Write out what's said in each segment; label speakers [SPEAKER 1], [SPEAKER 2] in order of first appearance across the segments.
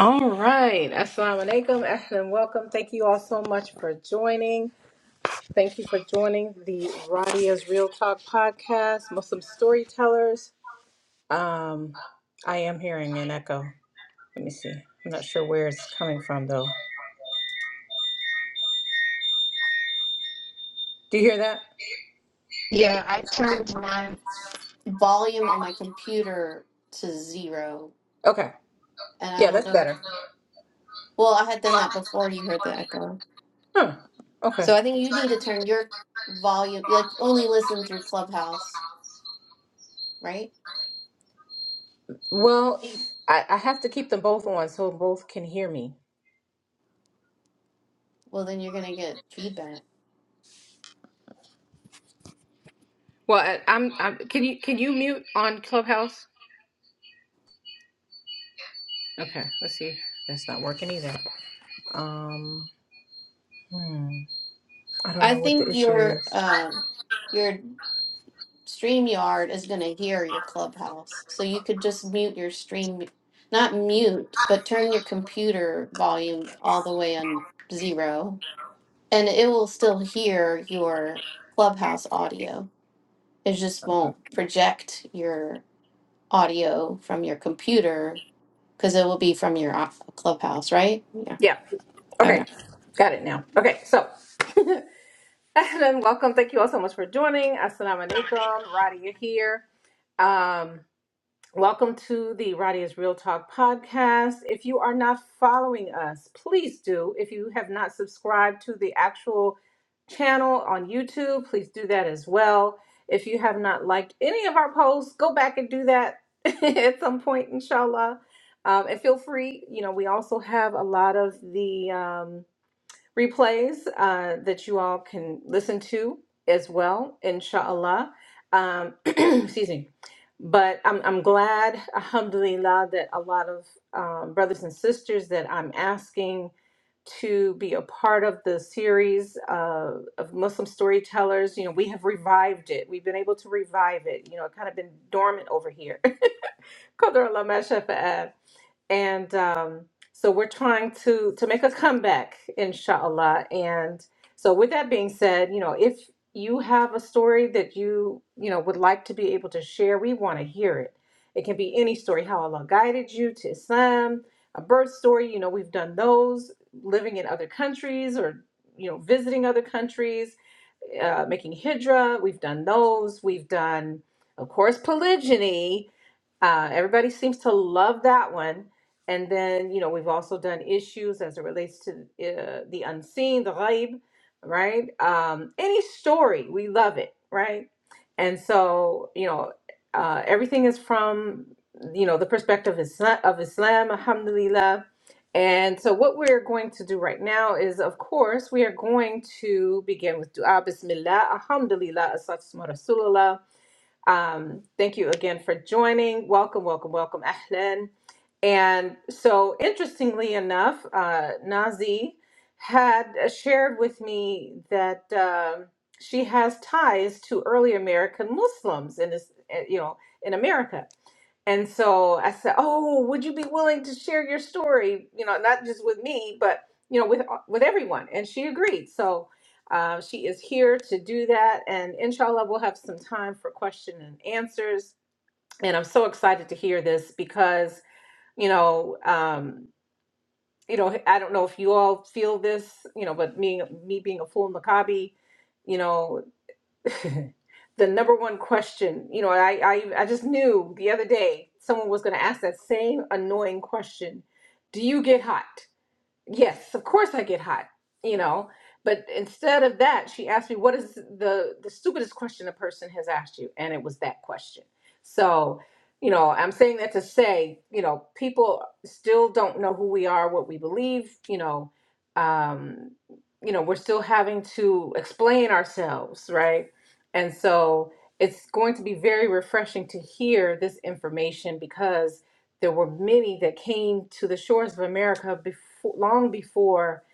[SPEAKER 1] All right. Assalamu alaikum. Ahlan. Welcome. Thank you all so much for joining. Thank you for joining the Radia's Real Talk podcast, Muslim Storytellers. Um, I am hearing an echo. Let me see. I'm not sure where it's coming from, though. Do you hear that?
[SPEAKER 2] Yeah, I turned my volume on my computer to zero,
[SPEAKER 1] Okay.
[SPEAKER 2] and I
[SPEAKER 1] Yeah,
[SPEAKER 2] don't
[SPEAKER 1] that's
[SPEAKER 2] know.
[SPEAKER 1] better.
[SPEAKER 2] Well, I had done that before you heard the echo.
[SPEAKER 1] Huh. Okay.
[SPEAKER 2] So I think you need to turn your volume, like only listen through Clubhouse, right?
[SPEAKER 1] Well,
[SPEAKER 2] Mhm.
[SPEAKER 1] I, I have to keep them both on so both can hear me.
[SPEAKER 2] Well, then you're gonna get feedback.
[SPEAKER 1] Well, I, I'm, I'm. Can you can you mute on Clubhouse? Okay. Let's see. That's not working either. Um. Hmm. I don't
[SPEAKER 2] I
[SPEAKER 1] know what the
[SPEAKER 2] think
[SPEAKER 1] issue
[SPEAKER 2] your
[SPEAKER 1] is.
[SPEAKER 2] um your StreamYard is gonna hear your Clubhouse, so you could just mute your stream, not mute, but turn your computer volume all the way on zero And it will still hear your clubhouse audio. It just won't project your audio from your computer because it will be from your o- clubhouse, right?
[SPEAKER 1] Yeah. Okay.
[SPEAKER 2] Yeah.
[SPEAKER 1] Got it now. Okay. So, and welcome. Thank you all so much for joining. Assalamu alaikum. Radi, you're here. Um. Welcome to the Radia's Real Talk podcast. If you are not following us, please do. If you have not subscribed to the actual channel on YouTube, please do that as well. If you have not liked any of our posts, go back and do that at some point, inshallah. Um, and feel free, you know, we also have a lot of the um, replays uh, that you all can listen to as well, inshallah. Um, excuse me. But I'm, I'm glad, alhamdulillah, that a lot of um, brothers and sisters that I'm asking to be a part of the series uh, of Muslim storytellers, you know, we have revived it. We've been able to revive it. You know, it kind of been dormant over here. Qadar Allah ma shafa'a and um, so we're trying to to make a comeback inshallah and so with that being said you know if you have a story that you you know would like to be able to share we want to hear it it can be any story how allah guided you to islam a birth story you know we've done those living in other countries or you know visiting other countries uh, making hijra. We've done those. We've done, of course, polygyny. Uh, everybody seems to love that one. And then, you know, we've also done issues as it relates to uh, the unseen, the ghaib, right? Um, any story, we love it, right? And so, you know, uh, everything is from, you know, the perspective of Islam, of Islam alhamdulillah and so, what we're going to do right now is, of course, we are going to begin with dua, bismillah, alhamdulillah, assalam rasulullah. Um, thank you again for joining. Welcome, welcome, welcome, Ahlan. And so, interestingly enough, uh, Nazi had uh, shared with me that um she has ties to early American Muslims in this, uh, you know, in America. And so I said, "Oh, would you be willing to share your story? You know, not just with me, but you know, with uh, with everyone." And she agreed. So uh, she is here to do that, and inshallah, we'll have some time for question and answers. And I'm so excited to hear this because you know, um, you know, I don't know if you all feel this, you know, but me, me being a full Maccabi, you know, the number one question, you know, I, I, I just knew the other day someone was going to ask that same annoying question: Do you get hot? yes, of course I get hot, you know. But instead of that, she asked me, "What is the the stupidest question a person has asked you?" And it was that question. So, you know, I'm saying that to say, you know, people still don't know who we are, what we believe. You know, um, you know, we're still having to explain ourselves, right? And so, it's going to be very refreshing to hear this information because there were many that came to the shores of America before, long before,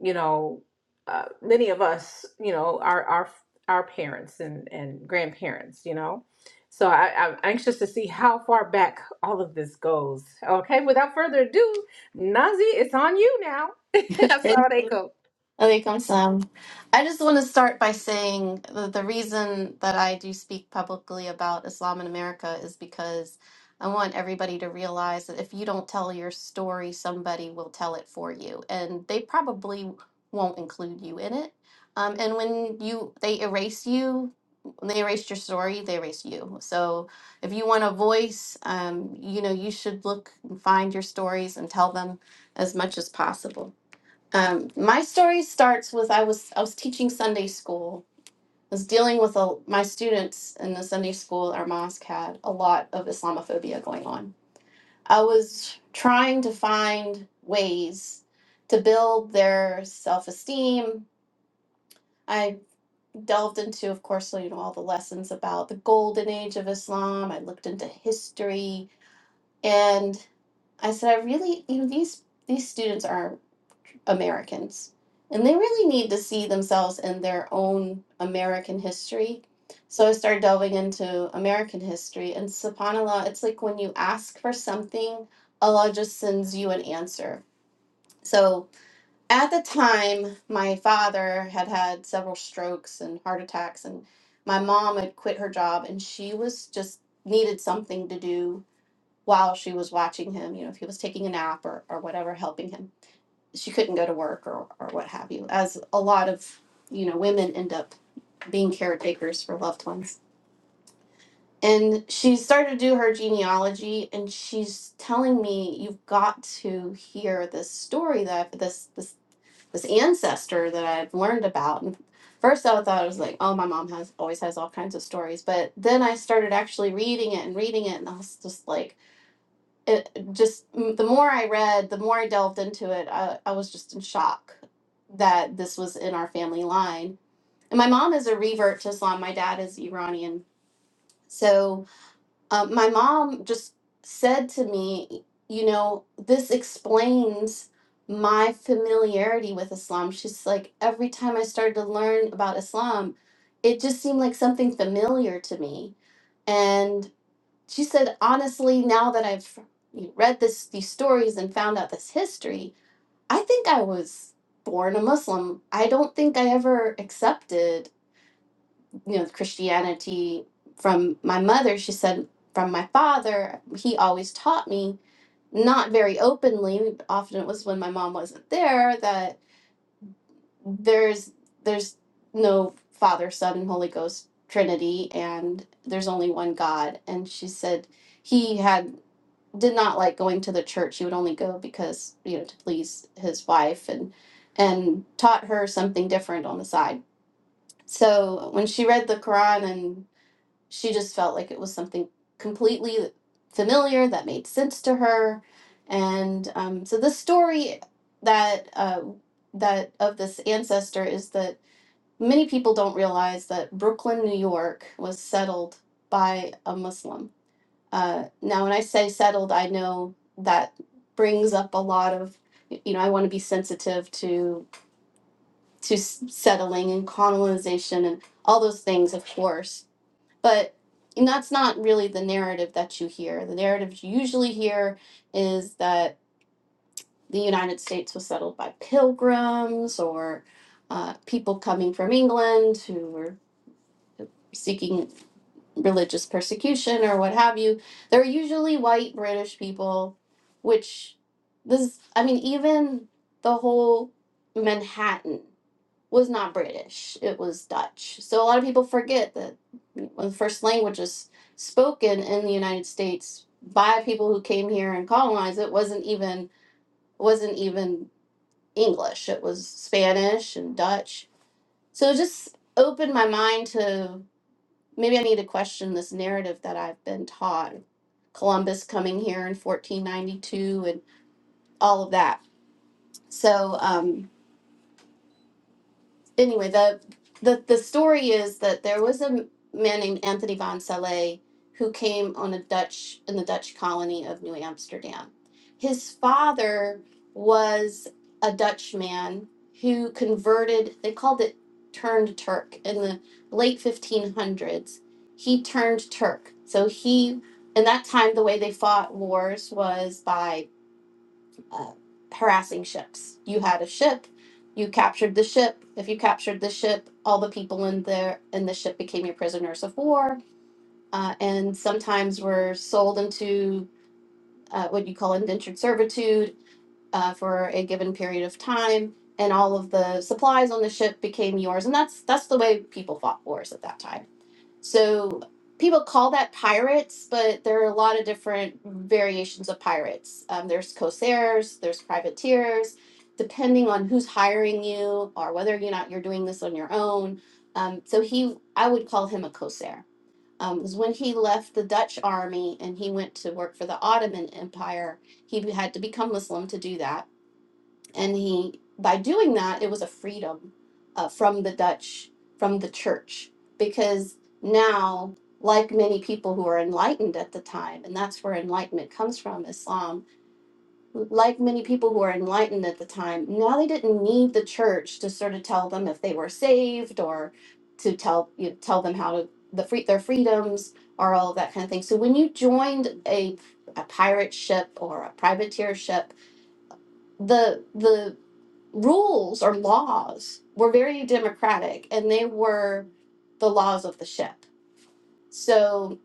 [SPEAKER 1] you know, uh, many of us, you know, our our our parents and and grandparents, you know. So I, I'm anxious to see how far back all of this goes. Okay, without further ado, Nazi, it's on you now.
[SPEAKER 2] Okay.
[SPEAKER 1] That's how they go.
[SPEAKER 2] Alaikum salam. I just want to start by saying that the reason that I do speak publicly about Islam in America is because I want everybody to realize that if you don't tell your story, somebody will tell it for you, and they probably won't include you in it. Um, and when you they erase you, when they erase your story, they erase you. So if you want a voice, um, you know you should look and find your stories and tell them as much as possible. Um, my story starts with I was I was teaching Sunday school. I was dealing with a, my students in the Sunday school our mosque had a lot of Islamophobia going on. I was trying to find ways to build their self esteem. I delved into, of course, you know all the lessons about the golden age of Islam. I looked into history, and I said, I really, you know, these these students are Americans. And they really need to see themselves in their own American history. So I started delving into American history. And subhanAllah, it's like when you ask for something, Allah just sends you an answer. So at the time, my father had had several strokes and heart attacks, and my mom had quit her job, and she was just needed something to do while she was watching him, you know, if he was taking a nap or, or whatever, helping him she couldn't go to work or, or what have you, as a lot of, you know, women end up being caretakers for loved ones. And she started to do her genealogy and she's telling me you've got to hear this story that I've- this this this ancestor that I've learned about. And first I thought it was like, oh my mom has always has all kinds of stories. But then I started actually reading it and reading it and I was just like it just m- the more I read, the more I delved into it, I, I was just in shock that this was in our family line. And my mom is a revert to Islam. My dad is Iranian. So um, my mom just said to me, you know, this explains my familiarity with Islam. She's like, every time I started to learn about Islam, it just seemed like something familiar to me. And she said honestly now that i've read this these stories and found out this history i think i was born a muslim i don't think i ever accepted you know christianity from my mother she said from my father he always taught me not very openly often it was when my mom wasn't there that there's there's no father son and holy ghost trinity and there's only one god and she said he had did not like going to the church. He would only go because you know to please his wife and and taught her something different on the side. So when she read the Quran and she just felt like it was something completely familiar that made sense to her, and um, so the story that uh, that of this ancestor is that many people don't realize that Brooklyn, New York, was settled by a Muslim uh, now, when I say settled, I know that brings up a lot of, you know, I want to be sensitive to to s- settling and colonization and all those things, of course. But that's not really the narrative that you hear. The narrative you usually hear is that the United States was settled by pilgrims or uh, people coming from England who were seeking religious persecution or what have you. They're usually white British people, which this I mean even the whole Manhattan was not British. It was Dutch. So a lot of people forget that one of the first languages spoken in the United States by people who came here and colonized it wasn't even wasn't even English. It was Spanish and Dutch. So it just opened my mind to Maybe I need to question this narrative that I've been taught. Columbus coming here in 1492 and all of that. So, um, anyway, the the the story is that there was a m- man named Anthony van Salé who came on a Dutch in the Dutch colony of New Amsterdam. His father was a Dutchman who converted. They called it turned Turk in the late 1500s. He turned Turk, so he. In that time, the way they fought wars was by uh, harassing ships. You had a ship, you captured the ship. If you captured the ship, all the people in there in the ship became your prisoners of war, uh, and sometimes were sold into uh, what you call indentured servitude uh, for a given period of time. And all of the supplies on the ship became yours, and that's that's the way people fought wars at that time so people call that pirates, but there are a lot of different variations of pirates. Um, there's corsairs, there's privateers, depending on who's hiring you or whether or not you're doing this on your own. Um, so he, I would call him a corsair. Um, because when he left the Dutch army and he went to work for the Ottoman Empire, he had to become Muslim to do that and he by doing that it was a freedom uh, from the dutch from the church because now like many people who are enlightened at the time and that's where enlightenment comes from islam like many people who are enlightened at the time now they didn't need the church to sort of tell them if they were saved or to tell you know, tell them how to the free their freedoms or all of that kind of thing so when you joined a, a pirate ship or a privateer ship the the rules or laws were very democratic and they were the laws of the ship. So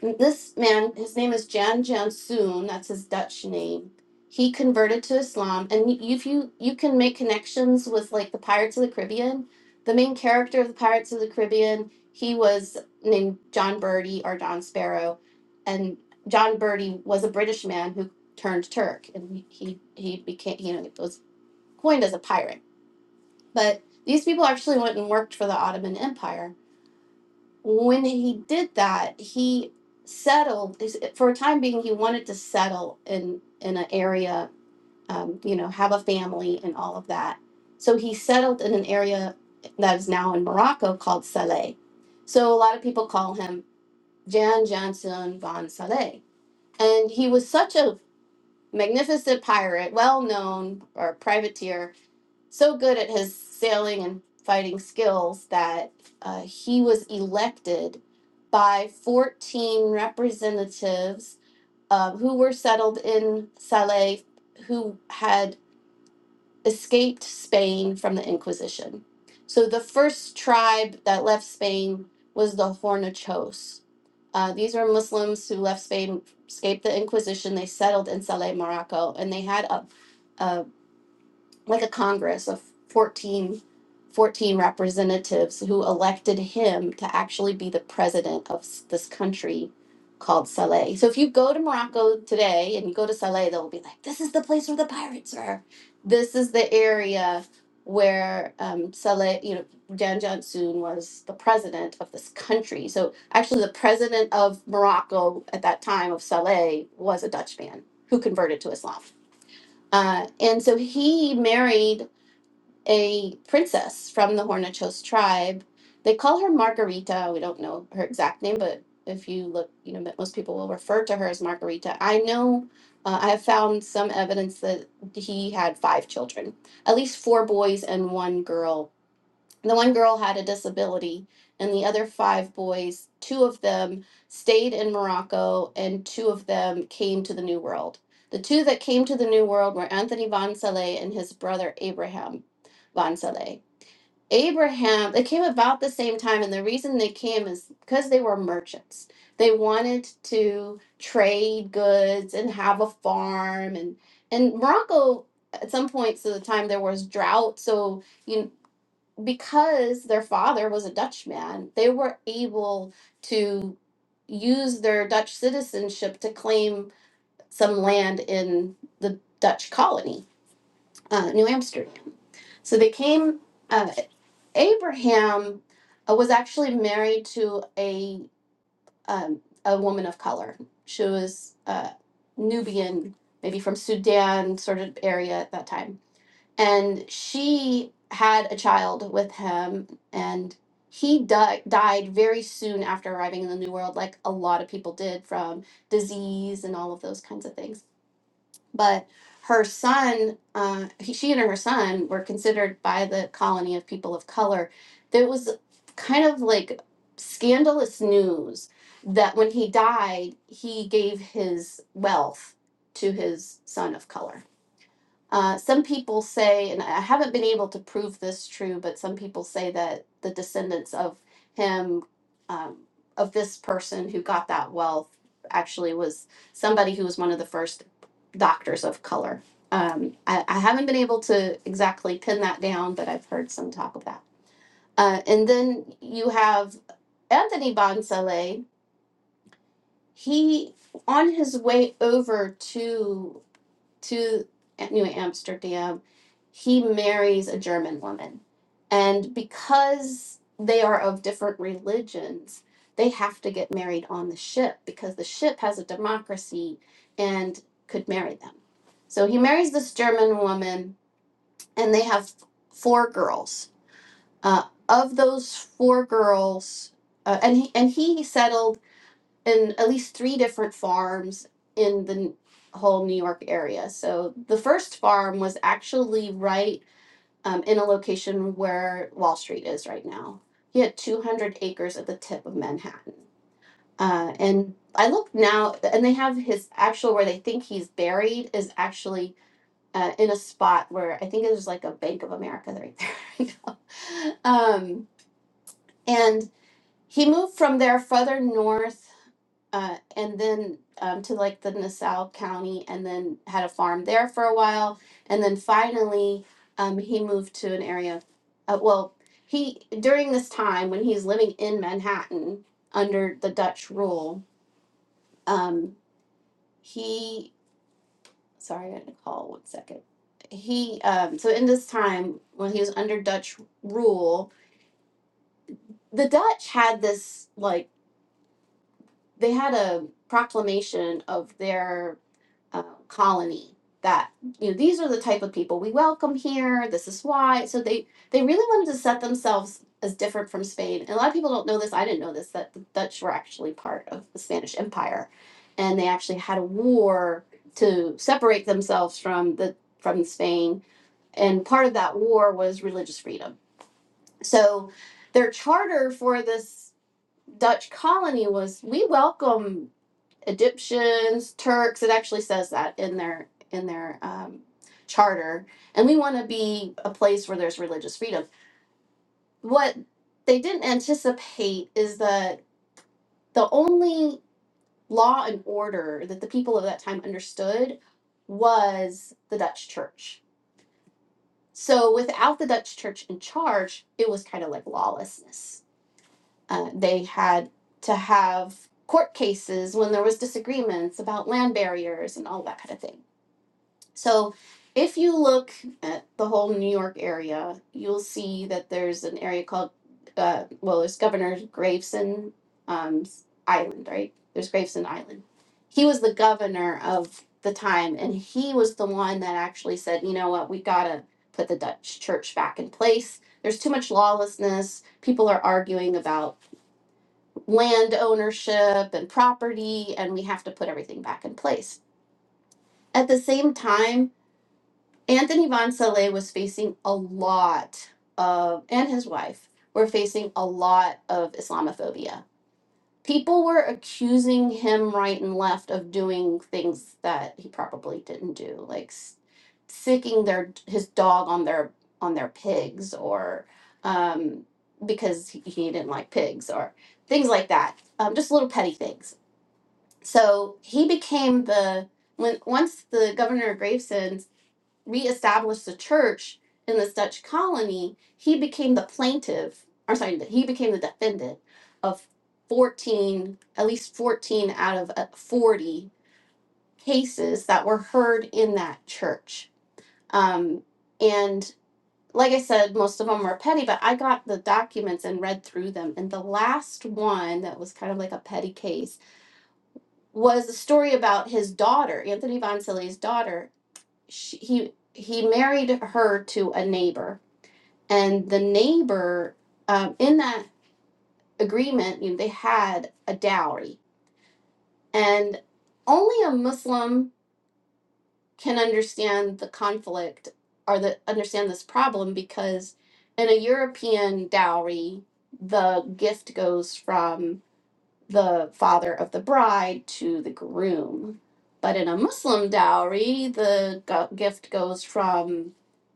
[SPEAKER 2] this man, his name is Jan Jansoon, that's his Dutch name. He converted to Islam and y- if you you can make connections with like the Pirates of the Caribbean, the main character of the Pirates of the Caribbean, he was named John Birdie or John Sparrow and John Birdie was a British man who turned Turk and he he he became you know was coined as a pirate but these people actually went and worked for the Ottoman Empire. When he did that, he settled for a time being. He wanted to settle in in an area, um, you know, have a family and all of that. So he settled in an area that is now in Morocco called Saleh. So a lot of people call him Jan Jansen von Saleh, and he was such a magnificent pirate, well known or privateer so good at his sailing and fighting skills that uh, he was elected by 14 representatives um, who were settled in Salé, who had escaped Spain from the Inquisition. So the first tribe that left Spain was the Hornachos. Uh, these were Muslims who left Spain, escaped the Inquisition. They settled in Salé, Morocco, and they had a, a, like a congress of 14, 14 representatives who elected him to actually be the president of s- this country called Saleh. So if you go to Morocco today and you go to Saleh, they'll be like, this is the place where the pirates are. This is the area where um, Saleh, you know, Jan Jansoon was the president of this country. So actually the president of Morocco at that time of Saleh was a Dutchman who converted to Islam. Uh, and so he married a princess from the Hornachos tribe. They call her Margarita. We don't know her exact name, but if you look, you know, most people will refer to her as Margarita. I know uh, I have found some evidence that he had five children, at least four boys and one girl the one girl had a disability and the other five boys two of them stayed in morocco and two of them came to the new world the two that came to the new world were anthony Van saleh and his brother abraham Van saleh abraham they came about the same time and the reason they came is because they were merchants they wanted to trade goods and have a farm and and morocco at some points of the time there was drought so you because their father was a Dutchman, they were able to use their Dutch citizenship to claim some land in the Dutch colony, uh, New Amsterdam. So they came, uh, Abraham uh, was actually married to a, um, a woman of color. She was uh, Nubian, maybe from Sudan sort of area at that time and she had a child with him and he di- died very soon after arriving in the new world like a lot of people did from disease and all of those kinds of things but her son uh, he, she and her son were considered by the colony of people of color there was kind of like scandalous news that when he died he gave his wealth to his son of color uh, some people say, and I haven't been able to prove this true, but some people say that the descendants of him, um, of this person who got that wealth, actually was somebody who was one of the first doctors of color. Um, I, I haven't been able to exactly pin that down, but I've heard some talk of that. Uh, and then you have Anthony Bonsale. He, on his way over to to New Amsterdam, he marries a German woman. And because they are of different religions, they have to get married on the ship because the ship has a democracy and could marry them. So he marries this German woman, and they have four girls. Uh, of those four girls, uh, and he and he settled and at least three different farms in the n- whole New York area. So the first farm was actually right um, in a location where Wall Street is right now. He had 200 acres at the tip of Manhattan. Uh, and I look now, and they have his actual where they think he's buried is actually uh, in a spot where I think it was like a Bank of America right there. um, and he moved from there further north uh, and then um, to like the Nassau County, and then had a farm there for a while, and then finally um, he moved to an area. Uh, well, he during this time when he's living in Manhattan under the Dutch rule, um, he sorry I had to call one second. He um, so in this time when he was under Dutch rule, the Dutch had this like they had a proclamation of their uh, colony that you know these are the type of people we welcome here this is why so they they really wanted to set themselves as different from spain and a lot of people don't know this i didn't know this that the dutch were actually part of the spanish empire and they actually had a war to separate themselves from the from spain and part of that war was religious freedom so their charter for this dutch colony was we welcome Egyptians, Turks. It actually says that in their in their um, charter. And we want to be a place where there's religious freedom. What they didn't anticipate is that the only law and order that the people of that time understood was the Dutch church. So without the Dutch church in charge, it was kind of like lawlessness. Uh, they had to have court cases when there was disagreements about land barriers and all that kind of thing So if you look at the whole New York area, you'll see that there's an area called, uh, well, there's Governor Graveson um, Island, right? There's Graveson Island. He was the governor of the time, and he was the one that actually said, you know what, we gotta put the Dutch church back in place. There's too much lawlessness. People are arguing about land ownership and property, and we have to put everything back in place. At the same time, Anthony Von Saleh was facing a lot of, and his wife were facing a lot of Islamophobia. People were accusing him right and left of doing things that he probably didn't do, like s- sicking their his dog on their on their pigs, or um, because he, he didn't like pigs, or things like that. Um, just little petty things. So he became the when once the governor of Gravesend reestablished the church in this Dutch colony, he became the plaintiff, or sorry, he became the defendant of 14, at least 14 out of uh, 40 cases that were heard in that church. Um, and like I said, most of them were petty, but I got the documents and read through them. And the last one that was kind of like a petty case was a story about his daughter, Anthony Von Silly's daughter. She, he he married her to a neighbor and the neighbor um, in that agreement you know, they had a dowry and only a muslim can understand the conflict or the understand this problem because in a european dowry the gift goes from the father of the bride to the groom. But in a Muslim dowry, the go- gift goes from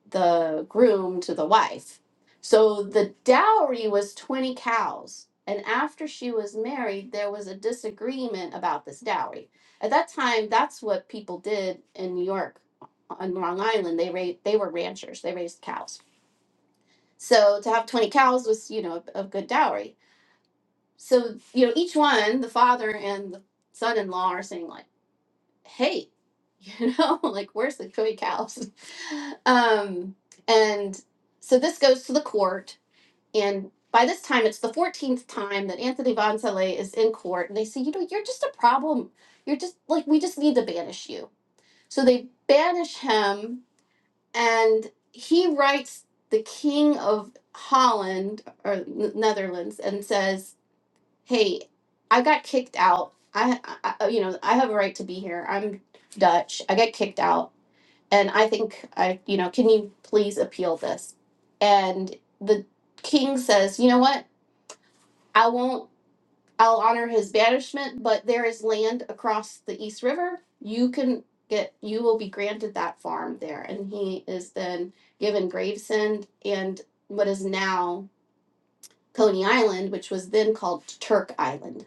[SPEAKER 2] the groom to the wife. So the dowry was 20 cows. And after she was married, there was a disagreement about this dowry. At that time, that's what people did in New York on Long Island. They ra- they were ranchers. They raised cows. So to have 20 cows was, you know, a, a good dowry so you know each one the father and the son-in-law are saying like hey you know like where's the coy cows um and so this goes to the court and by this time it's the 14th time that anthony von Saleh is in court and they say you know you're just a problem you're just like we just need to banish you so they banish him and he writes the king of holland or N- netherlands and says hey, I got kicked out. I, I, I- you know, I have a right to be here. I'm Dutch. I got kicked out, and I think I, you know, can you please appeal this? And the king says, you know what? I won't. I'll honor his banishment, but there is land across the East River. You can get. You will be granted that farm there, and he is then given Gravesend and what is now Coney Island, which was then called Turk Island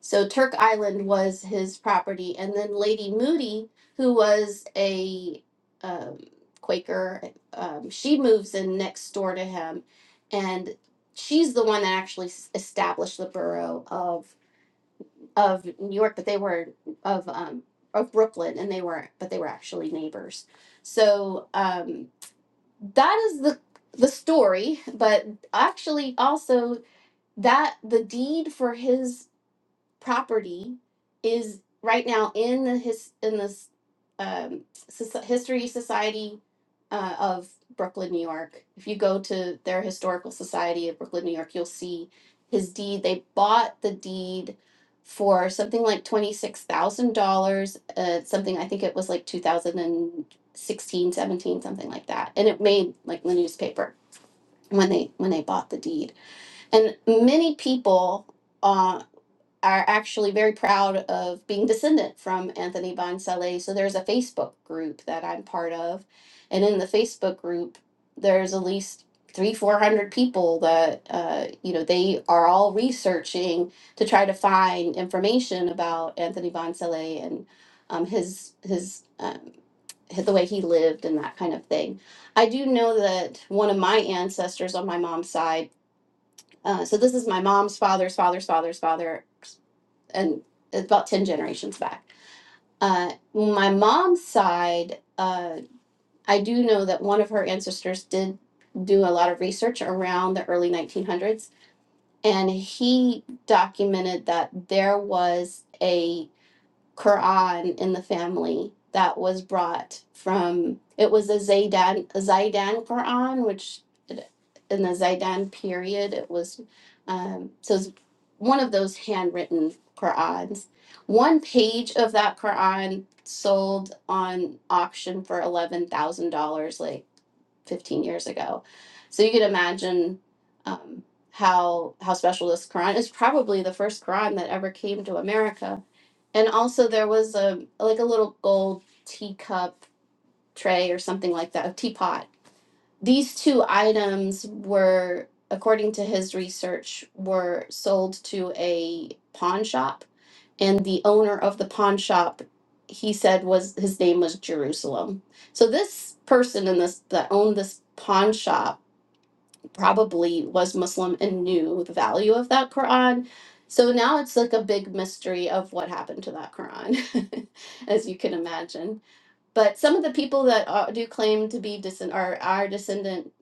[SPEAKER 2] so Turk Island was his property, and then Lady Moody, who was a um, Quaker, um, she moves in next door to him, and she's the one that actually s- established the borough of of New York. But they were of um, of Brooklyn, and they were but they were actually neighbors. So um, that is the the story, but actually also that the deed for his property is right now in the his in this um, soc- history society uh, of Brooklyn, New York. If you go to their historical society of Brooklyn, New York, you'll see his deed. They bought the deed for something like twenty six thousand dollars. Uh, something I think it was like two thousand and sixteen, seventeen, something like that, and it made like the newspaper when they when they bought the deed. And many people. uh, are actually very proud of being descendant from Anthony Bonsaleh. So there's a Facebook group that I'm part of. And in the Facebook group, there's at least three, 400 people that, uh, you know, they are all researching to try to find information about Anthony Bonsaleh and um, his, his, um, hi- the way he lived and that kind of thing. I do know that one of my ancestors on my mom's side, uh, so this is my mom's father's father's father's father and about 10 generations back. Uh, my mom's side, uh, I do know that one of her ancestors did do a lot of research around the early 1900s, and he documented that there was a Quran in the family that was brought from it was a Zaidan a Zaidan Quran, which it- in the Zaidan period it was um, so it's one of those handwritten Qurans. One page of that Quran sold on auction for eleven thousand dollars like fifteen years ago. So you can imagine um, how how special this Quran is. Probably the first Quran that ever came to America and also there was a like a little gold teacup tray or something like that, a teapot. These two items were, according to his research, were sold to a pawn shop, and the owner of the pawn shop, he said was his name was Jerusalem. So this person in this that owned this pawn shop probably was Muslim and knew the value of that Quran. So now it's like a big mystery of what happened to that Quran, as you can imagine. But some of the people that are, do claim to be descend, are, are descendant,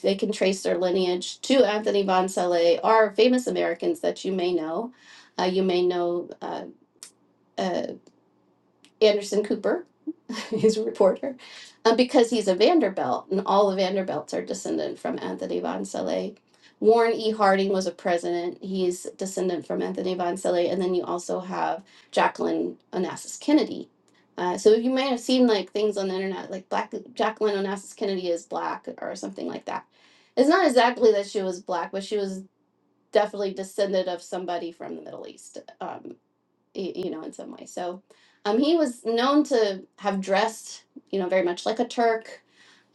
[SPEAKER 2] they can trace their lineage to Anthony von Saleh, are famous Americans that you may know. Uh, you may know uh, uh, Anderson Cooper, he's a reporter, uh, because he's a Vanderbilt, and all the Vanderbilts are descended from Anthony Von Saleh. Warren E. Harding was a president. He's descendant from Anthony Von Saleh. And then you also have Jacqueline Onassis Kennedy. Uh, so you might have seen like things on the internet, like Black Jacqueline Onassis Kennedy is black or something like that. It's not exactly that she was black, but she was definitely descended of somebody from the Middle East. Um, y- you know, in some way. So um, he was known to have dressed, you know, very much like a Turk.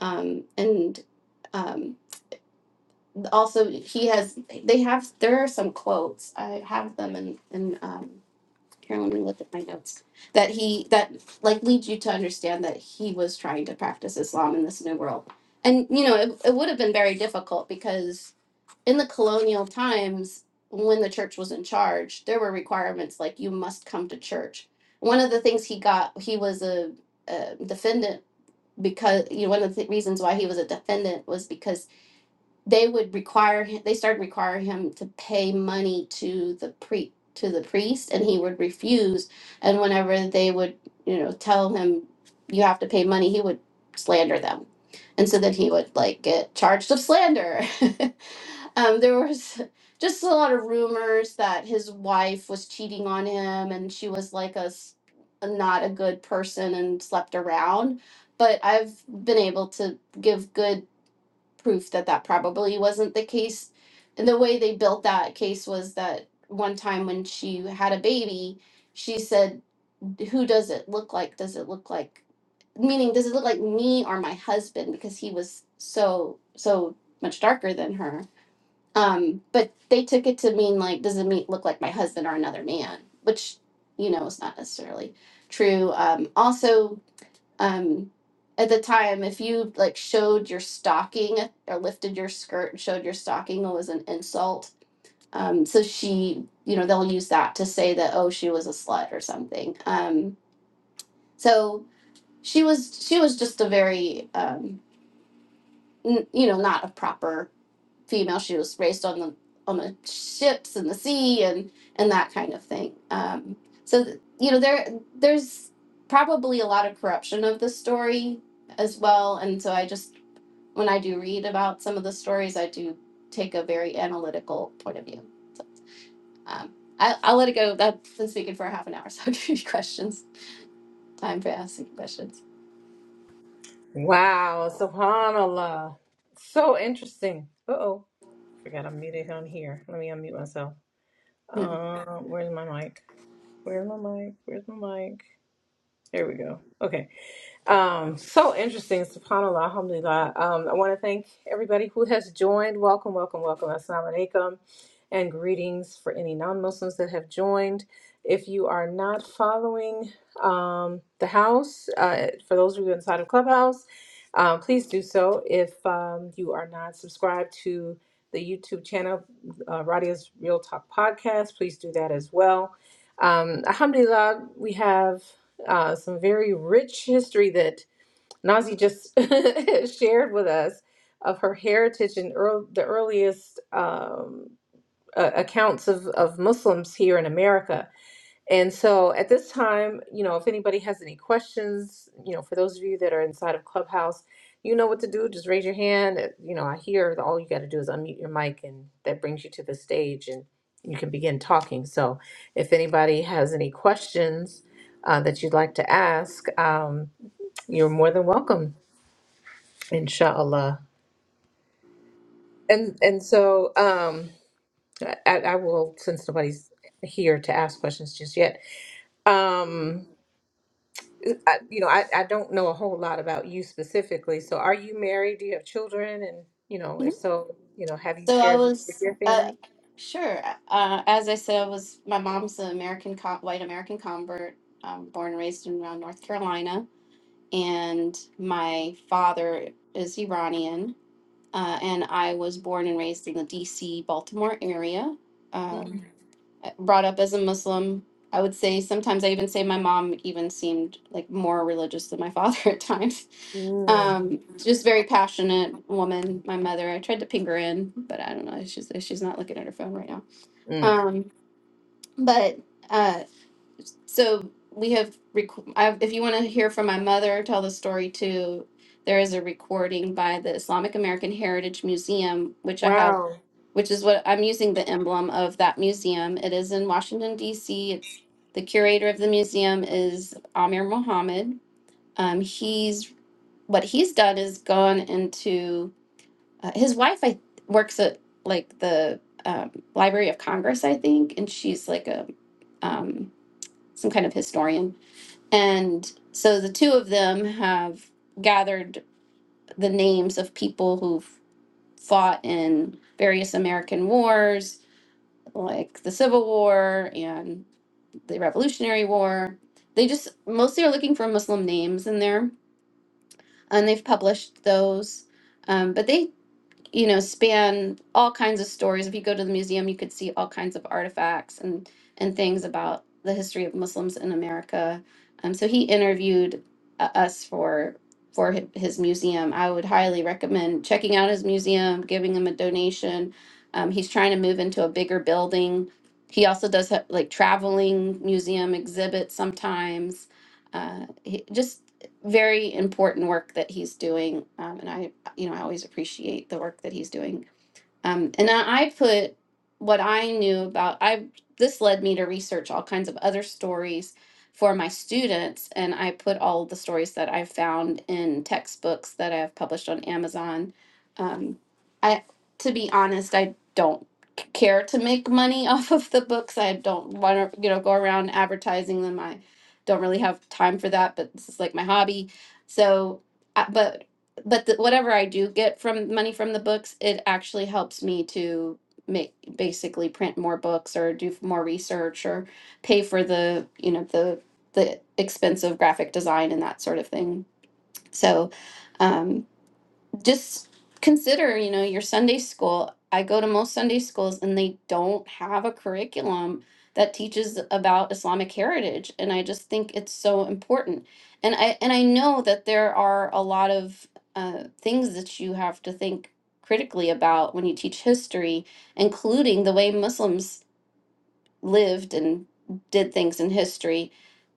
[SPEAKER 2] Um, and um, also, he has, they have, there are some quotes. I have them in, in um, here, let me look at my notes. That he, that like leads you to understand that he was trying to practice Islam in this new world. And, you know, it, it would have been very difficult because in the colonial times when the church was in charge there were requirements like you must come to church one of the things he got he was a, a defendant because you know one of the th- reasons why he was a defendant was because they would require him they started requiring him to pay money to the pre to the priest and he would refuse and whenever they would you know tell him you have to pay money he would slander them and so then he would like get charged of slander um, there was just a lot of rumors that his wife was cheating on him and she was like a s- a not a good person and slept around but i've been able to give good proof that that probably wasn't the case. And the way they built that case was that one time when she had a baby, she said, Who does it look like? Does it look like, meaning, does it look like me or my husband? Because he was so, so much darker than her. Um, but they took it to mean, like, does it mean, look like my husband or another man? Which, you know, is not necessarily true. Um, also, um at the time if you like showed your stocking or lifted your skirt and showed your stocking it was an insult um so she you know they'll use that to say that oh she was a slut or something um so she was she was just a very um n- you know not a proper female. She was raised on the on the ships and the sea and and that kind of thing. Um, so th- you know there there's probably a lot of corruption of the story as well. And so I just when I do read about some of the stories, I do take a very analytical point of view. So, um, I, I'll let it go. I've been speaking for half an hour, so I'll give you questions. Time for asking questions.
[SPEAKER 1] Wow, subhanallah, so interesting. Uh oh, forgot I am muted on here. Let me unmute myself. Uh, where's my mic? Where's my mic? Where's my mic? There we go. Okay. Um, so interesting, subhanAllah, alhamdulillah. Um, I want to thank everybody who has joined. Welcome, welcome, welcome. Assalamu alaikum and greetings for any non Muslims that have joined. If you are not following um, the house, uh, for those of you inside of Clubhouse, um, please do so. If um, you are not subscribed to the YouTube channel, uh, Radia's Real Talk Podcast, please do that as well. Um, alhamdulillah, we have uh, some very rich history that Nazi just shared with us of her heritage and earl the earliest um, uh, accounts of, of Muslims here in America. And so at this time, you know, if anybody has any questions, you know, for those of you that are inside of Clubhouse, you know what to do. Just raise your hand. Uh, You know, I hear that all you got to do is unmute your mic, and that brings you to the stage and you can begin talking. So if anybody has any questions uh, that you'd like to ask, um, you're more than welcome, inshallah. And, and so um, I, I will, since nobody's here to ask questions just yet, um, I, you know, I, I don't know a whole lot about you specifically. So are you married? Do you have children? And, you know, if so, you know, have you
[SPEAKER 2] So I
[SPEAKER 1] shared this with
[SPEAKER 2] was,
[SPEAKER 1] your
[SPEAKER 2] uh,
[SPEAKER 1] family?
[SPEAKER 2] sure. Uh, as I said, I was. My mom's an American, co- white American convert, um, born and raised in around North Carolina, and my father is Iranian, uh, and I was born and raised in the D.C. Baltimore area. um,
[SPEAKER 1] Mm.
[SPEAKER 2] brought up as a Muslim. I would say sometimes I even say my mom even seemed like more religious than my father at times.
[SPEAKER 1] Mm.
[SPEAKER 2] Um, just very passionate woman, my mother. I tried to ping her in, but I don't know. She's she's not looking at her phone right now.
[SPEAKER 1] Mm.
[SPEAKER 2] Um, but uh, so we have, rec- I, if you want to hear from my mother, tell the story too. There is a recording by the Islamic American Heritage Museum, which I have,
[SPEAKER 1] Wow.
[SPEAKER 2] which is what I'm using the emblem of that museum. It is in Washington, D.C. It's the curator of the museum is Amir Mohammed. Um, he's what he's done is gone into uh, his wife. I works at like the um, Library of Congress, I think, and she's like a um, some kind of historian and so the two of them have gathered the names of people who've fought in various American wars, like the Civil War and the Revolutionary War. They just mostly are looking for Muslim names in there, and they've published those. Um, but they you know span all kinds of stories if you go to the museum you could see all kinds of artifacts and and things about the history of muslims in america um, so he interviewed uh, us for for hi- his museum i would highly recommend checking out his museum giving him a donation um, he's trying to move into a bigger building he also does ha- like traveling museum exhibits sometimes uh, he, just very important work that he's doing um, and i you know, I always appreciate the work that he's doing. Um, and I, I put what I knew about. I this led me to research all kinds of other stories for my students, and I put all the stories that I found in textbooks that I have published on Amazon. Um, I, to be honest, I don't c- care to make money off of the books. I don't want to, you know, go around advertising them. I don't really have time for that, but this is like my hobby. So, uh, but but the, whatever I do get from money from the books, it actually helps me to make basically print more books or do f- more research or pay for the you know the the expense of graphic design and that sort of thing. So um, just consider, you know, your Sunday school. I go to most Sunday schools and they don't have a curriculum that teaches about Islamic heritage and I just think it's so important. And I and I know that there are a lot of uh, things that you have to think critically about when you teach history, including the way Muslims lived and did things in history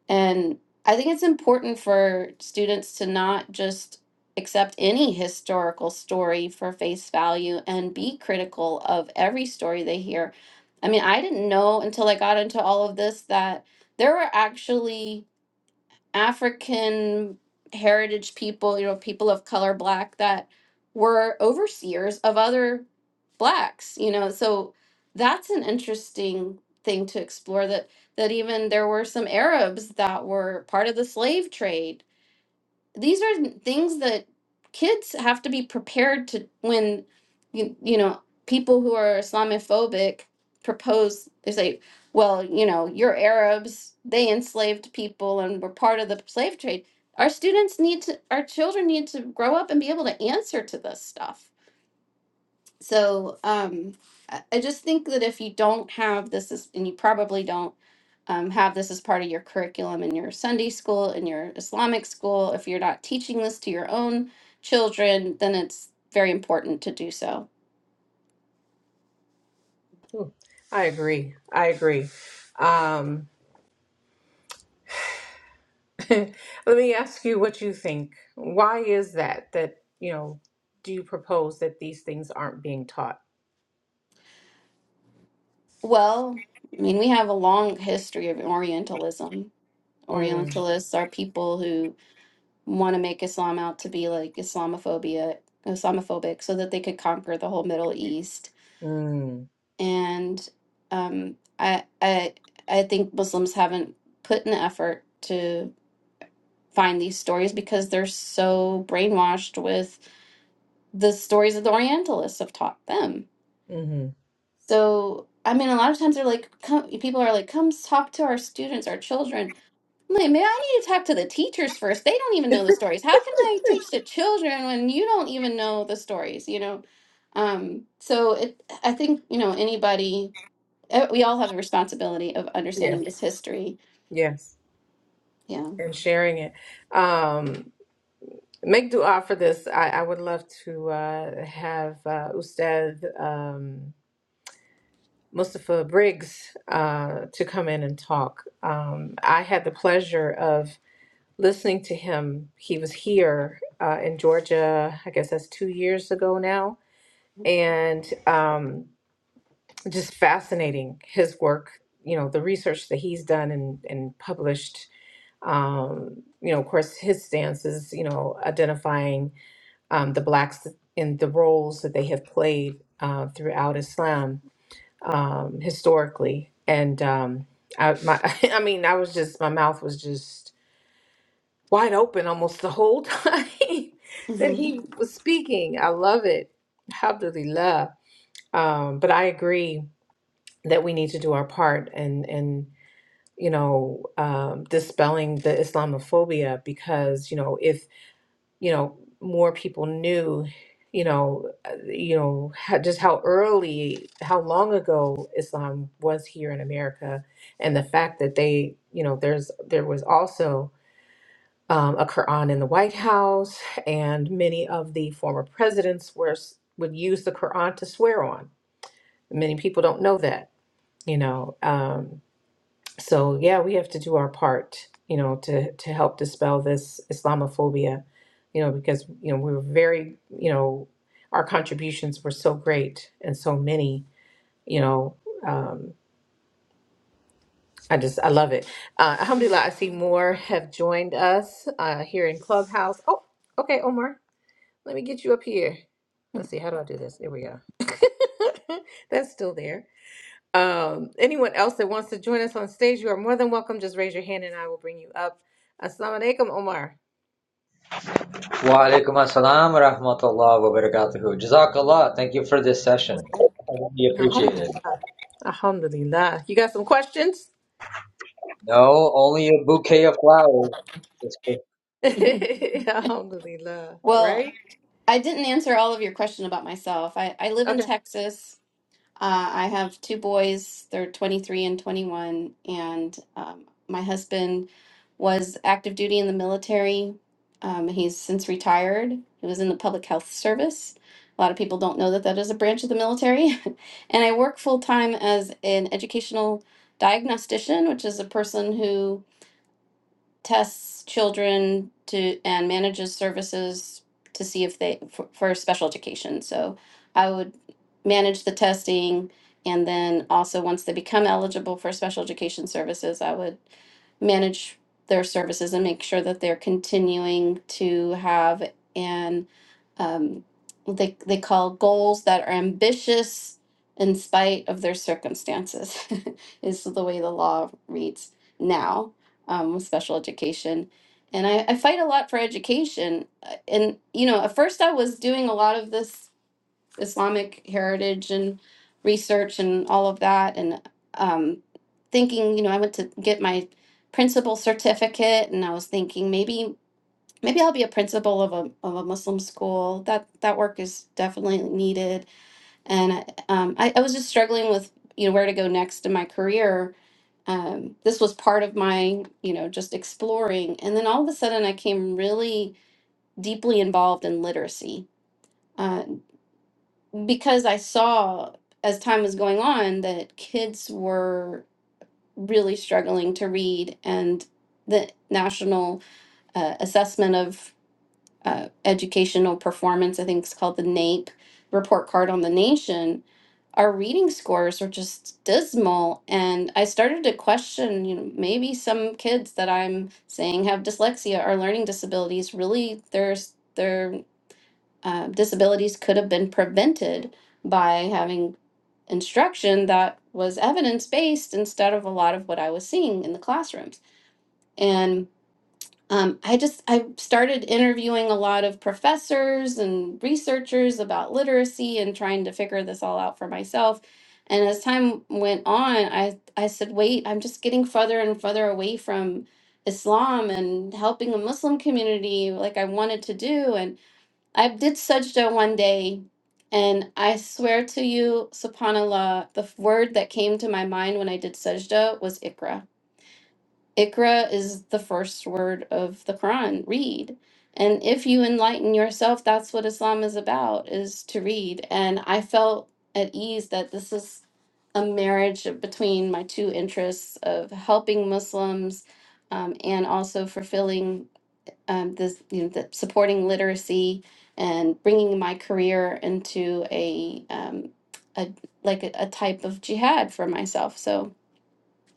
[SPEAKER 2] and I think it's important for students to not just accept any historical story for face value and be critical of every story they hear. I mean, I didn't know until I got into all of this that there were actually African heritage people, you know, people of color, black, that were overseers of other blacks, you know. So that's an interesting thing to explore that that even there were some Arabs that were part of the slave trade these are things that kids have to be prepared to when you, you know people who are islamophobic propose they say well you know you're arabs they enslaved people and were part of the slave trade our students need to our children need to grow up and be able to answer to this stuff so um, I I just think that if you don't have this, as, and you probably don't um, have this as part of your curriculum in your Sunday school, in your Islamic school, if you're not teaching this to your own children, then it's very important to do so.
[SPEAKER 1] I agree. I agree. Um, let me ask you what you think. Why is that that, you know, do you propose that these things aren't being taught?
[SPEAKER 2] Well, I mean, we have a long history of Orientalism.
[SPEAKER 1] Mm.
[SPEAKER 2] Orientalists are people who want to make Islam out to be like Islamophobia, Islamophobic, so that they could conquer the whole Middle East
[SPEAKER 1] Mm.
[SPEAKER 2] and um, I I I think Muslims haven't put an effort to find these stories because they're so brainwashed with the stories that the Orientalists have taught them.
[SPEAKER 1] Mm-hmm.
[SPEAKER 2] So I mean, a lot of times they're like, come, people are like, come talk to our students, our children. I'm like, maybe I need to talk to the teachers first. They don't even know the stories. How can I teach the children when you don't even know the stories? You know. Um, so it, I think you know anybody Uh, we all have the responsibility of
[SPEAKER 1] Yes.
[SPEAKER 2] understanding this history.
[SPEAKER 1] Yes.
[SPEAKER 2] Yeah.
[SPEAKER 1] And sharing it. Um, Make dua for this. I, I would love to uh, have uh, Ustad um, Mustafa Briggs uh, to come in and talk. Um, I had the pleasure of listening to him. He was here uh, in Georgia, I guess that's two years ago now, and um, just fascinating his work, you know, the research that he's done and, and published. Um, you know, of course, his stance is, you know, identifying um, the blacks in the roles that they have played uh, throughout Islam um, historically. And um, I, my, I mean, I was just my mouth was just wide open almost the whole time that
[SPEAKER 2] Mhm.
[SPEAKER 1] he was speaking. I love it, Alhamdulillah. Um, but I agree that we need to do our part and and you know um, dispelling the Islamophobia because you know if you know more people knew you know uh, you know how, just how early how long ago islam was here in america and the fact that they you know there's there was also um, a quran in the white house and many of the former presidents were s- would use the quran to swear on many people don't know that you know Um, so yeah, we have to do our part, you know, to to help dispel this Islamophobia, you know, because you know we were very, you know, our contributions were so great and so many, you know. Um, I just I love it. Uh, Alhamdulillah, I see more have joined us uh, here in Clubhouse. Oh, okay, Omar, let me get you up here. Let's see, how do I do this? There we go. That's still there. Um, anyone else that wants to join us on stage, you are more than welcome. Just raise your hand and I will bring you up. Assalamu alaikum, Omar.
[SPEAKER 3] Wa alaikum assalam wa rahmatullah wa barakatuhu. Jazakallah. Thank you for this session. I really appreciate it.
[SPEAKER 1] Alhamdulillah. Alhamdulillah. You got some questions?
[SPEAKER 3] No, only a bouquet of flowers.
[SPEAKER 1] Alhamdulillah. Right?
[SPEAKER 2] well, I didn't answer all of your question about myself. I, I live in
[SPEAKER 1] Okay.
[SPEAKER 2] Texas. Uh, I have two boys, they're 23 and 21. And um, my husband was active duty in the military. Um, he's since retired. He was in the public health service. A lot of people don't know that that is a branch of the military. and I work full time as an educational diagnostician, which is a person who tests children to and manages services to see if they for, for special education. So I would manage the testing and then also once they become eligible for special education services, I would manage their services and make sure that they're continuing to have an um, they they call goals that are ambitious in spite of their circumstances is the way the law reads now um, with special education. And I, I fight a lot for education. Uh, And, you know, at first I was doing a lot of this Islamic heritage and research and all of that, and um, thinking, you know, I went to get my principal certificate, and I was thinking maybe. Maybe I'll be a principal of a, of a Muslim school. That that work is definitely needed, and I, um, I, I was just struggling with you know where to go next in my career um, this was part of my, you know, just exploring. And then all of a sudden, I came really deeply involved in literacy uh, because I saw as time was going on that kids were really struggling to read and the national uh, assessment of uh, educational performance i think it's called the naep report card on the nation our reading scores were just dismal and i started to question you know maybe some kids that i'm saying have dyslexia or learning disabilities really there's their uh, disabilities could have been prevented by having instruction that was evidence based instead of a lot of what i was seeing in the classrooms And um, I just I started interviewing a lot of professors and researchers about literacy and trying to figure this all out for myself. And as time went on, I I said, wait, I'm just getting further and further away from Islam and helping a Muslim community like I wanted to do. And I did sajda one day, and I swear to you, subhanallah, the f- word that came to my mind when I did sajda was ikra Ikra is the first word of the Quran. Read. And if you enlighten yourself, that's what Islam is about, is to read. And I felt at ease that this is a marriage between my two interests of helping Muslims um, and also fulfilling um, this, you know, the, supporting literacy and bringing my career into a, um, a like a, a type of jihad for myself. So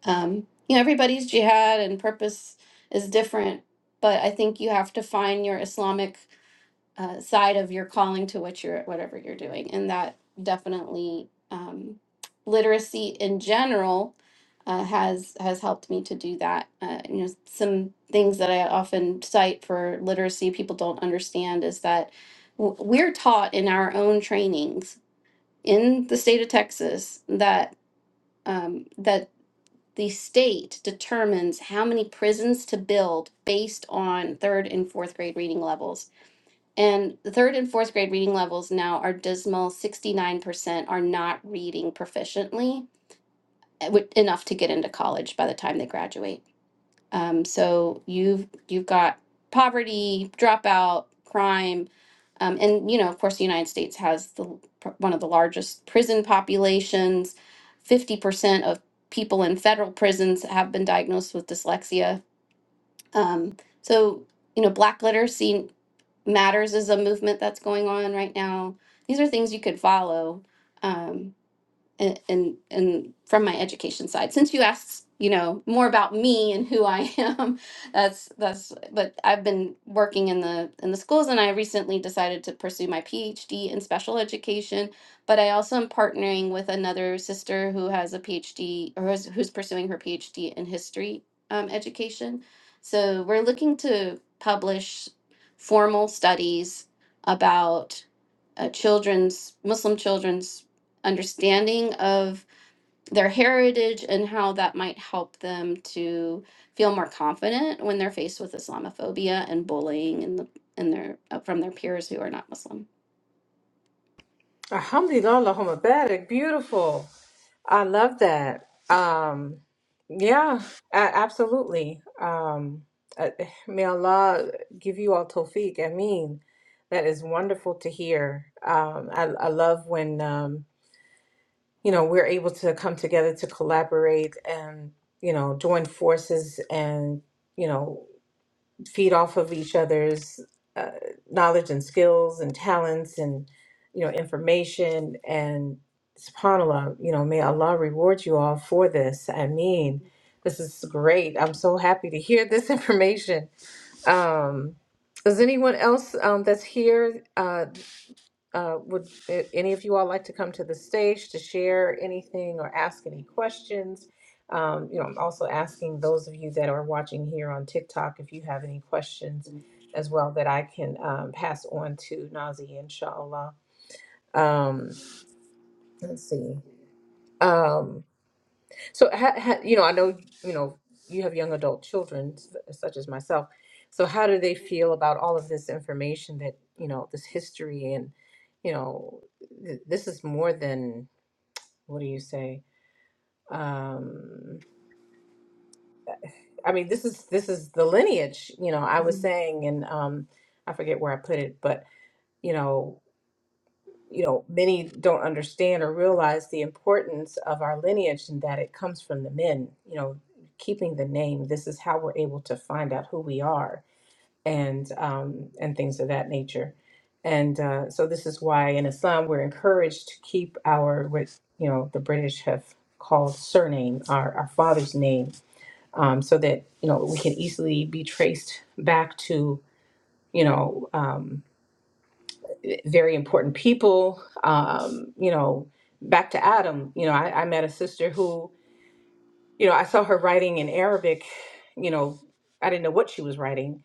[SPEAKER 2] um, you know, everybody's jihad and purpose is different, but I think you have to find your Islamic uh, side of your calling to what you're, whatever you're doing, and that definitely um, literacy in general uh, has has helped me to do that. Uh, you know, some things that I often cite for literacy people don't understand is that w- we're taught in our own trainings in the state of Texas that. Um, that the state determines how many prisons to build based on third and fourth grade reading levels. And the third and fourth grade reading levels now are dismal 69% are not reading proficiently eh, with- enough to get into college by the time they graduate. Um, so you've you've got poverty, dropout, crime, um, and you know, of course, the United States has the one of the largest prison populations. Fifty percent of people in federal prisons have been diagnosed with dyslexia. Um, so you know, Black Literacy Matters is a movement that's going on right now. These are things you could follow. Um, and and and from my education side since you asked you know more about me and who i am that's that's but i've been working in the in the schools and i recently decided to pursue my phd in special education but i also am partnering with another sister who has a phd or who's, who's pursuing her phd in history um, education so we're looking to publish formal studies about uh, children's muslim children's understanding of their heritage and how that might help them to feel more confident when they're faced with Islamophobia and bullying in the in their uh, from their peers who are not Muslim.
[SPEAKER 1] Alhamdulillah, Allahumma barak. Beautiful. I love that. Um, yeah, a- absolutely. Um, uh, may Allah give you all tawfiq. I mean, that is wonderful to hear. Um, I, I love when. um. you know, we're able to come together to collaborate and, you know, join forces and, you know, feed off of each other's uh, knowledge and skills and talents and, you know, information. And subhanAllah, you know, may Allah reward you all for this. I mean, this is great. I'm so happy to hear this information. Um, does anyone else um, that's here? Uh, uh, would uh, any of you all like to come to the stage to share anything or ask any questions? Um, you know, I'm also asking those of you that are watching here on TikTok if you have any questions as well that I can um, pass on to Nazi, inshallah. Um, let's see. Um, so, ha, ha, you know, I know, you know, you have young adult children, s- such as myself. So, how do they feel about all of this information that, you know, this history and, you know, th- this is more than, what do you say? Um, I mean, this is this is the lineage, you know, I was
[SPEAKER 2] hmm
[SPEAKER 1] saying, and um, I forget where I put it, but, you know, you know, many don't understand or realize the importance of our lineage and that it comes from the men, you know, keeping the name. This is how we're able to find out who we are and um, and things of that nature. And uh, so this is why in Islam we're encouraged to keep our what you know the British have called surname, our, our father's name, um, so that you know we can easily be traced back to you know. Um, very important people. Um, you know, back to Adam, you know, I, I met a sister who, you know, I saw her writing in Arabic, you know, I didn't know what she was writing.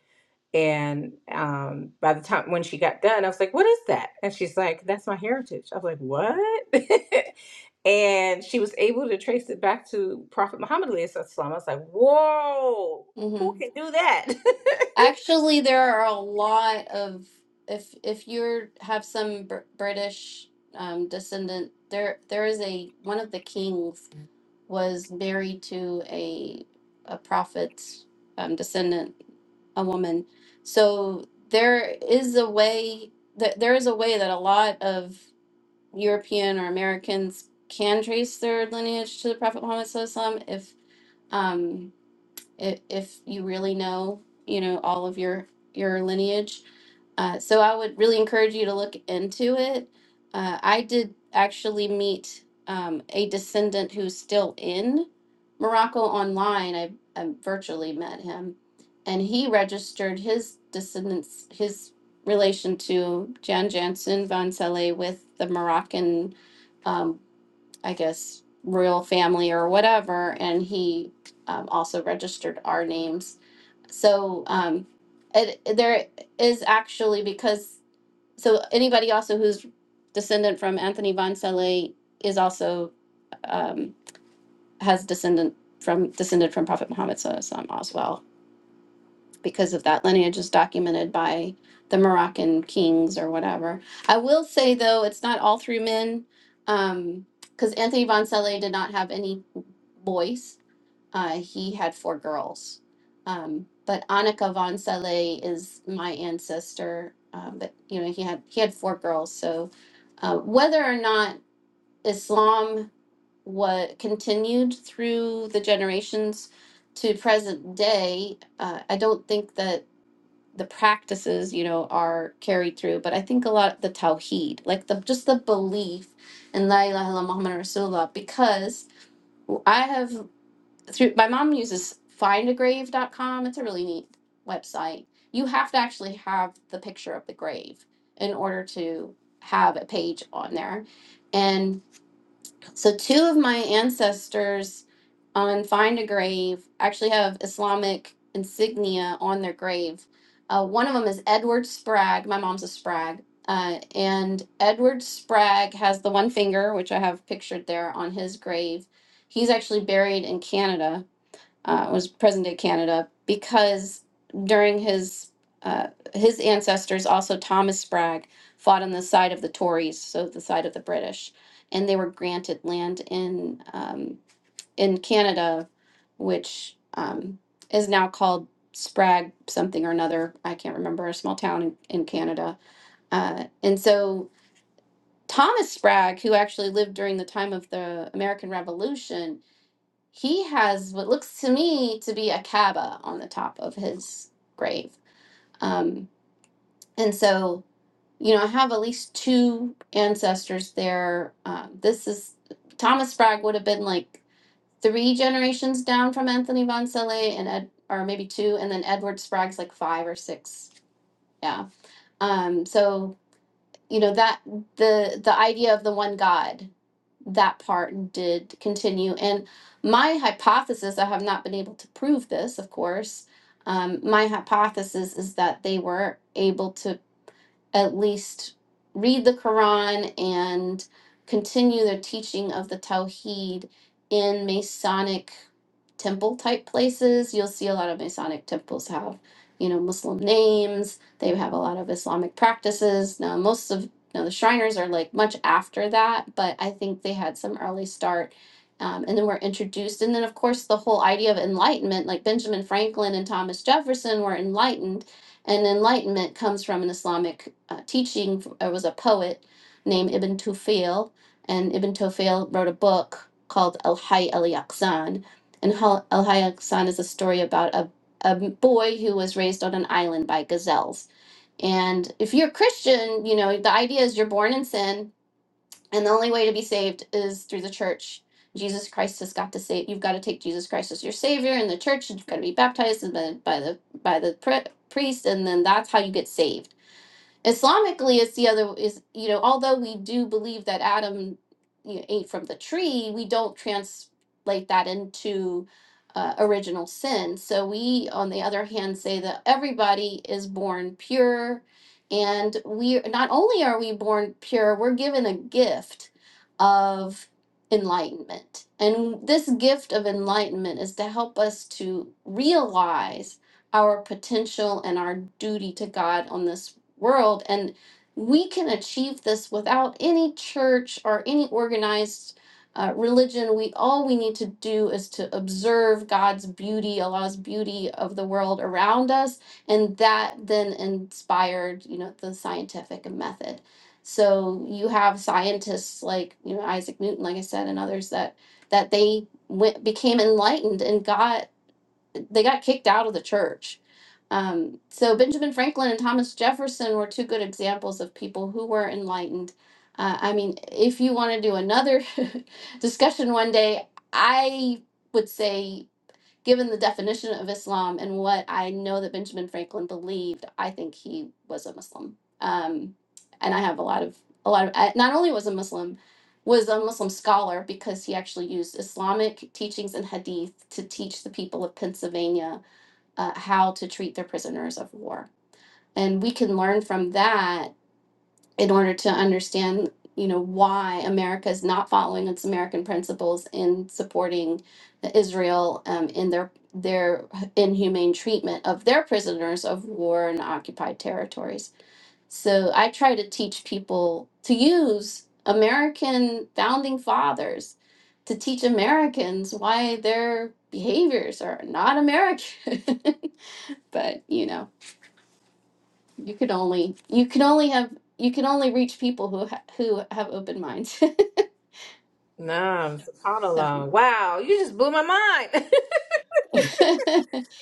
[SPEAKER 1] And um, by the time when she got done, I was like, what is that? And she's like, that's my heritage. I was like, what? and she was able to trace it back to Prophet Muhammad. alayhi salam. I was like, whoa, who
[SPEAKER 2] hmm
[SPEAKER 1] can do that?
[SPEAKER 2] Actually, there are a lot of if if you have some Br- British um, descendant, there there is a one of the kings was married to a a prophet's um, descendant, a woman. So there is a way that there is a way that a lot of European or Americans can trace their lineage to the Prophet Muhammad SAW if um, if, if you really know, you know, all of your your lineage. Uh, so I would really encourage you to look into it. Uh, I did actually meet um, a descendant who's still in Morocco online. I, I virtually met him, and he registered his descendants, his relation to Jan Jansen van Selle with the Moroccan. um, I guess, royal family or whatever, and he um, also registered our names. So um, it, there is actually because so anybody also who's descendant from Anthony von Saleh is also um, has descendant from descended from Prophet Muhammad SAW as well because of that lineage is documented by the Moroccan kings or whatever. I will say though, it's not all through men, because Anthony von Selle did not have any boys. Uh, he had four girls. Um, but Annika von Selle is my ancestor. Um, but you know, he had he had four girls. So uh, whether or not Islam was continued through the generations to present day, uh, I don't think that the practices you know are carried through but i think a lot of the tawheed like the just the belief in la ilaha illallah muhammad rasulullah because i have through my mom uses find a grave dot com. it's a really neat website you have to actually have the picture of the grave in order to have a page on there and. So two of my ancestors on Find a Grave actually have Islamic insignia on their grave. Uh, one of them is Edward Sprague. My mom's a Sprague. Uh, and Edward Sprague has the one finger, which I have pictured there on his grave. He's actually buried in Canada uh, was present day Canada because during his uh, his ancestors also Thomas Sprague fought on the side of the Tories, so the side of the British, and they were granted land in um, in Canada, which um, is now called Sprague something or another. I can't remember a small town in, in Canada, uh, and so Thomas Sprague, who actually lived during the time of the American Revolution, he has what looks to me to be a Kaaba on the top of his grave. Um, and so, you know, I have at least two ancestors there. Um, this is Thomas Sprague would have been like three generations down from Anthony Von Selle and Ed, or maybe two, and then Edward Sprague's like five or six. Yeah. Um, so you know that the the idea of the one god that part did continue and my hypothesis i have not been able to prove this of course um, my hypothesis is that they were able to at least read the Quran and continue their teaching of the Tawheed in Masonic temple type places. You'll see a lot of Masonic temples have, you know, Muslim names. They have a lot of Islamic practices. Now, most of now the Shriners are like much after that, but I think they had some early start. Um, and then were introduced. And then, of course, the whole idea of enlightenment, like Benjamin Franklin and Thomas Jefferson were enlightened and enlightenment comes from an Islamic uh, teaching. There was a poet named Ibn Tufil, and Ibn Tufil wrote a book called Al Hayy al Yaqzan. And Hal- Al Hayy al Yaqzan is a story about a, a boy who was raised on an island by gazelles. And if you're Christian, you know, the idea is you're born in sin and the only way to be saved is through the church. Jesus Christ has got to save. You've got to take Jesus Christ as your savior in the church. You've got to be baptized and then by the by the pri- priest, and then that's how you get saved. Islamically, it's the other is you know although we do believe that Adam you know, ate from the tree, we don't translate that into uh, original sin. So we, on the other hand, say that everybody is born pure, and we not only are we born pure, we're given a gift of enlightenment, and this gift of enlightenment is to help us to realize our potential and our duty to God on this world and we can achieve this without any church or any organized uh, religion we all we need to do is to observe god's beauty allah's beauty of the world around us and that then inspired you know the scientific method so you have scientists like you know isaac newton like i said and others that that they went became enlightened and god they got kicked out of the church. Um, so Benjamin Franklin and Thomas Jefferson were two good examples of people who were enlightened. Uh, I mean, if you want to do another discussion one day, I would say given the definition of Islam and what I know that Benjamin Franklin believed, I think he was a Muslim. Um, and I have a lot of a lot of I- not only was a Muslim, was a Muslim scholar because he actually used Islamic teachings and hadith to teach the people of Pennsylvania uh, how to treat their prisoners of war. And we can learn from that in order to understand you know why america is not following its american principles in supporting israel um, in their their inhumane treatment of their prisoners of war in occupied territories so i try to teach people to use american founding fathers to teach americans why their behaviors are not american but you know you can only you can only have you can only reach people who ha- who have open minds.
[SPEAKER 1] nah,
[SPEAKER 2] So.
[SPEAKER 1] subhanAllah. Wow, you just blew my mind.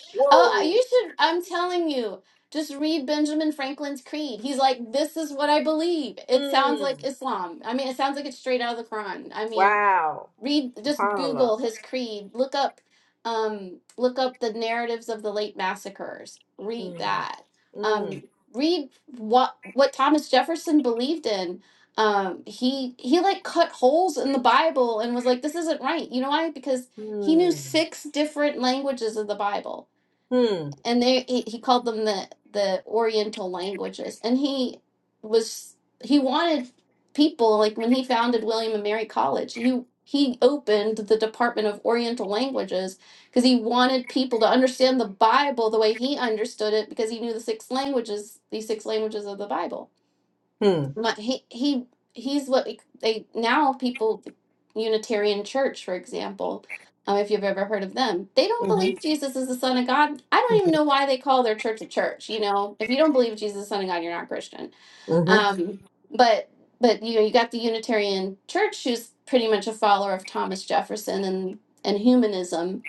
[SPEAKER 2] oh,
[SPEAKER 1] whoa.
[SPEAKER 2] you should. I'm telling you, just read Benjamin Franklin's creed. He's like, this is what I believe. It sounds like
[SPEAKER 1] Mm.
[SPEAKER 2] Islam. I mean, it sounds like it's straight out of the Quran. I mean,
[SPEAKER 1] Wow.
[SPEAKER 2] read just
[SPEAKER 1] Paula.
[SPEAKER 2] google his creed look up um look up the narratives of the late massacres read
[SPEAKER 1] Mm.
[SPEAKER 2] that um
[SPEAKER 1] Mm.
[SPEAKER 2] read what what thomas jefferson believed in um he he like cut holes in the bible and was like this isn't right you know why because he knew
[SPEAKER 1] Mm.
[SPEAKER 2] six different languages of the bible
[SPEAKER 1] Hmm.
[SPEAKER 2] and they he, he called them the the oriental languages and he was he wanted people like when he founded william and mary college he he opened the department of oriental languages because he wanted people to understand the bible the way he understood it because he knew the six languages these six languages of the bible
[SPEAKER 1] Hmm.
[SPEAKER 2] my, he he he's what we, they now people Unitarian Church, for example, um, if you've ever heard of them, they don't
[SPEAKER 1] Mhm.
[SPEAKER 2] believe Jesus is the Son of God. I don't even know why they call their church a church. You know, if you don't believe Jesus is the Son of God, you're not a Christian.
[SPEAKER 1] Mhm.
[SPEAKER 2] Um, but but you know, you got the Unitarian Church, who's pretty much a follower of Thomas Jefferson and and humanism,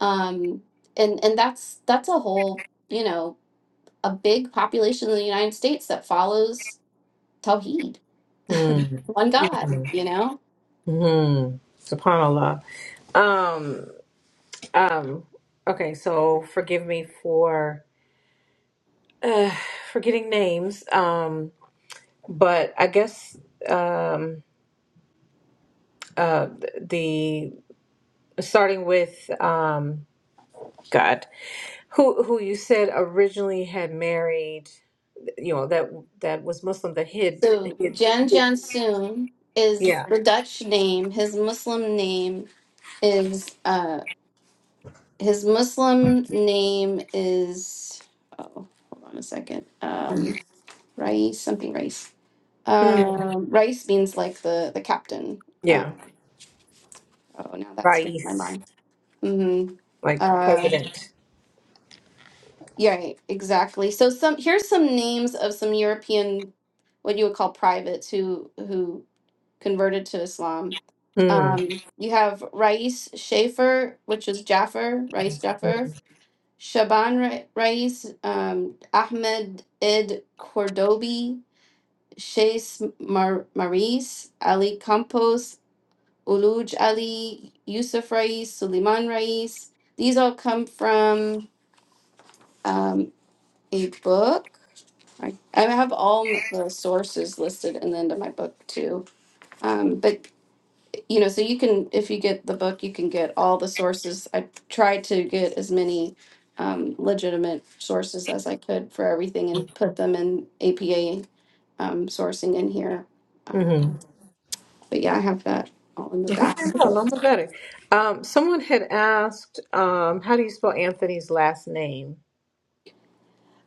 [SPEAKER 2] um, and and that's that's a whole you know a big population in the United States that follows Tawheed
[SPEAKER 1] Mm.
[SPEAKER 2] one God,
[SPEAKER 1] Mhm.
[SPEAKER 2] you know?
[SPEAKER 1] Mhm. SubhanAllah. Um, um, okay, so forgive me for uh, forgetting names. Um, but I guess um, uh, the starting with um, God, who who you said originally had married. you know that that was Muslim that hid,
[SPEAKER 2] So
[SPEAKER 1] hid,
[SPEAKER 2] Jan
[SPEAKER 1] hid
[SPEAKER 2] Jansoon is
[SPEAKER 1] yeah
[SPEAKER 2] the Dutch name. His Muslim name is uh his Muslim name is oh hold on a second. Um
[SPEAKER 1] Mhm.
[SPEAKER 2] Rice something Rice.
[SPEAKER 1] mm,
[SPEAKER 2] Um Rice means like the the captain.
[SPEAKER 1] yeah
[SPEAKER 2] Um oh now that's skipped my
[SPEAKER 1] Rais
[SPEAKER 2] mind. Mm-hmm.
[SPEAKER 1] like
[SPEAKER 2] Uh
[SPEAKER 1] president.
[SPEAKER 2] yeah, right, exactly. So some here's some names of some European what you would call privates who who converted to Islam.
[SPEAKER 1] Mm,
[SPEAKER 2] Um, you have Rais Schaefer, which is Jaffer, Rais Jaffer,
[SPEAKER 1] mm,
[SPEAKER 2] Shaban Ra- Rais, um, Ahmed Ed Cordobi, Chase Mar- Maris, Ali Campos, Uluj Ali, Yusuf Rais, Suleiman Rais. These all come from um, a book. I, I have all the sources listed in the end of my book too. Um, but you know, so you can, if you get the book, you can get all the sources. I tried to get as many um, legitimate sources as I could for everything and put them in APA um, sourcing in here.
[SPEAKER 1] mm-hmm.
[SPEAKER 2] Um, but yeah, I have that all in the back.
[SPEAKER 1] Um, someone had asked, um, how do you spell Anthony's last name?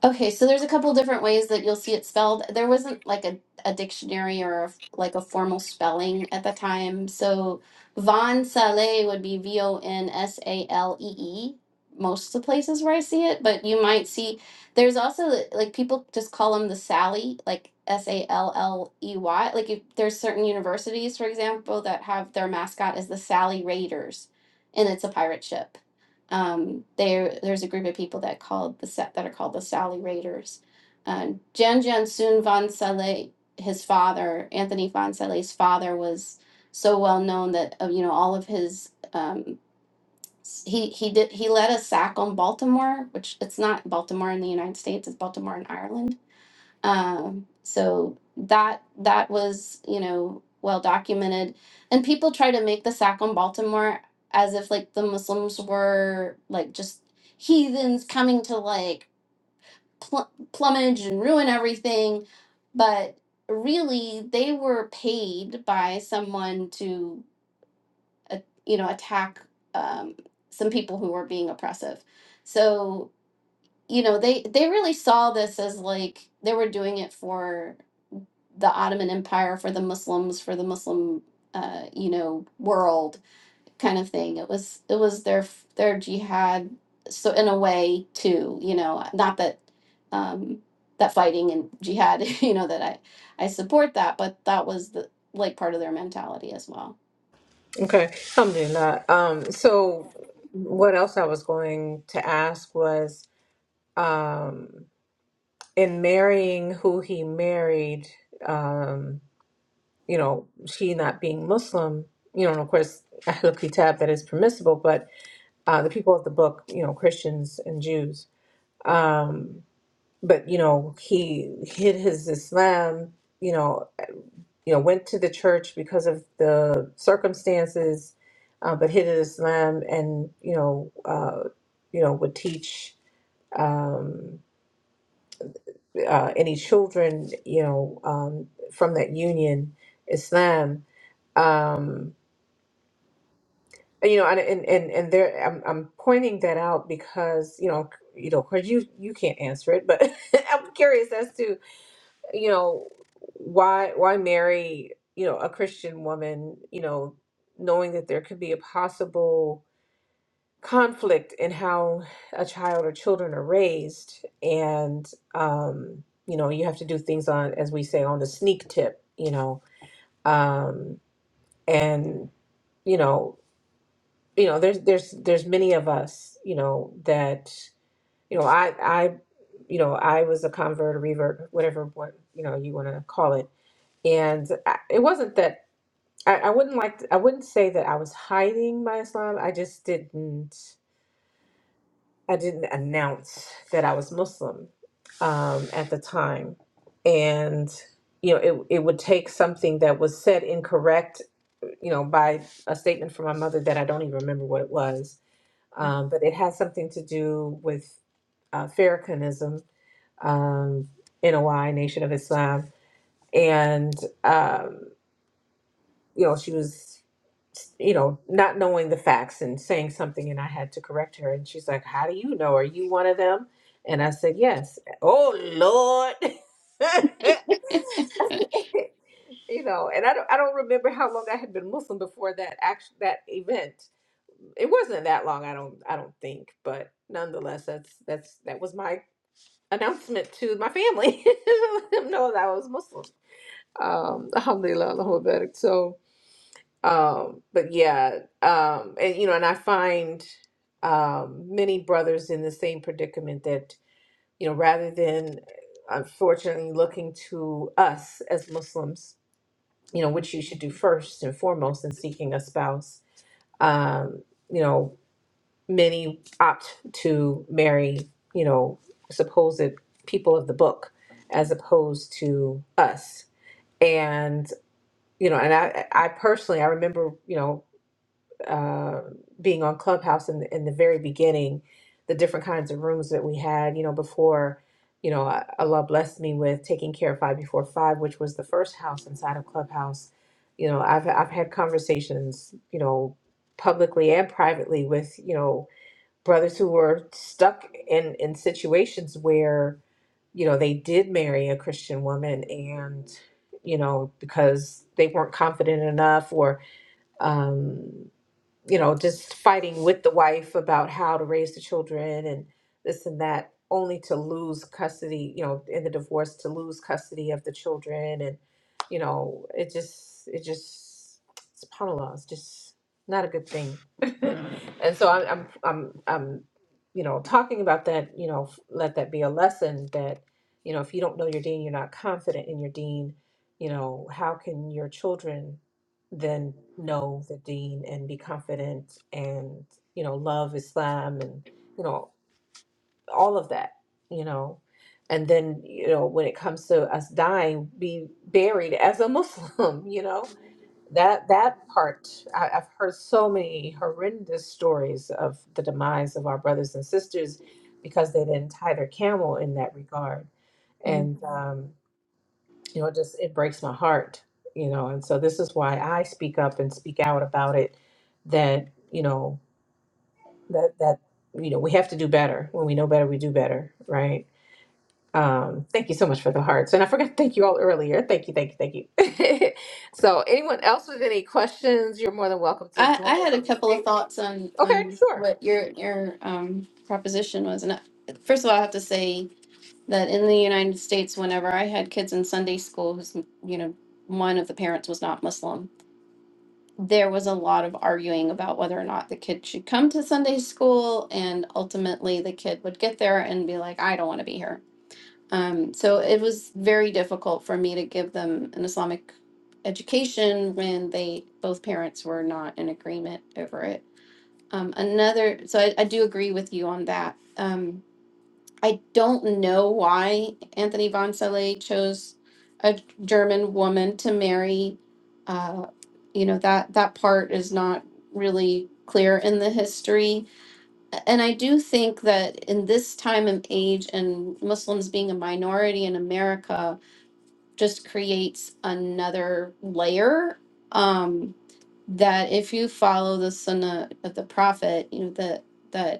[SPEAKER 2] Okay, so there's a couple different ways that you'll see it spelled. There wasn't like a, a dictionary or a, like a formal spelling at the time. So Von Saleh would be V O N S A L E E, most of the places where I see it, but you might see there's also like people just call them the Sally, like S A L L E Y. Like if there's certain universities, for example, that have their mascot as the Sally Raiders, and it's a pirate ship um, there there's a group of people that called the set that are called the Sally Raiders. Uh, Jan Jan Soon Van Saleh, his father, Anthony Van Saleh's father, was so well known that uh, you know all of his um, s- he he did he led a sack on Baltimore, which it's not Baltimore in the United States, it's Baltimore in Ireland um, so that that was, you know, well documented. And people try to make the sack on Baltimore as if like the Muslims were like just heathens coming to like pl- plumage and ruin everything, but really they were paid by someone to uh, you know attack um, some people who were being oppressive. So you know they they really saw this as like they were doing it for the Ottoman Empire for the Muslims for the Muslim uh, you know world kind of thing. It was it was their their jihad so in a way too you know not that um, that fighting and jihad you know that I I support that but that was the like part of their mentality as well.
[SPEAKER 1] Okay, alhamdulillah. Um, so
[SPEAKER 2] Mhm.
[SPEAKER 1] what else I was going to ask was, um, in marrying who he married, um, you know, she not being Muslim, you know, and of course, Ahlul Kitab, that is permissible, but uh, the people of the book, you know, Christians and Jews. Um, but, you know, he hid his Islam, you know, you know, went to the church because of the circumstances, uh, but hid his Islam and, you know, uh, you know, would teach um, uh, any children, you know, um, from that union Islam. Um, you know and and and, and there I'm, I'm pointing that out because you know c- you know because you you can't answer it but i'm curious as to you know why why marry you know a christian woman you know knowing that there could be a possible conflict in how a child or children are raised and um you know you have to do things on as we say on the sneak tip you know um and you know you know there's there's there's many of us you know that you know i i you know i was a convert a revert whatever what you know you want to call it and I, it wasn't that I, I wouldn't like to, i wouldn't say that i was hiding my islam i just didn't i didn't announce that i was muslim um, at the time and you know it, it would take something that was said incorrect you know by a statement from my mother that i don't even remember what it was um, but it has something to do with uh, Farrakhanism, um, NOI, Nation of Islam, and um, you know she was, you know, not knowing the facts and saying something, and I had to correct her, and she's like, "How do you know? Are you one of them?" And I said, "Yes." Oh Lord.
[SPEAKER 2] It's
[SPEAKER 1] you know, and I don't, I don't remember how long I had been Muslim before that act, that event, it wasn't that long i don't i don't think but nonetheless that's that's that was my announcement to my family let them know that i was muslim um alhamdulillah Allahu Akbar. so um but yeah um and you know and i find um many brothers in the same predicament that you know rather than unfortunately looking to us as muslims you know which you should do first and foremost in seeking a spouse um you know many opt to marry, you know, supposed people of the book as opposed to us. And, you know, and I, I personally, I remember, you know, uh, being on Clubhouse in the, in the very beginning, the different kinds of rooms that we had, you know, before, you know, uh, Allah blessed me with taking care of Five Before Five, which was the first house inside of Clubhouse. You know, I've, I've had conversations, you know, publicly and privately with, you know, brothers who were stuck in in situations where you know they did marry a christian woman and you know because they weren't confident enough or um you know, just fighting with the wife about how to raise the children and this and that, only to lose custody, you know, in the divorce to lose custody of the children and you know, it just it just subhanallah, it's just not a good thing. and so I'm I'm I'm I'm you know, talking about that, you know, f- let that be a lesson that, you know, if you don't know your dean, you're not confident in your dean, you know, how can your children then know the dean and be confident and you know love islam and you know all of that you know and then you know when it comes to us dying be buried as a muslim you know that that part I, i've heard so many horrendous stories of the demise of our brothers and sisters because they didn't tie their camel in that regard
[SPEAKER 2] Mhm.
[SPEAKER 1] and Mhm you know, it just it breaks my heart, you know. And so this is why I speak up and speak out about it. That you know that that you know we have to do better. When we know better, we do better, right? Um, thank you so much for the hearts, and I forgot to thank you all earlier. Thank you, thank you, thank you. so, anyone else with any questions, you're more than welcome to
[SPEAKER 2] I, I
[SPEAKER 1] join us
[SPEAKER 2] had
[SPEAKER 1] on
[SPEAKER 2] a
[SPEAKER 1] the
[SPEAKER 2] couple of
[SPEAKER 1] stage.
[SPEAKER 2] thoughts on
[SPEAKER 1] Okay,
[SPEAKER 2] on
[SPEAKER 1] sure.
[SPEAKER 2] what your your um, proposition was and I, first of all I have to say that in the United States, whenever I had kids in Sunday school, who's you know one of the parents was not Muslim, there was a lot of arguing about whether or not the kid should come to Sunday school, and ultimately the kid would get there and be like, "I don't want to be here." Um, so it was very difficult for me to give them an Islamic education when they both parents were not in agreement over it. Um, another, so I, I do agree with you on that. Um, I don't know why Anthony von Sele chose a German woman to marry. Uh, you know that that part is not really clear in the history, and I do think that in this time and age, and Muslims being a minority in America, just creates another layer. Um, that if you follow the Sunnah of the Prophet, you know that that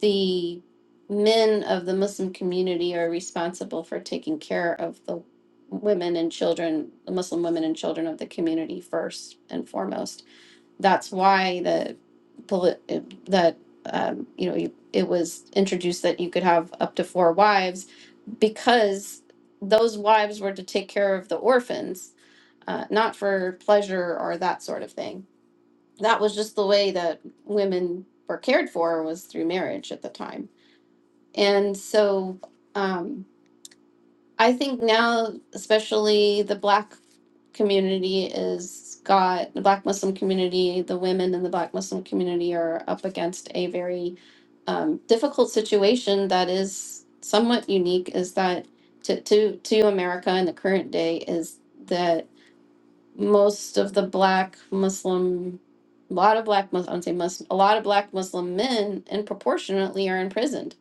[SPEAKER 2] the men of the Muslim community are responsible for taking care of the women and children, the Muslim women and children of the community first and foremost. That's why the poli- uh, that um, you know you, it was introduced that you could have up to four wives because those wives were to take care of the orphans, uh, not for pleasure or that sort of thing. That was just the way that women were cared for was through marriage at the time and so um, I think now, especially the black community is got the black Muslim community, the women in the black Muslim community are up against a very um, difficult situation that is somewhat unique is that to, to, to America in the current day is that most of the black Muslim, a lot of black Muslim, I would say Muslim, a lot of black Muslim men and proportionately are imprisoned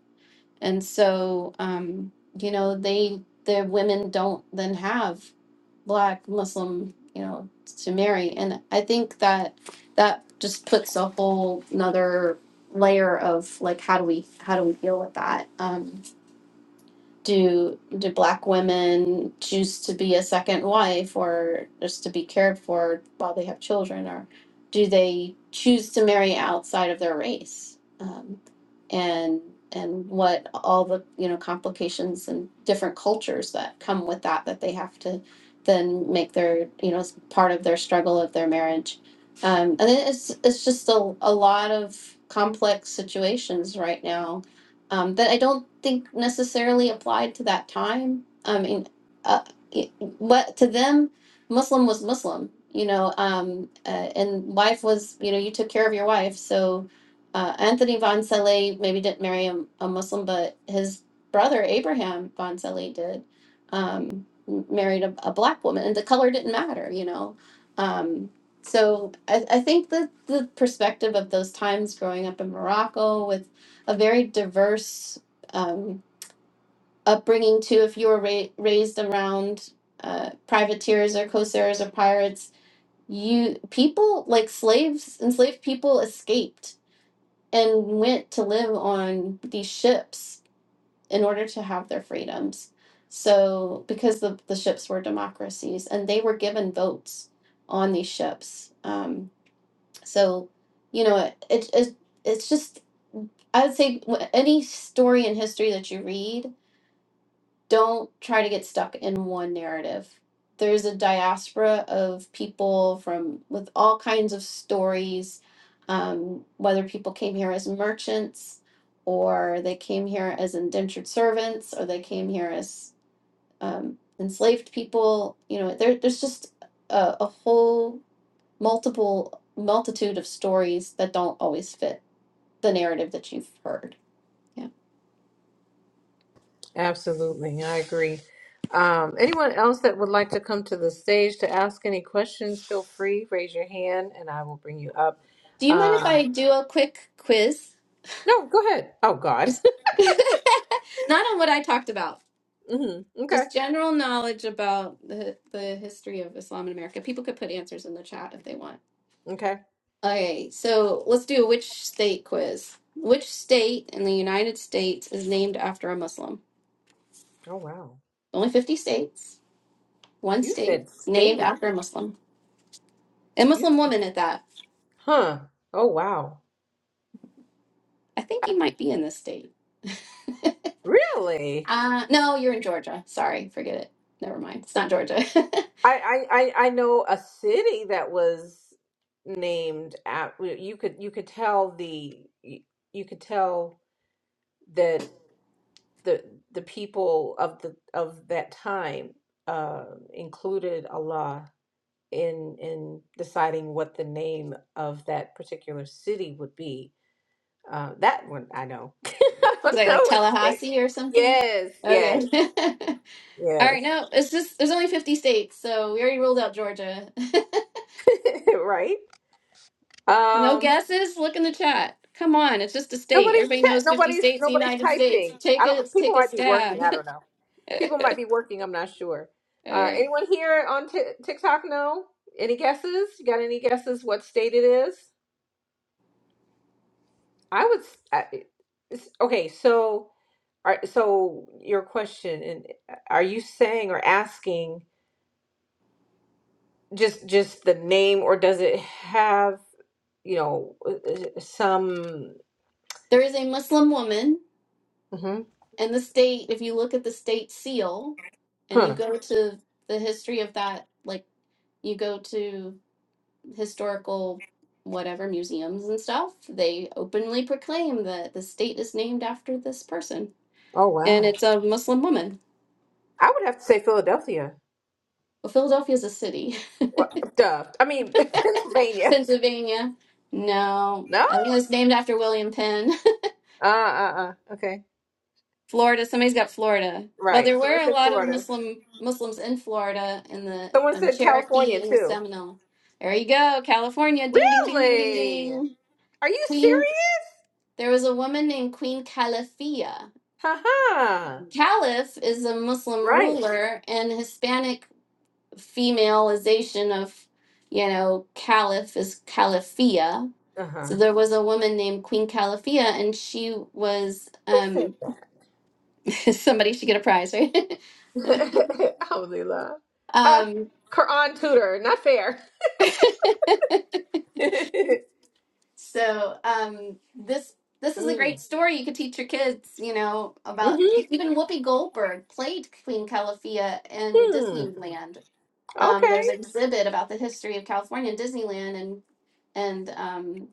[SPEAKER 2] and so, um, you know, they their women don't then have black Muslim, you know, to marry. And I think that that just puts a whole another layer of like how do we how do we deal with that? Um, do do black women choose to be a second wife or just to be cared for while they have children or do they choose to marry outside of their race um, and and what all the you know complications and different cultures that come with that that they have to then make their you know as part of their struggle of their marriage um, and it's it's just a, a lot of complex situations right now um, that I don't think necessarily applied to that time. I mean, uh, it- what to them, Muslim was Muslim, you know, um, uh, and wife was, you know, you took care of your wife. So uh, Anthony von Saleh maybe didn't marry a, a Muslim, but his brother Abraham von Saleh did. Um, m- married a, a black woman, and the color didn't matter, you know. Um, so I, I think that the perspective of those times growing up in Morocco with a very diverse um, upbringing too. If you were ra- raised around uh, privateers or corsairs or pirates, you people like slaves, enslaved people escaped and went to live on these ships in order to have their freedoms. So, because the, the ships were democracies and they were given votes on these ships. Um, so, you know, it, it, it, it's just, I would say, wh- any story in history that you read, don't try to get stuck in one narrative. There's a diaspora of people from with all kinds of stories, um, whether people came here as merchants, or they came here as indentured servants, or they came here as um, enslaved people. You know, there, there's just a, a whole multiple multitude of stories that don't always fit the narrative that you've heard. Yeah.
[SPEAKER 1] Absolutely, I agree. Um, anyone else that would like to come to the stage to ask any questions, feel free, raise your hand and I will bring you up.
[SPEAKER 2] Do you mind if
[SPEAKER 1] Uh,
[SPEAKER 2] I do a quick quiz?
[SPEAKER 1] no, go ahead. Oh, God.
[SPEAKER 2] Just not on what I talked about.
[SPEAKER 1] hmm Okay.
[SPEAKER 2] Just general knowledge about the the history of Islam in America. People could put answers in the chat if they want.
[SPEAKER 1] Okay.
[SPEAKER 2] Okay, so let's do a which state quiz. Which state in the United States is named after a Muslim?
[SPEAKER 1] Oh, wow.
[SPEAKER 2] Only 50 states. One
[SPEAKER 1] You
[SPEAKER 2] state
[SPEAKER 1] said
[SPEAKER 2] is named
[SPEAKER 1] stage.
[SPEAKER 2] after a Muslim. A
[SPEAKER 1] You,
[SPEAKER 2] Muslim woman at that.
[SPEAKER 1] huh. Oh, wow.
[SPEAKER 2] I think you might be in this state.
[SPEAKER 1] Really?
[SPEAKER 2] uh, no, you're in Georgia. Sorry, forget it. Never mind. It's not Georgia.
[SPEAKER 1] I, I, I I know a city that was named at, you could, you could tell the, you could tell the the people of the of that time uh, included Allah in in deciding what the name of that particular city would be. Uh, that one I know. I
[SPEAKER 2] Is
[SPEAKER 1] don't
[SPEAKER 2] that
[SPEAKER 1] know
[SPEAKER 2] like
[SPEAKER 1] what state.
[SPEAKER 2] Tallahassee or something?
[SPEAKER 1] Yes,
[SPEAKER 2] Okay.
[SPEAKER 1] yes,
[SPEAKER 2] All
[SPEAKER 1] yes.
[SPEAKER 2] right, no, it's just there's only 50 states, so we already ruled out Georgia.
[SPEAKER 1] right.
[SPEAKER 2] No
[SPEAKER 1] Um.
[SPEAKER 2] guesses? Look in the chat. Come on, it's just a state.
[SPEAKER 1] Nobody's
[SPEAKER 2] Everybody
[SPEAKER 1] chat.
[SPEAKER 2] knows 50
[SPEAKER 1] Nobody's
[SPEAKER 2] states in the
[SPEAKER 1] nobody's
[SPEAKER 2] United States.
[SPEAKER 1] typing.
[SPEAKER 2] Take
[SPEAKER 1] I
[SPEAKER 2] a
[SPEAKER 1] don't. People
[SPEAKER 2] take a
[SPEAKER 1] might be working.
[SPEAKER 2] stab.
[SPEAKER 1] I don't know. People might be working. I'm not sure.
[SPEAKER 2] All
[SPEAKER 1] Uh,
[SPEAKER 2] right.
[SPEAKER 1] anyone here on t- TikTok know? Any guesses? You got any guesses what state it is? I would. s- I, it's, okay, so are, so your question, and uh, are you saying or asking just just the name, or does it have you know uh, uh, some?
[SPEAKER 2] There is a Muslim woman
[SPEAKER 1] hmm
[SPEAKER 2] in the state. If you look at the state seal and you
[SPEAKER 1] Huh.
[SPEAKER 2] go to the history of that, like you go to historical whatever museums and stuff, they openly proclaim that the state is named after this person.
[SPEAKER 1] Oh
[SPEAKER 2] And
[SPEAKER 1] wow.
[SPEAKER 2] it's a Muslim woman.
[SPEAKER 1] I would have to say Philadelphia.
[SPEAKER 2] Well, Philadelphia is a city.
[SPEAKER 1] Well, duh. I mean Pennsylvania.
[SPEAKER 2] Pennsylvania, no.
[SPEAKER 1] No.
[SPEAKER 2] I think it was named after William Penn.
[SPEAKER 1] Uh. Uh. uh. Okay.
[SPEAKER 2] Florida, somebody's got Florida. Well, there
[SPEAKER 1] Right. Someone
[SPEAKER 2] were a
[SPEAKER 1] said
[SPEAKER 2] lot of
[SPEAKER 1] Florida.
[SPEAKER 2] Muslim Muslims in Florida in the
[SPEAKER 1] Someone
[SPEAKER 2] um,
[SPEAKER 1] said
[SPEAKER 2] Cherokee
[SPEAKER 1] California
[SPEAKER 2] and the
[SPEAKER 1] too.
[SPEAKER 2] Seminole. There you go, California. Ding, ding, ding, ding, ding,
[SPEAKER 1] Really?
[SPEAKER 2] ding.
[SPEAKER 1] Are you
[SPEAKER 2] Queen.
[SPEAKER 1] serious?
[SPEAKER 2] There was a woman named Queen Calafia
[SPEAKER 1] Haha.
[SPEAKER 2] Caliph is a Muslim
[SPEAKER 1] Right.
[SPEAKER 2] ruler, and Hispanic femaleization of, you know, caliph is caliphia.
[SPEAKER 1] Uh huh.
[SPEAKER 2] So there was a woman named Queen Caliphia, and she was
[SPEAKER 1] Who said
[SPEAKER 2] um,
[SPEAKER 1] that?
[SPEAKER 2] somebody should get a prize, right?
[SPEAKER 1] Alhamdulillah. Uh,
[SPEAKER 2] um,
[SPEAKER 1] Quran tutor. Not fair. mm.
[SPEAKER 2] so um, this this is a great
[SPEAKER 1] Mm-hmm.
[SPEAKER 2] story you could teach your kids, you know, about even Whoopi Goldberg played Queen Caliphia in
[SPEAKER 1] Hmm.
[SPEAKER 2] Disneyland. um, there's
[SPEAKER 1] Okay.
[SPEAKER 2] an exhibit about the history of California and Disneyland, and and um,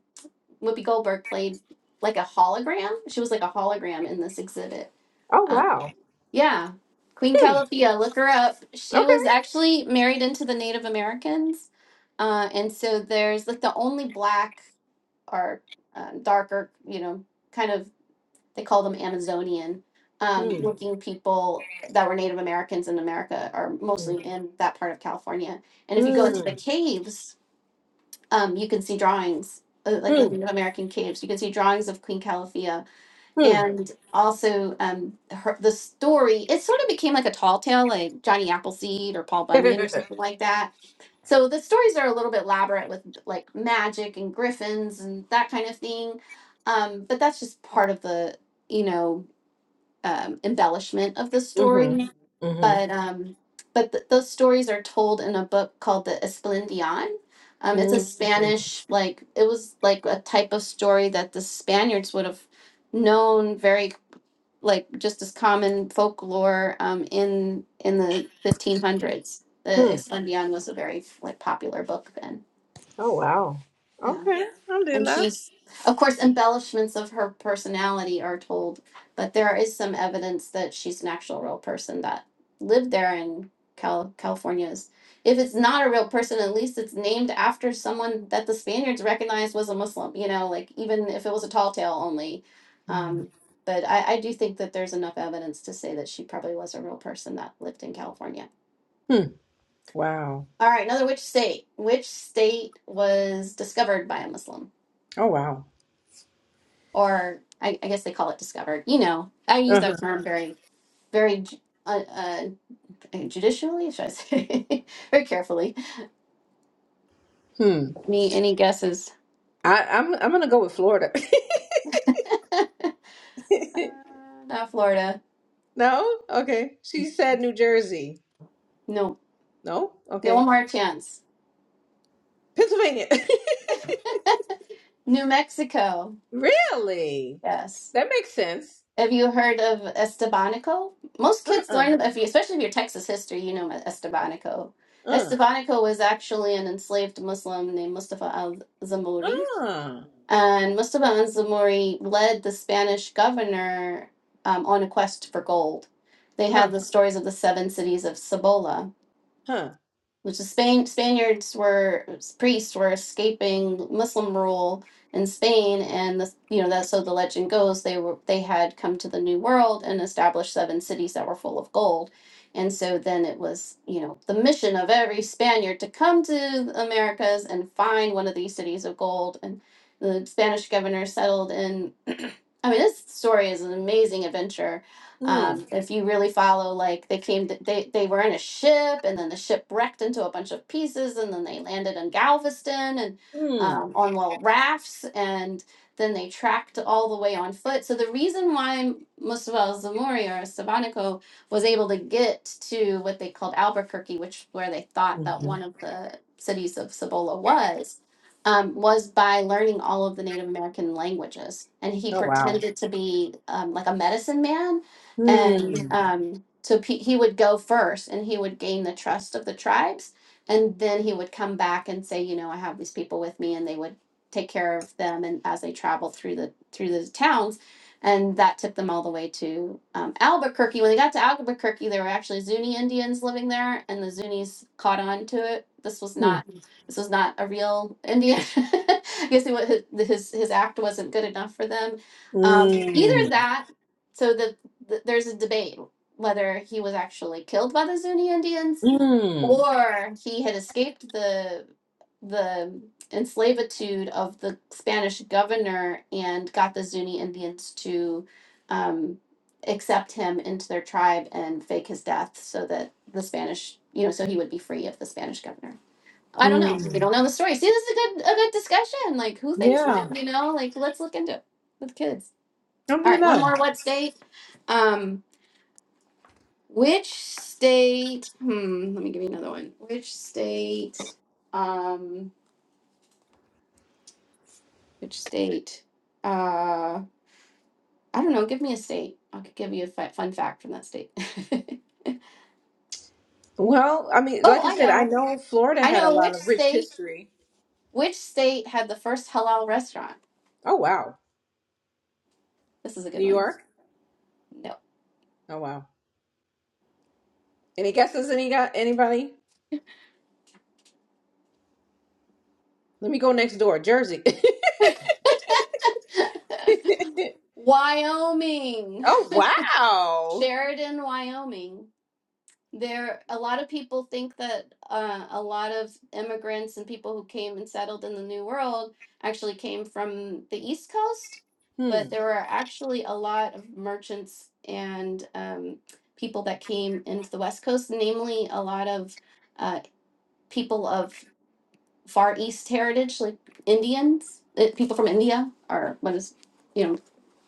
[SPEAKER 2] Whoopi Goldberg played like a hologram. She was like a hologram in this exhibit.
[SPEAKER 1] Oh
[SPEAKER 2] Um,
[SPEAKER 1] wow.
[SPEAKER 2] yeah, Queen
[SPEAKER 1] Hmm.
[SPEAKER 2] Calapia, look her up. She
[SPEAKER 1] Okay.
[SPEAKER 2] was actually married into the Native Americans, uh, and so there's like the only black or uh, darker, you know, kind of they call them Amazonian um,
[SPEAKER 1] Hmm.
[SPEAKER 2] looking people that were Native Americans in America are
[SPEAKER 1] Hmm.
[SPEAKER 2] mostly in that part of California. And if you go into the
[SPEAKER 1] Hmm.
[SPEAKER 2] caves, um, you can see drawings uh, like the
[SPEAKER 1] Hmm.
[SPEAKER 2] Native American caves. You can see drawings of Queen Calafia
[SPEAKER 1] Hmm.
[SPEAKER 2] and also um, her, the story. It sort of became like a tall tale, like Johnny Appleseed or Paul Bunyan or something like that. So the stories are a little bit elaborate with like magic and griffins and that kind of thing. Um, but that's just part of the, you know, um, embellishment of the
[SPEAKER 1] mhm.
[SPEAKER 2] story,
[SPEAKER 1] Mhm.
[SPEAKER 2] but um, but th- those stories are told in a book called the Esplandian. Um, it's a
[SPEAKER 1] Mhm.
[SPEAKER 2] Spanish like it was like a type of story that the Spaniards would have known very like just as common folklore um, in in the 1500s. The
[SPEAKER 1] Hmm.
[SPEAKER 2] Esplandian was a very like popular book then.
[SPEAKER 1] Oh wow.
[SPEAKER 2] Yeah
[SPEAKER 1] Okay.
[SPEAKER 2] and
[SPEAKER 1] Alhamdulillah.
[SPEAKER 2] she's of course embellishments of her personality are told but there is some evidence that she's an actual real person that lived there in Cal- California's. if it's not a real person at least it's named after someone that the spaniards recognized was a muslim you know like even if it was a tall tale only
[SPEAKER 1] Hmm.
[SPEAKER 2] um, but I, I do think that there's enough evidence to say that she probably was a real person that lived in california
[SPEAKER 1] Hmm. Wow.
[SPEAKER 2] all right another which state which state was discovered by a muslim
[SPEAKER 1] Oh wow.
[SPEAKER 2] or I, I guess they call it discovered. You know, I use
[SPEAKER 1] Uh-huh.
[SPEAKER 2] that term very, very ju- uh, uh, judicially, should I say, very carefully.
[SPEAKER 1] Hmm.
[SPEAKER 2] Any any guesses?
[SPEAKER 1] I, I'm I'm gonna go with Florida.
[SPEAKER 2] Uh, not Florida.
[SPEAKER 1] no? Okay. She said New Jersey.
[SPEAKER 2] Nope.
[SPEAKER 1] No?
[SPEAKER 2] No. Yeah, one
[SPEAKER 1] Okay.
[SPEAKER 2] more chance.
[SPEAKER 1] Pennsylvania.
[SPEAKER 2] New Mexico.
[SPEAKER 1] really?
[SPEAKER 2] Yes.
[SPEAKER 1] That makes sense.
[SPEAKER 2] Have you heard of Estebanico? Most kids
[SPEAKER 1] Uh-uh.
[SPEAKER 2] learn, about- if you, especially if you're Texas history, you know Estebanico.
[SPEAKER 1] Uh.
[SPEAKER 2] Estebanico was actually an enslaved Muslim named Mustafa al-Zamuri
[SPEAKER 1] Uh.
[SPEAKER 2] And Mustafa Anzamuri led the Spanish governor um, on a quest for gold. They
[SPEAKER 1] Huh.
[SPEAKER 2] had the stories of the seven cities of Cibola
[SPEAKER 1] Huh.
[SPEAKER 2] which the Spain. Spaniards were priests were escaping Muslim rule in Spain, and the you know that so the legend goes they were they had come to the New World and established seven cities that were full of gold, and so then it was you know the mission of every Spaniard to come to the Americas and find one of these cities of gold, and the Spanish governor settled in I mean, this story is an amazing adventure.
[SPEAKER 1] Hmm.
[SPEAKER 2] Um, if you really follow, like they came, to, they they were in a ship, and then the ship wrecked into a bunch of pieces, and then they landed in Galveston and
[SPEAKER 1] Hmm.
[SPEAKER 2] um, on little rafts, and then they tracked all the way on foot. So the reason why Mustafa Zamori or Sabanico was able to get to what they called Albuquerque, which where they thought that
[SPEAKER 1] hmm
[SPEAKER 2] one of the cities of Cibola was, um, was by learning all of the Native American languages. And he
[SPEAKER 1] Oh wow.
[SPEAKER 2] pretended to be um, like a medicine man. And Mhm.
[SPEAKER 1] Hmm.
[SPEAKER 2] um, so pe- he would go first and he would gain the trust of the tribes. And then he would come back and say, you know, I have these people with me and they would take care of them. And as they traveled through the, through the towns, and that took them all the way to um, Albuquerque. When they got to Albuquerque, there were actually Zuni Indians living there, and the Zunis caught on to it. This was
[SPEAKER 1] Hmm.
[SPEAKER 2] not this was not a real Indian. I guess what his, his his act wasn't good enough for them. Um,
[SPEAKER 1] Hmm.
[SPEAKER 2] either that, so the, the there's a debate whether he was actually killed by the Zuni Indians
[SPEAKER 1] Hmm.
[SPEAKER 2] or he had escaped the the enslavitude of the Spanish governor and got the Zuni Indians to um, accept him into their tribe and fake his death so that the Spanish, you know, so he would be free of the Spanish governor. I don't know.
[SPEAKER 1] Hmm.
[SPEAKER 2] We don't know the story. See, this is a good a good discussion. Like, who thinks
[SPEAKER 1] Yeah.
[SPEAKER 2] what? You know, like let's look into it with kids.
[SPEAKER 1] I'm
[SPEAKER 2] All right, one
[SPEAKER 1] there.
[SPEAKER 2] more. What state? Um, which state? Hmm. Let me give you another one. Which state? Um, which state? Uh, I don't know. Give me a state. I could give you a fi- fun fact from that state.
[SPEAKER 1] Well, I mean,
[SPEAKER 2] oh,
[SPEAKER 1] like I
[SPEAKER 2] I
[SPEAKER 1] said, I
[SPEAKER 2] know.
[SPEAKER 1] know Florida
[SPEAKER 2] I
[SPEAKER 1] had a
[SPEAKER 2] know
[SPEAKER 1] lot
[SPEAKER 2] which
[SPEAKER 1] of rich
[SPEAKER 2] state.
[SPEAKER 1] history.
[SPEAKER 2] Which state had the first halal restaurant?
[SPEAKER 1] Oh wow.
[SPEAKER 2] This is a
[SPEAKER 1] New
[SPEAKER 2] good one.
[SPEAKER 1] York?
[SPEAKER 2] No.
[SPEAKER 1] Oh wow. Any guesses any got anybody? Let me go next door. Jersey.
[SPEAKER 2] Wyoming.
[SPEAKER 1] oh wow.
[SPEAKER 2] Sheridan, Wyoming. There, a lot of people think that uh, a lot of immigrants and people who came and settled in the New World actually came from the East Coast,
[SPEAKER 1] Hmm.
[SPEAKER 2] but there were actually a lot of merchants and um, people that came into the West Coast, namely a lot of uh, people of Far East heritage, like Indians, uh, people from India, or what is, you know.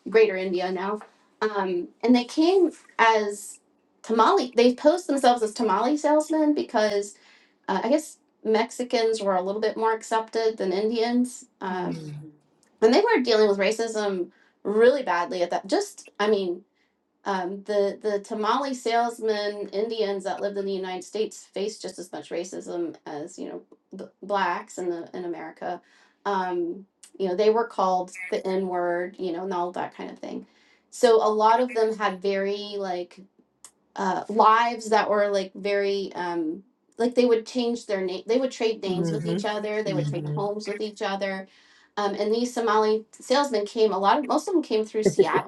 [SPEAKER 2] Greater India now, um, and they came as tamale. They posed themselves as tamale salesmen because uh, I guess Mexicans were a little bit more accepted than Indians, um,
[SPEAKER 1] Hmm.
[SPEAKER 2] and they were dealing with racism really badly at that. Just I mean, um, the the tamale salesman Indians that lived in the United States faced just as much racism as you know b- blacks in the in America. Um, you know they were called the N word, you know, and all that kind of thing. So a lot of them had very like uh, lives that were like very um, like they would change their name. They would trade names with
[SPEAKER 1] hmm
[SPEAKER 2] each other. They would trade
[SPEAKER 1] hmm
[SPEAKER 2] homes with each other. Um, and these Somali salesmen came. A lot of most of them came through Seattle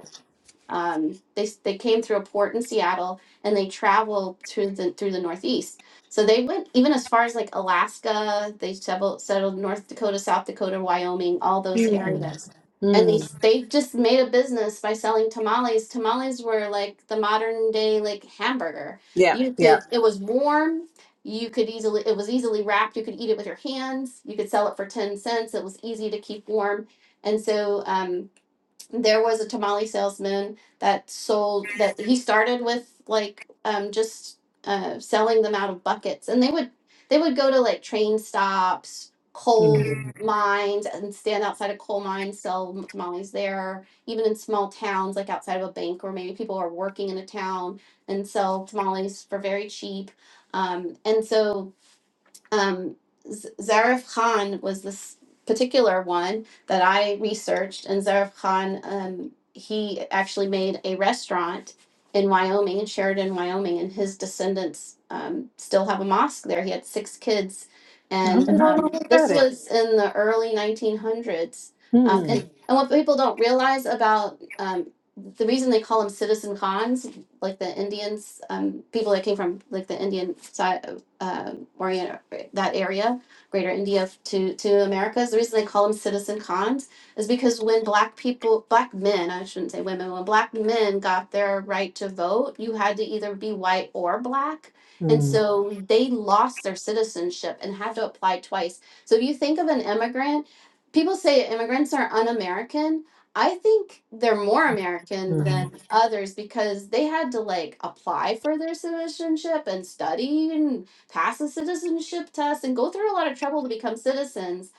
[SPEAKER 2] um, they they came through a port in Seattle and they traveled through the through the Northeast. So they went even as far as like Alaska. They settled settled North Dakota, South Dakota, Wyoming, all those Mm.
[SPEAKER 1] Hmm.
[SPEAKER 2] areas. And they
[SPEAKER 1] Hmm.
[SPEAKER 2] they just made a business by selling tamales. Tamales were like the modern day like hamburger.
[SPEAKER 1] Yeah,
[SPEAKER 2] You
[SPEAKER 1] yeah.
[SPEAKER 2] could it was warm. You could easily it was easily wrapped. You could eat it with your hands. You could sell it for ten cents. It was easy to keep warm. And so um, there was a tamale salesman that sold that he started with like um just uh selling them out of buckets and they would they would go to like train stops coal
[SPEAKER 1] Hmm.
[SPEAKER 2] mines and stand outside a coal mine sell tamales there even in small towns like outside of a bank or maybe people are working in a town and sell tamales for very cheap um, and so um, Z- Zarif Khan was this particular one that I researched, and Zarif Khan, um, he actually made a restaurant in Wyoming, in Sheridan, Wyoming, and his descendants um, still have a mosque there. He had six kids,
[SPEAKER 1] I
[SPEAKER 2] and
[SPEAKER 1] really don't know
[SPEAKER 2] um,
[SPEAKER 1] what
[SPEAKER 2] this
[SPEAKER 1] that is.
[SPEAKER 2] was in the early 1900s. Um,
[SPEAKER 1] Hmm.
[SPEAKER 2] and, and what people don't realize about um, the reason they call them citizen cons, like the Indians, um, people that came from like the Indian side, uh, orient that area, Greater India to to Americas. The reason they call them citizen cons is because when black people, black men, I shouldn't say women, when black men got their right to vote, you had to either be white or black. And
[SPEAKER 1] Hmm.
[SPEAKER 2] so they lost their citizenship and had to apply twice. So if you think of an immigrant, people say immigrants are un American. I think they're more American
[SPEAKER 1] Hmm.
[SPEAKER 2] than others because they had to like apply for their citizenship and study and pass a citizenship test and go through a lot of trouble to become citizens.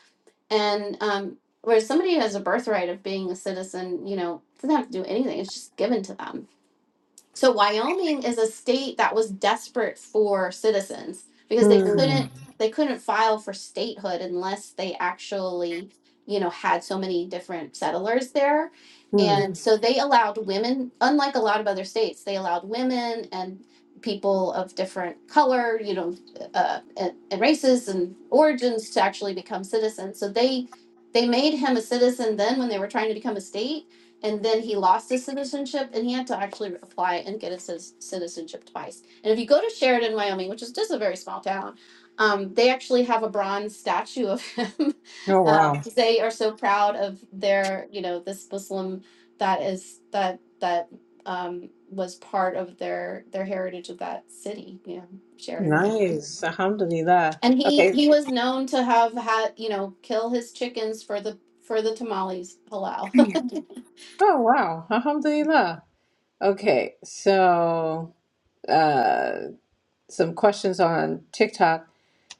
[SPEAKER 2] And um, where somebody has a birthright of being a citizen, you know, doesn't have to do anything; it's just given to them so Wyoming is a state that was desperate for citizens because they
[SPEAKER 1] Hmm.
[SPEAKER 2] couldn't they couldn't file for statehood unless they actually, you know, had so many different settlers there.
[SPEAKER 1] Hmm.
[SPEAKER 2] And so they allowed women, unlike a lot of other states, they allowed women and people of different color, you know, uh, and, and races and origins to actually become citizens. So they they made him a citizen then when they were trying to become a state and then he lost his citizenship and he had to actually apply and get his citizenship twice. And if you go to Sheridan, Wyoming, which is just a very small town, um, they actually have a bronze statue of him.
[SPEAKER 1] Oh
[SPEAKER 2] um,
[SPEAKER 1] wow.
[SPEAKER 2] they are so proud of their, you know, this Muslim that is that that um, was part of their their heritage of that city, you know, Sheridan, Wyoming.
[SPEAKER 1] Nice. Alhamdulillah.
[SPEAKER 2] And he
[SPEAKER 1] Okay.
[SPEAKER 2] he was known to have had, you know, kill his chickens for the for the tamales halal.
[SPEAKER 1] Oh wow. Alhamdulillah. Okay. So uh some questions on TikTok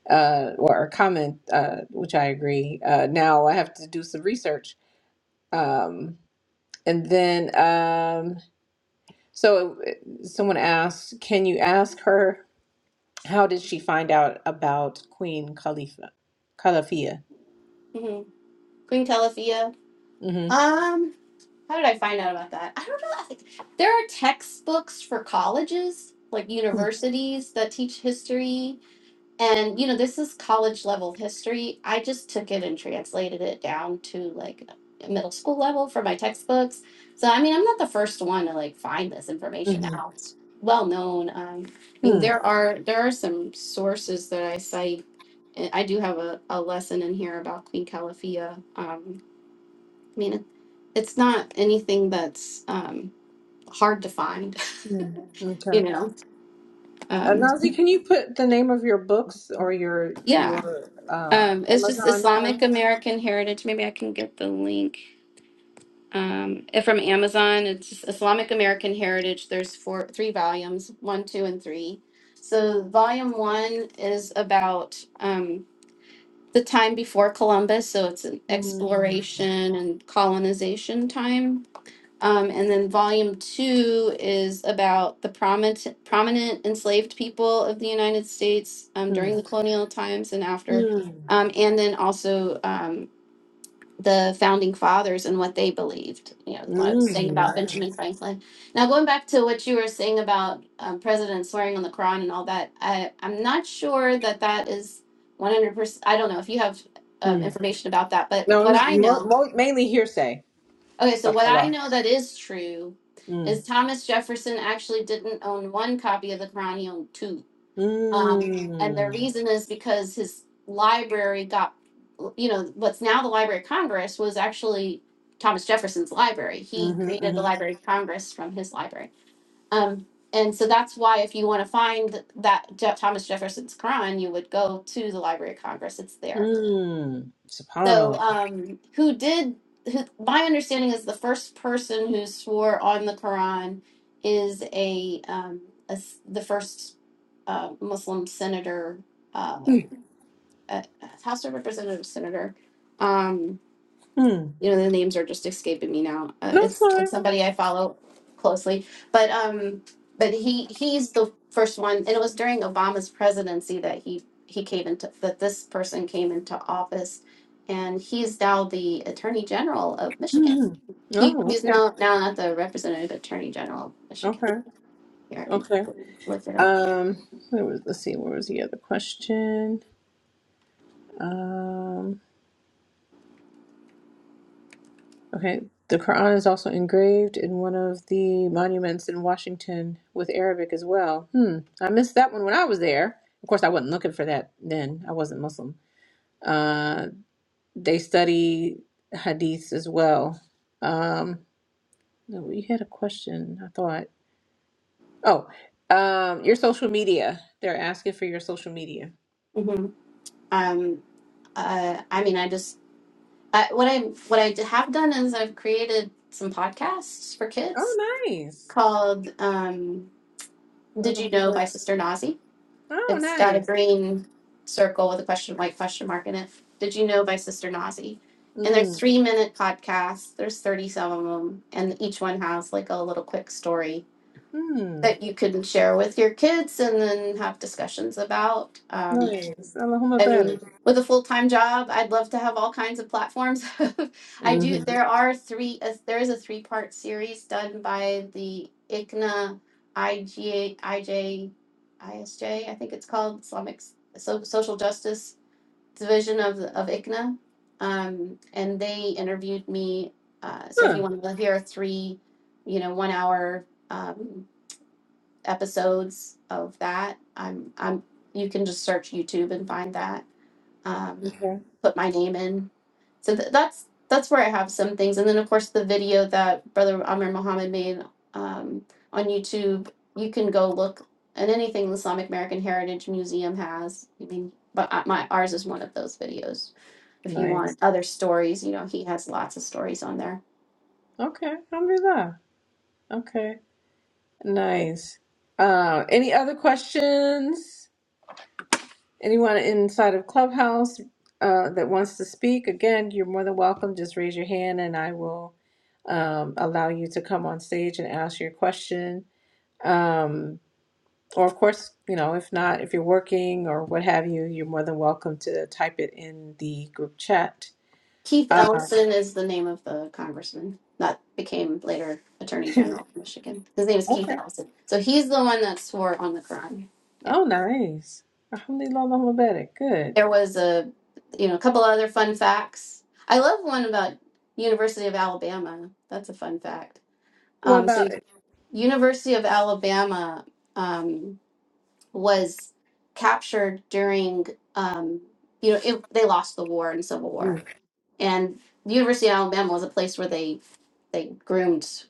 [SPEAKER 1] uh, or, or comment, uh, which I agree. Uh, now I have to do some research. Um, and then, um, so uh, someone asked, can you ask her, how did she find out about Queen Khalifa, Khalafia?
[SPEAKER 2] hmm Queen Telefia.
[SPEAKER 1] Mm-hmm.
[SPEAKER 2] Um, how did I find out about that? I don't know. I think there are textbooks for colleges, like universities, that teach history. And you know, this is college level history. I just took it and translated it down to like middle school level for my textbooks. So I mean, I'm not the first one to like find this information
[SPEAKER 1] Mm-hmm.
[SPEAKER 2] out. It's well known. Um, I mean,
[SPEAKER 1] Mm.
[SPEAKER 2] there are there are some sources that I cite. and I do have a, a lesson in here about Queen Calafia. Um, I mean, it's not anything that's um, hard to find.
[SPEAKER 1] Yeah. Okay.
[SPEAKER 2] You know,
[SPEAKER 1] Uh,
[SPEAKER 2] um,
[SPEAKER 1] Nazi, can you put the name of your books or your
[SPEAKER 2] yeah.
[SPEAKER 1] your um,
[SPEAKER 2] Um, it's just
[SPEAKER 1] Amazon
[SPEAKER 2] Islamic
[SPEAKER 1] channel?
[SPEAKER 2] American Heritage. Maybe I can get the link. Um, it- from Amazon. It's just Islamic American Heritage. There's four, three volumes, one, two, and three. So volume one is about um, the time before Columbus. So it's an
[SPEAKER 1] Mm.
[SPEAKER 2] exploration and colonization time um, and then volume two is about the prominent, prominent enslaved people of the United States um, during the colonial times and after.
[SPEAKER 1] Mm.
[SPEAKER 2] Um, and then also um, the founding fathers and what they believed. You know, what I was
[SPEAKER 1] Mm,
[SPEAKER 2] saying about
[SPEAKER 1] nice.
[SPEAKER 2] Benjamin Franklin. Now, going back to what you were saying about um, President swearing on the Quran and all that, I, I'm not sure that that is 100%. I don't know if you have um,
[SPEAKER 1] Mm.
[SPEAKER 2] information about that, but
[SPEAKER 1] No, it
[SPEAKER 2] what
[SPEAKER 1] was
[SPEAKER 2] I
[SPEAKER 1] mo-
[SPEAKER 2] know
[SPEAKER 1] mo- mainly hearsay
[SPEAKER 2] Okay, so
[SPEAKER 1] stuff.
[SPEAKER 2] what
[SPEAKER 1] A
[SPEAKER 2] I
[SPEAKER 1] lot.
[SPEAKER 2] know that is true
[SPEAKER 1] Mm.
[SPEAKER 2] is Thomas Jefferson actually didn't own one copy of the Quran, he owned two. Um, and the
[SPEAKER 1] Mm.
[SPEAKER 2] reason is because his library got, you know, what's now the Library of Congress was actually Thomas Jefferson's library. He
[SPEAKER 1] Mm-hmm,
[SPEAKER 2] created the
[SPEAKER 1] mm-hmm.
[SPEAKER 2] Library of Congress from his library. Um, and so that's why if you want to find that Je- Thomas Jefferson's Quran, you would go to the Library of Congress. It's there.
[SPEAKER 1] Mm.
[SPEAKER 2] So,
[SPEAKER 1] Subhanallah.
[SPEAKER 2] um, who did? Who, my understanding is the first person who swore on the Quran is a, um, a s- the first uh, Muslim senator,
[SPEAKER 1] Mm.
[SPEAKER 2] um, a a House of Representatives senator. Um,
[SPEAKER 1] Mm.
[SPEAKER 2] you know, the names are just escaping me now. Uh,
[SPEAKER 1] No, it's
[SPEAKER 2] it's
[SPEAKER 1] fine.
[SPEAKER 2] it's somebody I follow closely, but um, but he he's the first one, and it was during Obama's presidency that he he came into that this person came into office, and he's now the Attorney General of Michigan.
[SPEAKER 1] Mm.
[SPEAKER 2] He,
[SPEAKER 1] Oh,
[SPEAKER 2] he's
[SPEAKER 1] okay.
[SPEAKER 2] now now not the representative attorney general of Michigan.
[SPEAKER 1] Okay.
[SPEAKER 2] Here I can
[SPEAKER 1] Okay.
[SPEAKER 2] quickly look it up.
[SPEAKER 1] Um, there was, let's see, where was the other question? Um, Okay. The Quran is also engraved in one of the monuments in Washington with Arabic as well. Hmm. I missed that one when I was there. Of course, I wasn't looking for that then. I wasn't Muslim. Uh, they study hadith as well. Um, no, you had a question, I thought. Oh, um, your social media. They're asking for your social media.
[SPEAKER 2] hmm Um, uh, I mean, I just I, what I what I have done is I've created some podcasts for kids
[SPEAKER 1] Oh, nice.
[SPEAKER 2] called um, "Did You
[SPEAKER 1] Allahumma
[SPEAKER 2] Know"
[SPEAKER 1] barik.
[SPEAKER 2] by Sister Nazi.
[SPEAKER 1] Oh,
[SPEAKER 2] It's got a
[SPEAKER 1] nice.
[SPEAKER 2] green circle with a question, white question mark in it. "Did You Know" by Sister Nazi, and they're
[SPEAKER 1] Mm.
[SPEAKER 2] three minute podcasts. There's thirty some of them, and each one has like a little quick story
[SPEAKER 1] Mm.
[SPEAKER 2] that you can share with your kids and then have discussions about. Um,
[SPEAKER 1] Nice. Allahumma
[SPEAKER 2] I mean,
[SPEAKER 1] barik.
[SPEAKER 2] with a full time job, I'd love to have all kinds of platforms. I do.
[SPEAKER 1] hmm
[SPEAKER 2] There are three. Uh, there is a three part series done by the ICNA, IGA, IJ, ISJ. I think it's called Islamic S- so, Social Justice Division of the- of ICNA, um, and they interviewed me. Uh, so if you want to hear a three, you know, one hour. Um, episodes of that. I'm I'm you can just search YouTube and find that. Um,
[SPEAKER 1] Okay.
[SPEAKER 2] put my name in. So th- that's that's where I have some things, and then of course the video that Brother Amir Muhammad made um, on YouTube. You can go look, and anything the Islamic American Heritage Museum has. I mean, but uh, my ours is one of those videos. If you
[SPEAKER 1] Nice.
[SPEAKER 2] want other stories, you know he has lots of stories on there
[SPEAKER 1] Okay. Alhamdulillah. Okay. Nice. Uh, any other questions? Anyone inside of Clubhouse uh, that wants to speak? Again, you're more than welcome. Just raise your hand and I will um, allow you to come on stage and ask your question. Um, or, of course, you know, if not, if you're working or what have you, you're more than welcome to type it in the group chat.
[SPEAKER 2] Keith
[SPEAKER 1] Uh,
[SPEAKER 2] Ellison is the name of the congressman that became later Attorney General of Michigan. His name is Keith
[SPEAKER 1] okay.
[SPEAKER 2] Ellison. So he's the one that swore on the crime. Yeah.
[SPEAKER 1] Oh, nice. Alhamdulillah, Allahumma barik. Good.
[SPEAKER 2] There was a, you know, a couple other fun facts. I love one about University of Alabama. That's a fun fact.
[SPEAKER 1] What
[SPEAKER 2] Um, so
[SPEAKER 1] about it?
[SPEAKER 2] University of Alabama um, was captured during, um, you know, it, they lost the war in Civil War,
[SPEAKER 1] Mm,
[SPEAKER 2] and University of Alabama was a place where they they groomed.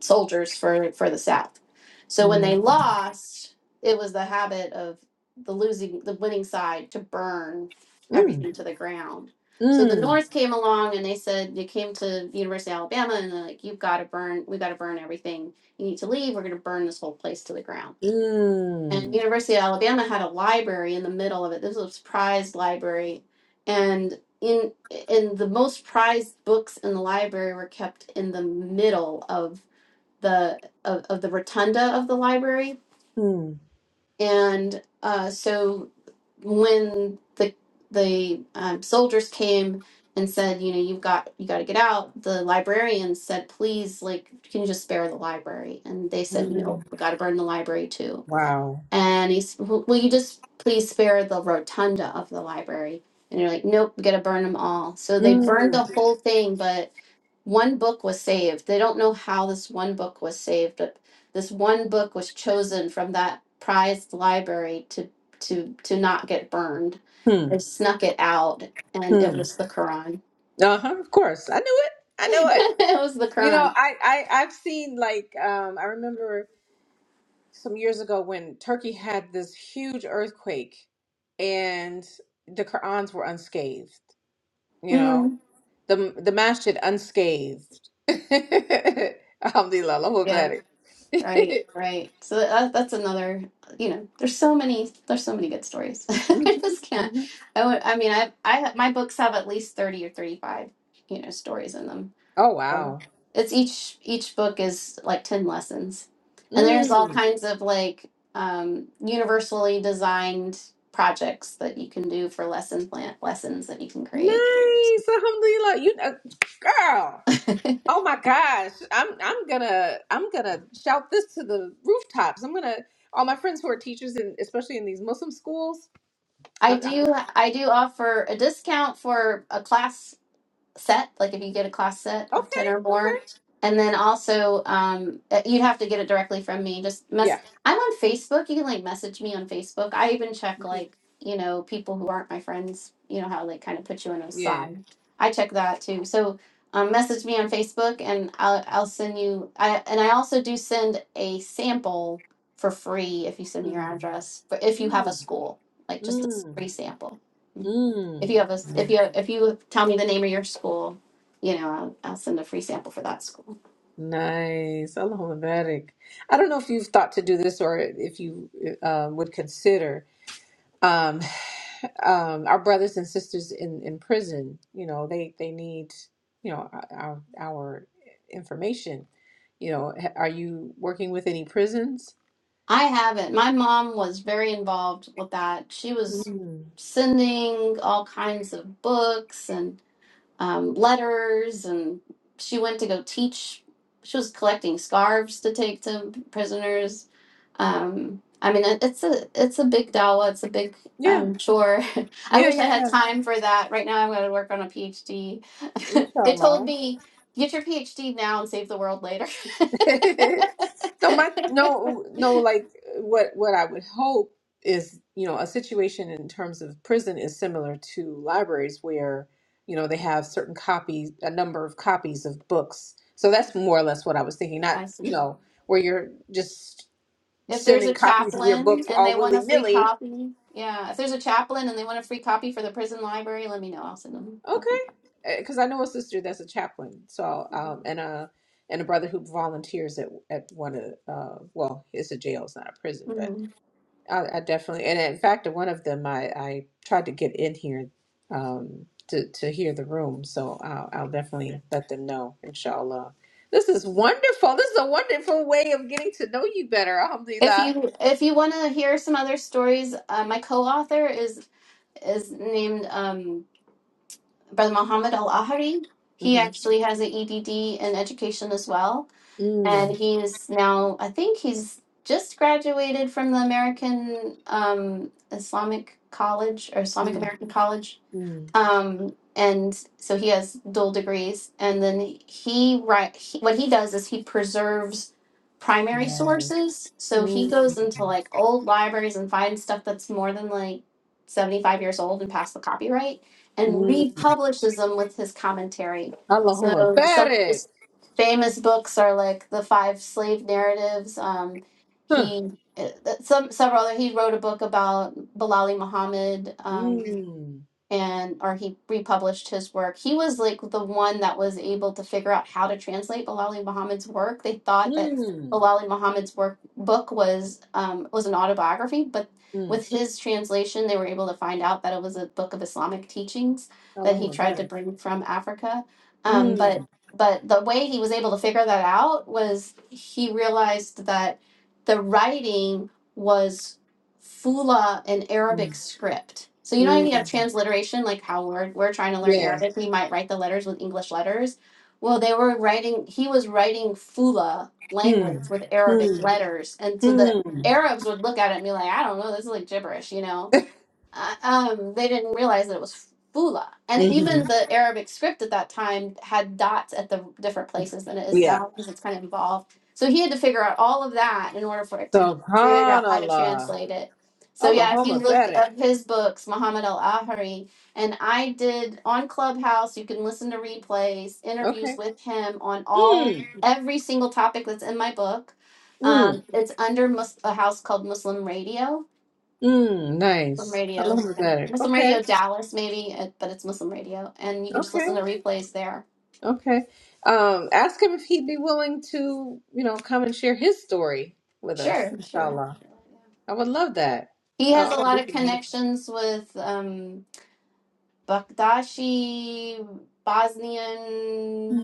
[SPEAKER 2] soldiers for for the South. So when they
[SPEAKER 1] mm,
[SPEAKER 2] lost, it was the habit of the losing the winning side to burn
[SPEAKER 1] mm,
[SPEAKER 2] everything to the ground. So the
[SPEAKER 1] mm,
[SPEAKER 2] North came along and they said they came to the University of Alabama and they're like, You've gotta burn we gotta burn everything. You need to leave, we're gonna burn this whole place to the ground. And
[SPEAKER 1] mm,
[SPEAKER 2] University of Alabama had a library in the middle of it. This was a prized library. And in in the most prized books in the library were kept in the middle of the of, of the rotunda of the library
[SPEAKER 1] mm,
[SPEAKER 2] and uh, so when the the um, soldiers came and said you know you've got you got to get out the librarian said please like can you just spare the library and they said
[SPEAKER 1] mm.
[SPEAKER 2] no we got to burn the library too
[SPEAKER 1] Wow.
[SPEAKER 2] and he's "Will will you just please spare the rotunda of the library and they're like nope we got to burn them all so they burned
[SPEAKER 1] Mm,
[SPEAKER 2] the whole thing but one book was saved. They don't know how this one book was saved, but this one book was chosen from that prized library to to to not get burned.
[SPEAKER 1] mm,
[SPEAKER 2] They snuck it out, and it
[SPEAKER 1] mm.
[SPEAKER 2] was the Quran.
[SPEAKER 1] Uh-huh, of course. I knew it. I knew it.
[SPEAKER 2] it was the
[SPEAKER 1] You know,
[SPEAKER 2] Quran.
[SPEAKER 1] I, I, I've seen like um, I remember some years ago when Turkey had this huge earthquake and the Qurans were unscathed, you know.
[SPEAKER 2] Mm.
[SPEAKER 1] The the masjid unscathed. Alhamdulillah, Allahu
[SPEAKER 2] Yeah,
[SPEAKER 1] Akbar.
[SPEAKER 2] right, right. So that, that's another. You know, there's so many. There's so many good stories. I just can't.
[SPEAKER 1] Mhm,
[SPEAKER 2] I would. I mean, I I my books have at least thirty or thirty five. You know, stories in them
[SPEAKER 1] Oh
[SPEAKER 2] So
[SPEAKER 1] wow.
[SPEAKER 2] It's each each book is like ten lessons, and there's all
[SPEAKER 1] Mm.
[SPEAKER 2] kinds of like um, universally designed projects that you can do for lesson plan lessons that you can create.
[SPEAKER 1] Nice. Alhamdulillah. You uh, girl. Oh my gosh. I'm I'm gonna I'm gonna shout this to the rooftops. I'm gonna all my friends who are teachers in especially in these Muslim schools. I,
[SPEAKER 2] I
[SPEAKER 1] I,
[SPEAKER 2] do I do offer a discount for a class set, like if you get a class set of 10 or
[SPEAKER 1] okay,
[SPEAKER 2] more.
[SPEAKER 1] okay.
[SPEAKER 2] And then also, um, uh, you'd have to get it directly from me. Just
[SPEAKER 1] Yeah.
[SPEAKER 2] message. I'm on Facebook. You can like message me on Facebook. I even check
[SPEAKER 1] Mhm.
[SPEAKER 2] like, you know, people who aren't my friends, you know, how they kind of put you on a
[SPEAKER 1] Yeah.
[SPEAKER 2] side. I check that too. So um, message me on Facebook and I'll, I'll send you. I, and I also do send a sample for free if you send me your
[SPEAKER 1] Mm.
[SPEAKER 2] address, but if you have a
[SPEAKER 1] Mm.
[SPEAKER 2] school, like just a
[SPEAKER 1] Mm.
[SPEAKER 2] free sample. If
[SPEAKER 1] Mm.
[SPEAKER 2] you have a, s- if you
[SPEAKER 1] Nice.
[SPEAKER 2] if you tell me the name of your school, you know, I'll, I'll send a free sample for that school.
[SPEAKER 1] Nice. Allahumma barik. I don't know if you've thought to do this or if you uh, would consider Um, um, our brothers and sisters in, in prison, you know, they, they need, you know, our, our information. You know, ha- are you working with any prisons?
[SPEAKER 2] I haven't. My mom was very involved with that. She was
[SPEAKER 1] Mm.
[SPEAKER 2] sending all kinds of books and um, letters, and she went to go teach. She was collecting scarves to take to prisoners um i mean it, it's a it's a big dawa it's a big
[SPEAKER 1] Yeah,
[SPEAKER 2] um chore i
[SPEAKER 1] yeah,
[SPEAKER 2] wish i
[SPEAKER 1] yeah,
[SPEAKER 2] had
[SPEAKER 1] yeah.
[SPEAKER 2] time for that right now i'm going to work on a phd they told
[SPEAKER 1] Inshallah.
[SPEAKER 2] me get your phd now and save the world later
[SPEAKER 1] no, my no, no. Like what what I would hope is, you know, a situation in terms of prison is similar to libraries where, you know, they have certain copies, a number of copies of books. So that's
[SPEAKER 2] Mhm.
[SPEAKER 1] more or less what I was thinking. Not,
[SPEAKER 2] i
[SPEAKER 1] you
[SPEAKER 2] see
[SPEAKER 1] know, where you're just
[SPEAKER 2] if there's
[SPEAKER 1] sending
[SPEAKER 2] a
[SPEAKER 1] copies of your
[SPEAKER 2] chaplain
[SPEAKER 1] books
[SPEAKER 2] and they
[SPEAKER 1] all
[SPEAKER 2] want
[SPEAKER 1] willy
[SPEAKER 2] a free
[SPEAKER 1] nilly.
[SPEAKER 2] copy yeah if there's a chaplain and they want a free copy for the prison library let me know i'll send them a free copy
[SPEAKER 1] Okay, because I know a sister that's a chaplain. So
[SPEAKER 2] Mhm.
[SPEAKER 1] um, and a and a brother who volunteers at at one of uh, well, it's a jail, it's not a prison, but
[SPEAKER 2] Mhm.
[SPEAKER 1] I, I definitely, and in fact, one of them I, I tried to get in here um, to to hear the room, so I'll, I'll definitely let them know, inshallah. This is wonderful. This is a wonderful way of getting to know you better,
[SPEAKER 2] If
[SPEAKER 1] alhamdulillah.
[SPEAKER 2] you if you want to hear some other stories, uh, my co-author is is named um, Brother Muhammad Al Ahari. He
[SPEAKER 1] Mm-hmm.
[SPEAKER 2] actually has an EDD in education as well, and
[SPEAKER 1] Mm,
[SPEAKER 2] he is now I think he's just graduated from the American um, Islamic College or Islamic
[SPEAKER 1] mm,
[SPEAKER 2] American College
[SPEAKER 1] mm,
[SPEAKER 2] um, and so he has dual degrees and then he right he, what he does is he preserves primary
[SPEAKER 1] mm,
[SPEAKER 2] sources so he
[SPEAKER 1] mm,
[SPEAKER 2] goes into like old libraries and finds stuff that's more than like 75 years old and past the copyright and
[SPEAKER 1] mm.
[SPEAKER 2] republishes them with his commentary
[SPEAKER 1] Allahumma
[SPEAKER 2] so some of
[SPEAKER 1] barik.
[SPEAKER 2] his famous books are like the five slave narratives um,
[SPEAKER 1] Huh.
[SPEAKER 2] he uh, some several other he wrote a book about Bilali Muhammad Um,
[SPEAKER 1] Mm,
[SPEAKER 2] and or he republished his work. He was like the one that was able to figure out how to translate Bilali Muhammad's work. They thought that
[SPEAKER 1] mm,
[SPEAKER 2] Bilali Muhammad's work book was um, was an autobiography, but
[SPEAKER 1] mm.
[SPEAKER 2] with his translation, they were able to find out that it was a book of Islamic teachings that he
[SPEAKER 1] Allahumma
[SPEAKER 2] tried to
[SPEAKER 1] barik.
[SPEAKER 2] bring from Africa. Um, but
[SPEAKER 1] Mm,
[SPEAKER 2] but the way he was able to figure that out was he realized that the writing was Fula in
[SPEAKER 1] mm,
[SPEAKER 2] Arabic script. So you know you have
[SPEAKER 1] mm.
[SPEAKER 2] transliteration, like how we're we're trying to learn
[SPEAKER 1] Yes.
[SPEAKER 2] Arabic, we might write the letters with English letters. Well, they were writing. He was writing Fula
[SPEAKER 1] Mm,
[SPEAKER 2] language with Arabic
[SPEAKER 1] mm,
[SPEAKER 2] letters, and so the
[SPEAKER 1] mm.
[SPEAKER 2] Arabs would look at it and be like, "I don't know, this is like gibberish," you know. I- um, they didn't realize that it was Fula. And
[SPEAKER 1] hmm
[SPEAKER 2] even the Arabic script at that time had dots at the different places than it is
[SPEAKER 1] Yeah.
[SPEAKER 2] now because it's kind of evolved. So he had to figure out all of that in order for it to figure out how to
[SPEAKER 1] Subhanallah.
[SPEAKER 2] translate it. So yeah, if you
[SPEAKER 1] Allahumma
[SPEAKER 2] look
[SPEAKER 1] barik.
[SPEAKER 2] up his books, Muhammad Al Ahari, and I did on Clubhouse, you can listen to replays, interviews
[SPEAKER 1] Okay.
[SPEAKER 2] with him on all
[SPEAKER 1] Mm,
[SPEAKER 2] every single topic that's in my book.
[SPEAKER 1] mm,
[SPEAKER 2] Um, it's under mus- a house called Muslim Radio
[SPEAKER 1] mm,
[SPEAKER 2] Muslim
[SPEAKER 1] nice.
[SPEAKER 2] Radio,
[SPEAKER 1] Allahumma
[SPEAKER 2] yeah.
[SPEAKER 1] barik.
[SPEAKER 2] Muslim
[SPEAKER 1] Okay.
[SPEAKER 2] Radio Dallas, maybe, uh, but it's Muslim Radio, and you can just
[SPEAKER 1] Okay.
[SPEAKER 2] listen to replays there.
[SPEAKER 1] Okay. Um, ask him if he'd be willing to, you know, come and share his story with us,
[SPEAKER 2] Sure, sure.
[SPEAKER 1] inshallah. I would love that.
[SPEAKER 2] He has a
[SPEAKER 1] Oh,
[SPEAKER 2] lot
[SPEAKER 1] this
[SPEAKER 2] of
[SPEAKER 1] is wonderful.
[SPEAKER 2] connections with um, Baghdadi, Bosnian.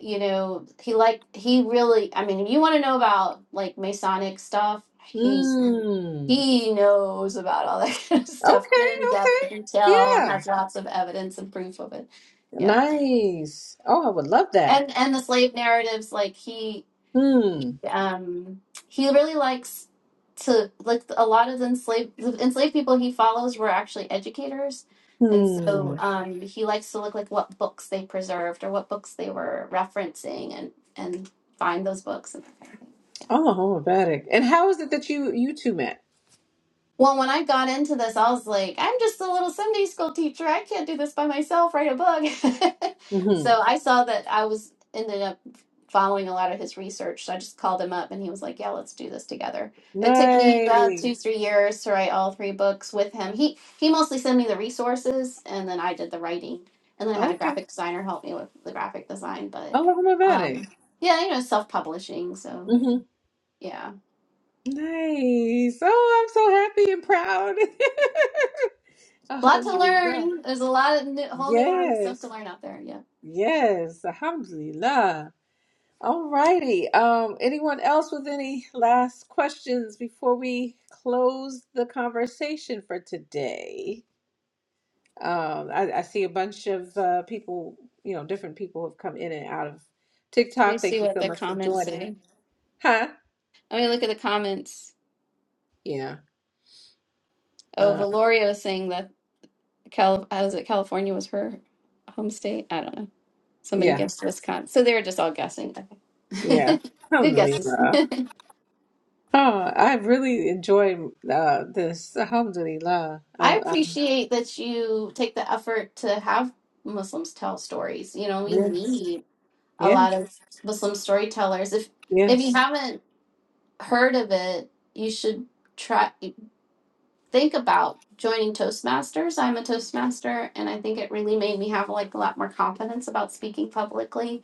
[SPEAKER 2] You know, he like he really. I mean, if you want to know about like Masonic stuff, he's
[SPEAKER 1] Mm.
[SPEAKER 2] he knows about all that kind of stuff
[SPEAKER 1] Okay,
[SPEAKER 2] in
[SPEAKER 1] okay.
[SPEAKER 2] depth detail and
[SPEAKER 1] Yeah.
[SPEAKER 2] has lots of evidence and proof of it. Yeah
[SPEAKER 1] Nice. Oh, I would love that.
[SPEAKER 2] and and the slave narratives like he
[SPEAKER 1] Hmm.
[SPEAKER 2] um he really likes to like a lot of the enslaved the enslaved people he follows were actually educators and
[SPEAKER 1] Hmm.
[SPEAKER 2] so um he likes to look like what books they preserved or what books they were referencing and and find those books
[SPEAKER 1] Oh, homopathic. And how is it that you you two met?
[SPEAKER 2] Well, when I got into this, I was like, I'm just a little Sunday school teacher. I can't do this by myself, write a book.
[SPEAKER 1] hmm
[SPEAKER 2] so I saw that I was ended up following a lot of his research. So I just called him up and he was like, Yeah, let's do this together. It took me about two,
[SPEAKER 1] Nice.
[SPEAKER 2] three years to write all three books with him. He he mostly sent me the resources and then I did the writing. And then I had a
[SPEAKER 1] Okay.
[SPEAKER 2] graphic designer help me with the graphic design. But
[SPEAKER 1] Oh, homopathic.
[SPEAKER 2] um yeah, you know, self publishing. So
[SPEAKER 1] hmm
[SPEAKER 2] yeah.
[SPEAKER 1] Nice. Oh, I'm so happy and proud.
[SPEAKER 2] lot to
[SPEAKER 1] Alhamdulillah.
[SPEAKER 2] learn. There's a lot of new, whole new stuff to
[SPEAKER 1] Yes.
[SPEAKER 2] learn out there. Yeah.
[SPEAKER 1] Yes. Alhamdulillah. All righty. Um, anyone else with any last questions before we close the conversation for today? Um, I, I see a bunch of uh, people, you know, different people have come in and out of
[SPEAKER 2] Let me
[SPEAKER 1] TikTok. Thank
[SPEAKER 2] see
[SPEAKER 1] you
[SPEAKER 2] what
[SPEAKER 1] so
[SPEAKER 2] the
[SPEAKER 1] much for
[SPEAKER 2] comments
[SPEAKER 1] joining.
[SPEAKER 2] say.
[SPEAKER 1] Huh?
[SPEAKER 2] Let me look at the comments.
[SPEAKER 1] Yeah.
[SPEAKER 2] Oh,
[SPEAKER 1] Uh,
[SPEAKER 2] Valorio is saying that Cal- how was it? California was her home state. I don't know. Somebody
[SPEAKER 1] yeah.
[SPEAKER 2] guessed Wisconsin. So they were just all guessing.
[SPEAKER 1] Yeah.
[SPEAKER 2] Okay. Good guesses.
[SPEAKER 1] Alhamdulillah. Oh, I really enjoy uh, this. Alhamdulillah.
[SPEAKER 2] I
[SPEAKER 1] I'm, I'm,
[SPEAKER 2] appreciate that you take the effort to have Muslims tell stories. You know, we
[SPEAKER 1] yes.
[SPEAKER 2] need a
[SPEAKER 1] Yes.
[SPEAKER 2] lot of Muslim storytellers. If if you
[SPEAKER 1] Yes.
[SPEAKER 2] haven't heard of it, you should try. think about joining Toastmasters. I'm a Toastmaster, and I think it really made me have like a lot more confidence about speaking publicly.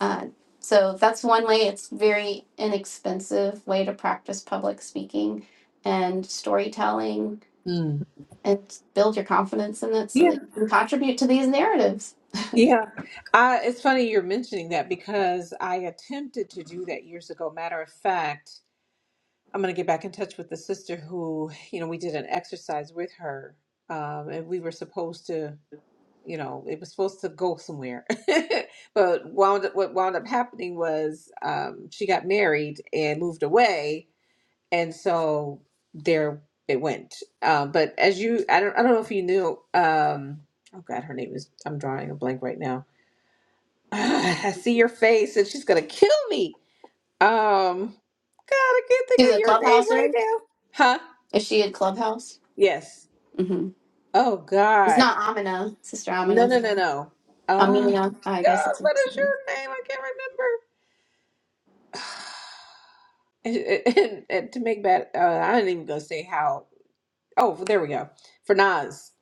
[SPEAKER 2] Uh, so that's one way. It's very inexpensive way to practice public speaking and storytelling
[SPEAKER 1] Mm.
[SPEAKER 2] and build your confidence in it so
[SPEAKER 1] Yeah.
[SPEAKER 2] that you can contribute to these narratives.
[SPEAKER 1] Yeah. I, it's funny you're mentioning that because I attempted to do that years ago. Matter of fact, I'm going to get back in touch with the sister who, you know, we did an exercise with her. Um, and we were supposed to, you know, it was supposed to go somewhere. But wound up, what wound up happening was um, she got married and moved away. And so there it went. Um, but as you, I don't, I don't know if you knew, um, oh God, her name is, I'm drawing a blank right now. I see your face and she's going to kill me. Um, God, I can't think of
[SPEAKER 2] She's a
[SPEAKER 1] your name right
[SPEAKER 2] clubhouser.
[SPEAKER 1] now. Huh?
[SPEAKER 2] Is she in clubhouse?
[SPEAKER 1] Yes.
[SPEAKER 2] hmm
[SPEAKER 1] Oh
[SPEAKER 2] It's
[SPEAKER 1] God.
[SPEAKER 2] not Amina, Sister
[SPEAKER 1] No,
[SPEAKER 2] Amina.
[SPEAKER 1] no, no, no. Oh
[SPEAKER 2] Amina, I guess
[SPEAKER 1] God,
[SPEAKER 2] it's.
[SPEAKER 1] what is
[SPEAKER 2] Oh,
[SPEAKER 1] your name? I can't remember. And, and, and to make bad, uh, I didn't even go say how. Oh, there we go. For Nas.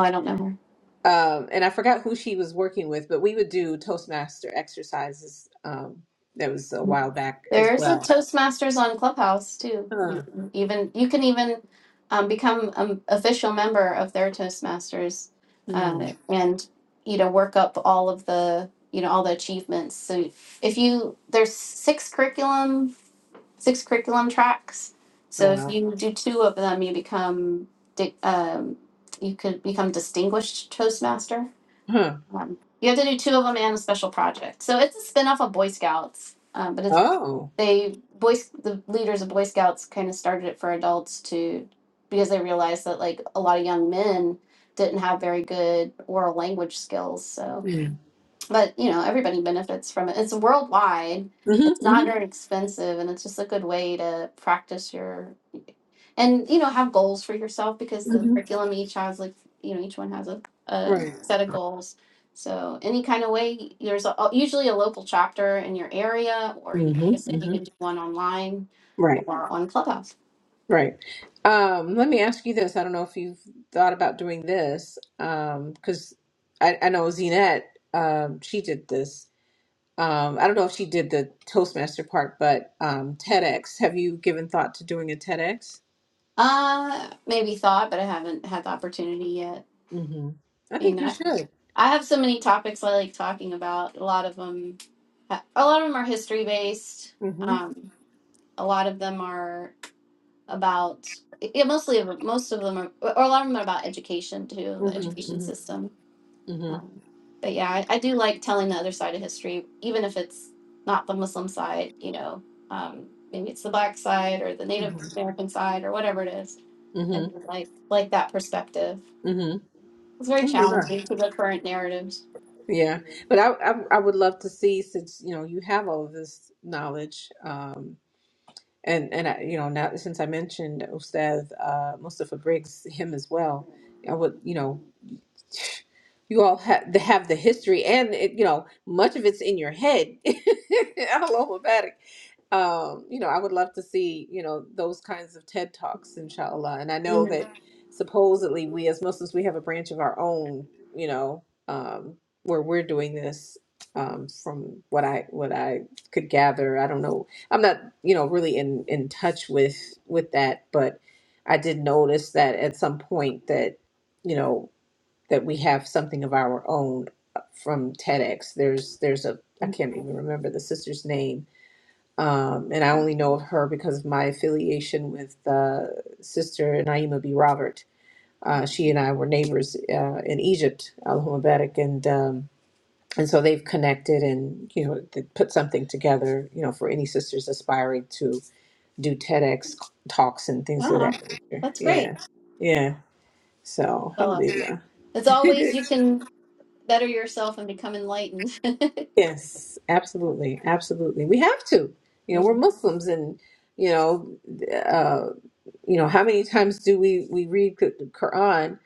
[SPEAKER 2] I don't know her.
[SPEAKER 1] Um, and I forgot who she was working with, but we would do Toastmaster exercises. Um, that was a while back as
[SPEAKER 2] There's a
[SPEAKER 1] well.
[SPEAKER 2] Toastmasters on Clubhouse too. You
[SPEAKER 1] Huh.
[SPEAKER 2] can even you can even um, become an official member of their Toastmasters,
[SPEAKER 1] Hmm.
[SPEAKER 2] uh, and you know work up all of the you know all the achievements. So if you there's six curriculum six curriculum tracks.
[SPEAKER 1] Oh
[SPEAKER 2] So if
[SPEAKER 1] wow.
[SPEAKER 2] you do two of them, you become di- um, you could become distinguished Toastmaster.
[SPEAKER 1] Huh.
[SPEAKER 2] Um, you have to do two of them and a special project. So it's a spin off of Boy Scouts, um, but it's
[SPEAKER 1] Oh.
[SPEAKER 2] they boy the leaders of boy scouts kind of started it for adults to because they realized that like a lot of young men didn't have very good oral language skills so
[SPEAKER 1] Mm.
[SPEAKER 2] but you know everybody benefits from it it's worldwide
[SPEAKER 1] hmm
[SPEAKER 2] it's
[SPEAKER 1] hmm
[SPEAKER 2] not very expensive and it's just a good way to practice your and you know have goals for yourself because the
[SPEAKER 1] hmm
[SPEAKER 2] curriculum each has like you know each one has a, a
[SPEAKER 1] Right.
[SPEAKER 2] set of goals so any kind of way there's a, uh, usually a local chapter in your area or you-
[SPEAKER 1] hmm
[SPEAKER 2] like i said you
[SPEAKER 1] hmm
[SPEAKER 2] can do one online
[SPEAKER 1] Right.
[SPEAKER 2] or on clubhouse
[SPEAKER 1] Right. Um, let me ask you this. I don't know if you've thought about doing this, um, because I, I know Zinette, um, she did this. Um, I don't know if she did the Toastmaster part, but um, TEDx. Have you given thought to doing a TEDx?
[SPEAKER 2] uh maybe thought but i haven't had the opportunity yet
[SPEAKER 1] Mm-hmm. I
[SPEAKER 2] you
[SPEAKER 1] think you
[SPEAKER 2] know
[SPEAKER 1] should.
[SPEAKER 2] i have so many topics i like talking about a lot of them a lot of them are history based
[SPEAKER 1] Mm-hmm.
[SPEAKER 2] um a lot of them are about yeah, mostly of- most of them are, or a lot of them are about education too, the
[SPEAKER 1] Mm-hmm.
[SPEAKER 2] education
[SPEAKER 1] Mm-hmm.
[SPEAKER 2] system.
[SPEAKER 1] Mm-hmm.
[SPEAKER 2] Um, but yeah, I, I do like telling the other side of history, even if it's not the Muslim side. You know, um, maybe it's the Black side or the Native American side or whatever it is. I
[SPEAKER 1] Mm-hmm.
[SPEAKER 2] do like like that perspective.
[SPEAKER 1] Mm-hmm.
[SPEAKER 2] It's very
[SPEAKER 1] Mm-hmm.
[SPEAKER 2] challenging to the current narratives.
[SPEAKER 1] Yeah, but I, I I would love to see since you know you have all of this knowledge. um, and and I, you know now since I mentioned Ustaz uh, Mustafa Briggs him as well, I would you know you all have the, have the history and it, you know much of it's in your head all alphabetic um you know i would love to see you know those kinds of ted talks inshallah and i know
[SPEAKER 2] Mm.
[SPEAKER 1] that Mm. supposedly we as muslims we have a branch of our own you know um where we're doing this um from what i what i could gather i don't know i'm not you know really in in touch with with that but i did notice that at some point that you know that we have something of our own uh, from TEDx. There's there's a I can't even remember the sister's name, um, and I only know of her because of my affiliation with uh, Sister Naima B. Robert. Uh, she and I were neighbors uh, in Egypt, Al Humabetic, and um, and so they've connected and you know they put something together you know for any sisters aspiring to do TEDx talks and things of
[SPEAKER 2] Oh,
[SPEAKER 1] that nature.
[SPEAKER 2] that's
[SPEAKER 1] Yeah,
[SPEAKER 2] great.
[SPEAKER 1] yeah. So
[SPEAKER 2] Well, uh,
[SPEAKER 1] alhamdulillah.
[SPEAKER 2] as always, you can better yourself and become enlightened.
[SPEAKER 1] Yes, absolutely, absolutely. We have to. You know, we're
[SPEAKER 2] Mhm.
[SPEAKER 1] Muslims, and you know, uh, you know, how many times do we we read the Quran?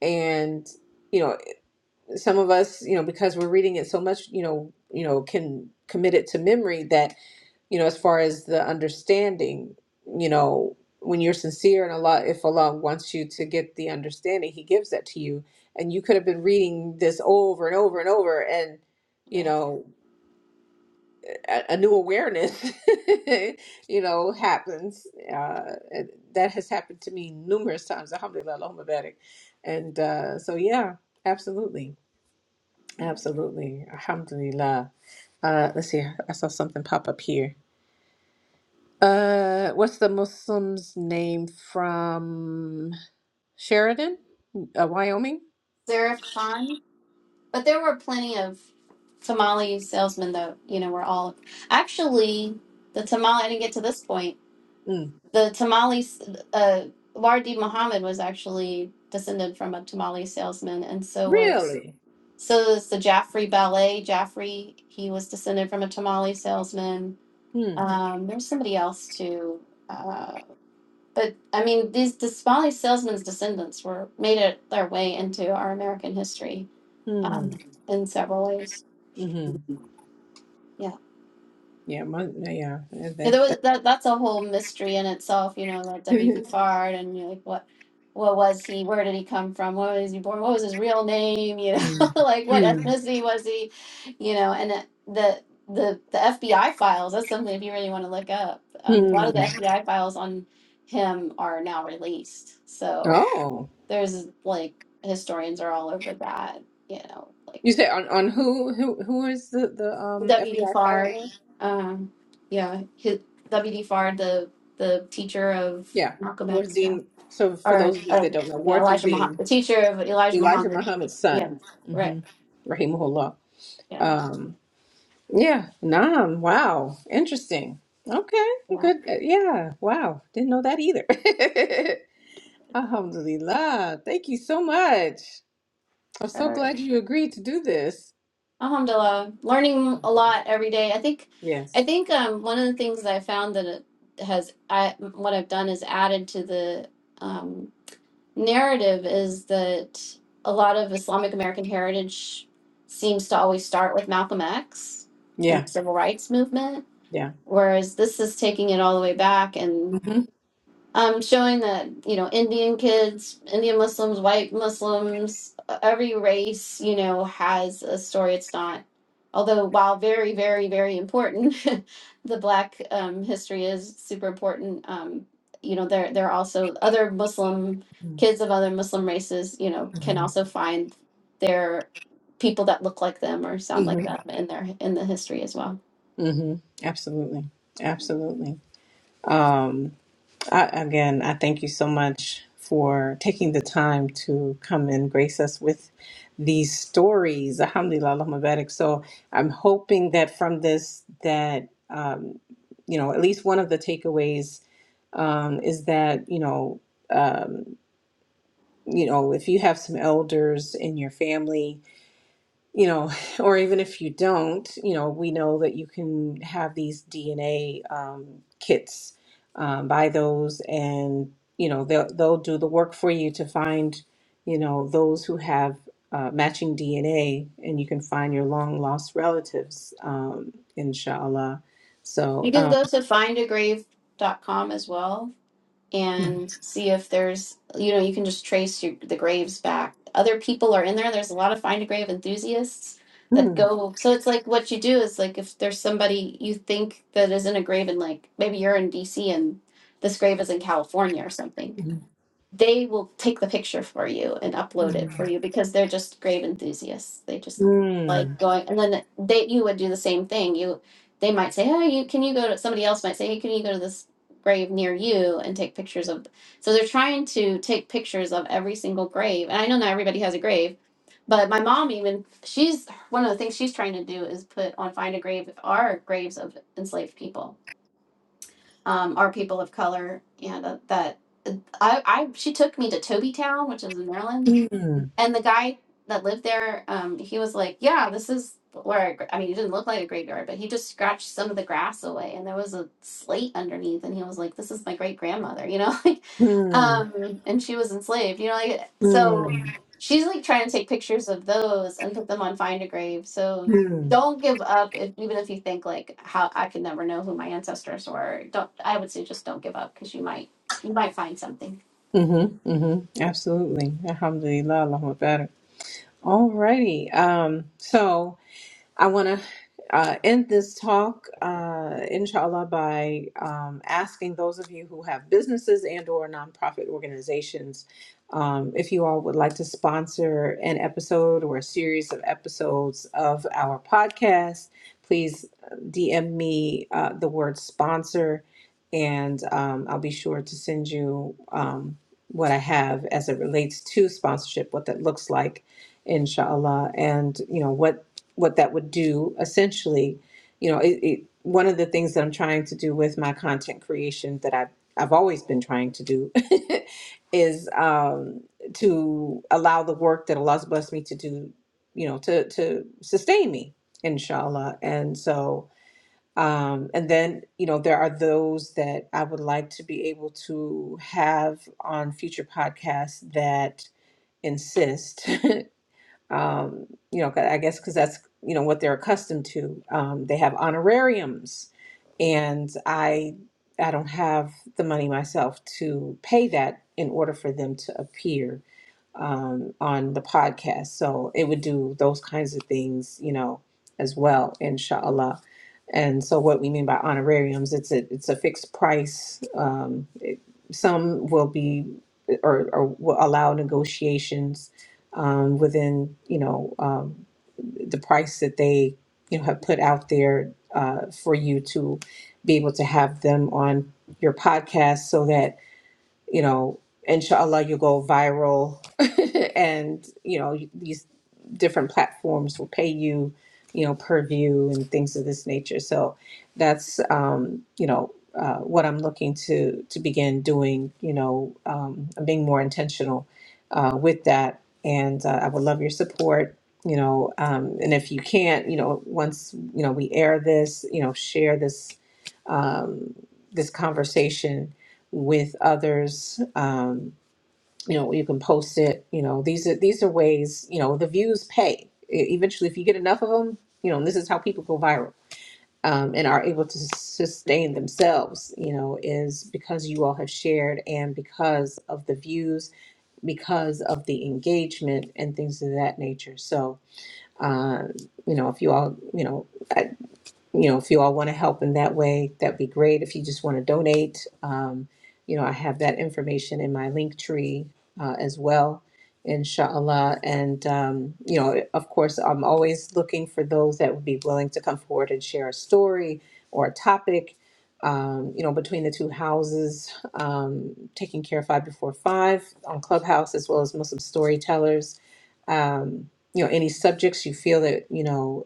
[SPEAKER 1] And you know, some of us, you know, because we're reading it so much, you know, you know, can commit it to memory that you know, as far as the understanding, you know, when you're sincere and Allah, if Allah wants you to get the understanding, He gives that to you. And you could have been reading this over and over and over, and you
[SPEAKER 2] Right.
[SPEAKER 1] know a, a new awareness, you know, happens. Uh, and that has happened to me numerous times. Alhamdulillah, Allahumma barik. And uh, so, yeah, absolutely. Absolutely. Alhamdulillah. Uh, let's see. I saw something pop up here. Uh, what's the Muslim's name from Sheridan, uh, Wyoming?
[SPEAKER 2] Zarif Khan. But there were plenty of tamale salesmen that, you know, were all actually the tamale I didn't get to this point.
[SPEAKER 1] Mm.
[SPEAKER 2] The tamale uh Wardi Muhammad was actually descended from a tamale salesman and so was
[SPEAKER 1] Really?
[SPEAKER 2] so is the Jaffrey Ballet. Jaffrey, he was descended from a tamale salesman.
[SPEAKER 1] Hmm.
[SPEAKER 2] Um there was somebody else too. Uh, but I mean, these the Somali salesmen's descendants were made it their way into our American history
[SPEAKER 1] Hmm.
[SPEAKER 2] um, in several ways.
[SPEAKER 1] Mm-hmm.
[SPEAKER 2] Yeah,
[SPEAKER 1] Yeah. My, yeah.
[SPEAKER 2] yeah.
[SPEAKER 1] That's
[SPEAKER 2] There was
[SPEAKER 1] that.
[SPEAKER 2] that. That's a whole mystery in itself. You know, like W. B. Fard, and you're like, what, what was he? Where did he come from? Where was he born? What was his real name? You know,
[SPEAKER 1] that-
[SPEAKER 2] like what
[SPEAKER 1] Mm.
[SPEAKER 2] ethnicity was he? You know, and it- the the the FBI files. That's something if you really want to look up. Um, a lot
[SPEAKER 1] Hmm.
[SPEAKER 2] of the FBI files on him are now released. So
[SPEAKER 1] Oh,
[SPEAKER 2] there's like historians are all over that. You know,
[SPEAKER 1] you
[SPEAKER 2] like
[SPEAKER 1] said on on who who who is the the um
[SPEAKER 2] WD
[SPEAKER 1] FBI
[SPEAKER 2] Farr,
[SPEAKER 1] filing?
[SPEAKER 2] um, yeah, his, WD Farr, the the teacher of
[SPEAKER 1] Yeah,
[SPEAKER 2] Malcolm
[SPEAKER 1] Worth
[SPEAKER 2] X, yeah,
[SPEAKER 1] Dean. So for those
[SPEAKER 2] or
[SPEAKER 1] of you that
[SPEAKER 2] um,
[SPEAKER 1] don't know,
[SPEAKER 2] yeah,
[SPEAKER 1] Worth
[SPEAKER 2] Elijah Muhammad,
[SPEAKER 1] Dean,
[SPEAKER 2] the teacher of Elijah
[SPEAKER 1] Elijah
[SPEAKER 2] Muhammad,
[SPEAKER 1] Muhammad's
[SPEAKER 2] yeah,
[SPEAKER 1] son,
[SPEAKER 2] right,
[SPEAKER 1] mm-hmm. Rahimullah.
[SPEAKER 2] yeah,
[SPEAKER 1] Um, yeah, Nam. Wow, interesting. Okay,
[SPEAKER 2] yeah.
[SPEAKER 1] good. uh, Yeah, wow, didn't know that either. Alhamdulillah. Thank you so much. I'm
[SPEAKER 2] All
[SPEAKER 1] so
[SPEAKER 2] right.
[SPEAKER 1] glad you agreed to do this.
[SPEAKER 2] Alhamdulillah, learning a lot every day. I think, I
[SPEAKER 1] Yes.
[SPEAKER 2] think um, one of the things that I found that it has I what I've done is added to the um. narrative is that a lot of Islamic American heritage seems to always start with Malcolm X and
[SPEAKER 1] Yeah.
[SPEAKER 2] the civil rights movement,
[SPEAKER 1] Yeah.
[SPEAKER 2] whereas this is taking it all the way back and
[SPEAKER 1] hmm
[SPEAKER 2] um, showing that you know Indian kids, Indian Muslims, white Muslims, every race you know has a story. It's not, although while very very very important, the Black um, history is super important. Um, you know there there are also other Muslim kids of other Muslim races. You know can also find their people that look like them or sound
[SPEAKER 1] hmm
[SPEAKER 2] like them in their in the history as well.
[SPEAKER 1] Mm-hmm. Absolutely. Absolutely. Um, I, again, I thank you so much for taking the time to come and grace us with these stories. Alhamdulillah, Allahumma barik. So I'm hoping that from this, that, um, you know, at least one of the takeaways um, is that, you know, um, you know, if you have some elders in your family you know, or even if you don't, you know, we know that you can have these DNA um, kits, um, buy those, and you know they'll they'll do the work for you to find, you know, those who have uh, matching DNA, and you can find your long lost relatives, um, inshallah. So,
[SPEAKER 2] You can
[SPEAKER 1] um,
[SPEAKER 2] go to find a grave dot com as well
[SPEAKER 1] mm,
[SPEAKER 2] and see if there's you know you can just trace your, the graves back other people are in there there's a lot of find a grave enthusiasts that
[SPEAKER 1] mm,
[SPEAKER 2] go so it's like what you do is like if there's somebody you think that is in a grave and like maybe you're in dc and this grave is in california or something
[SPEAKER 1] mm,
[SPEAKER 2] they will take the picture for you and upload it for
[SPEAKER 1] mm,
[SPEAKER 2] you because they're just grave enthusiasts. They just like
[SPEAKER 1] mm,
[SPEAKER 2] going, and then they you would do the same thing. You they might say, "Hey, you can you go to?" Somebody else might say, "Hey, can you go to this grave near you and take pictures of?" So they're trying to take pictures of every single grave, and I know not everybody has a grave, but my mom even she's one of the things she's trying to do is put on find a grave our graves of enslaved people um, are people of color, and uh, that I, I she took me to Tobytown, which is in Maryland,
[SPEAKER 1] mm,
[SPEAKER 2] and the guy that lived there, um, he was like, "Yeah, this is where I, gr- I mean, it didn't look like a graveyard, but he just scratched some of the grass away, and there was a slate underneath, and he was like, "This is my great grandmother," you know,
[SPEAKER 1] mm,
[SPEAKER 2] um and she was enslaved you know like so
[SPEAKER 1] mm,
[SPEAKER 2] she's like trying to take pictures of those and put them on find a grave so
[SPEAKER 1] mm,
[SPEAKER 2] don't give up if, even if you think like how i could never know who my ancestors were don't i would say just don't give up because you might you might find something
[SPEAKER 1] Mm-hmm. Mm-hmm. Absolutely. Alhamdulillah, Allahumma barak. Alrighty. Um, so I want to uh, end this talk, uh, inshallah, by um, asking those of you who have businesses and/or nonprofit organizations, um, if you all would like to sponsor an episode or a series of episodes of our podcast, please DM me uh, the word sponsor, and um, I'll be sure to send you um, what I have as it relates to sponsorship, what that looks like, inshallah, and you know what what that would do essentially you know it, it one of the things that i'm trying to do with my content creation that i've i've always been trying to do is um to allow the work that allah's blessed me to do you know to to sustain me inshallah and so um and then you know there are those that i would like to be able to have on future podcasts that insist um, you know, I guess because that's you know what they're accustomed to. Um, they have honorariums, and I I don't have the money myself to pay that in order for them to appear um, on the podcast. So it would do those kinds of things, you know, as well, inshallah. And so what we mean by honorariums, it's a it's a fixed price. Um, it, some will be or, or will allow negotiations um, within, you know, um, the price that they you know have put out there uh, for you to be able to have them on your podcast so that you know, inshallah, you go viral and, you know, these different platforms will pay you, you know, per view and things of this nature. So that's, um, you know, uh, what I'm looking to, to begin doing, you know, um, I'm being more intentional uh, with that. And uh, I would love your support, you know, um, and if you can't, you know, once, you know, we air this, you know, share this, um, this conversation, with others. Um, you know, you can post it. You know, these are these are ways. You know, the views pay. E- Eventually, if you get enough of them, you know, and this is how people go viral um, and are able to sustain themselves. You know, is because you all have shared and because of the views, because of the engagement and things of that nature. So, uh, you know, if you all, you know you know, if you all want to help in that way, that'd be great. If you just want to donate, um, you know, I have that information in my link tree uh, as well, inshallah. And, um, you know, of course, I'm always looking for those that would be willing to come forward and share a story or a topic. Um, you know, between the two houses, um, taking care of five before five on Clubhouse, as well as Muslim storytellers. Um, you know, any subjects you feel that you know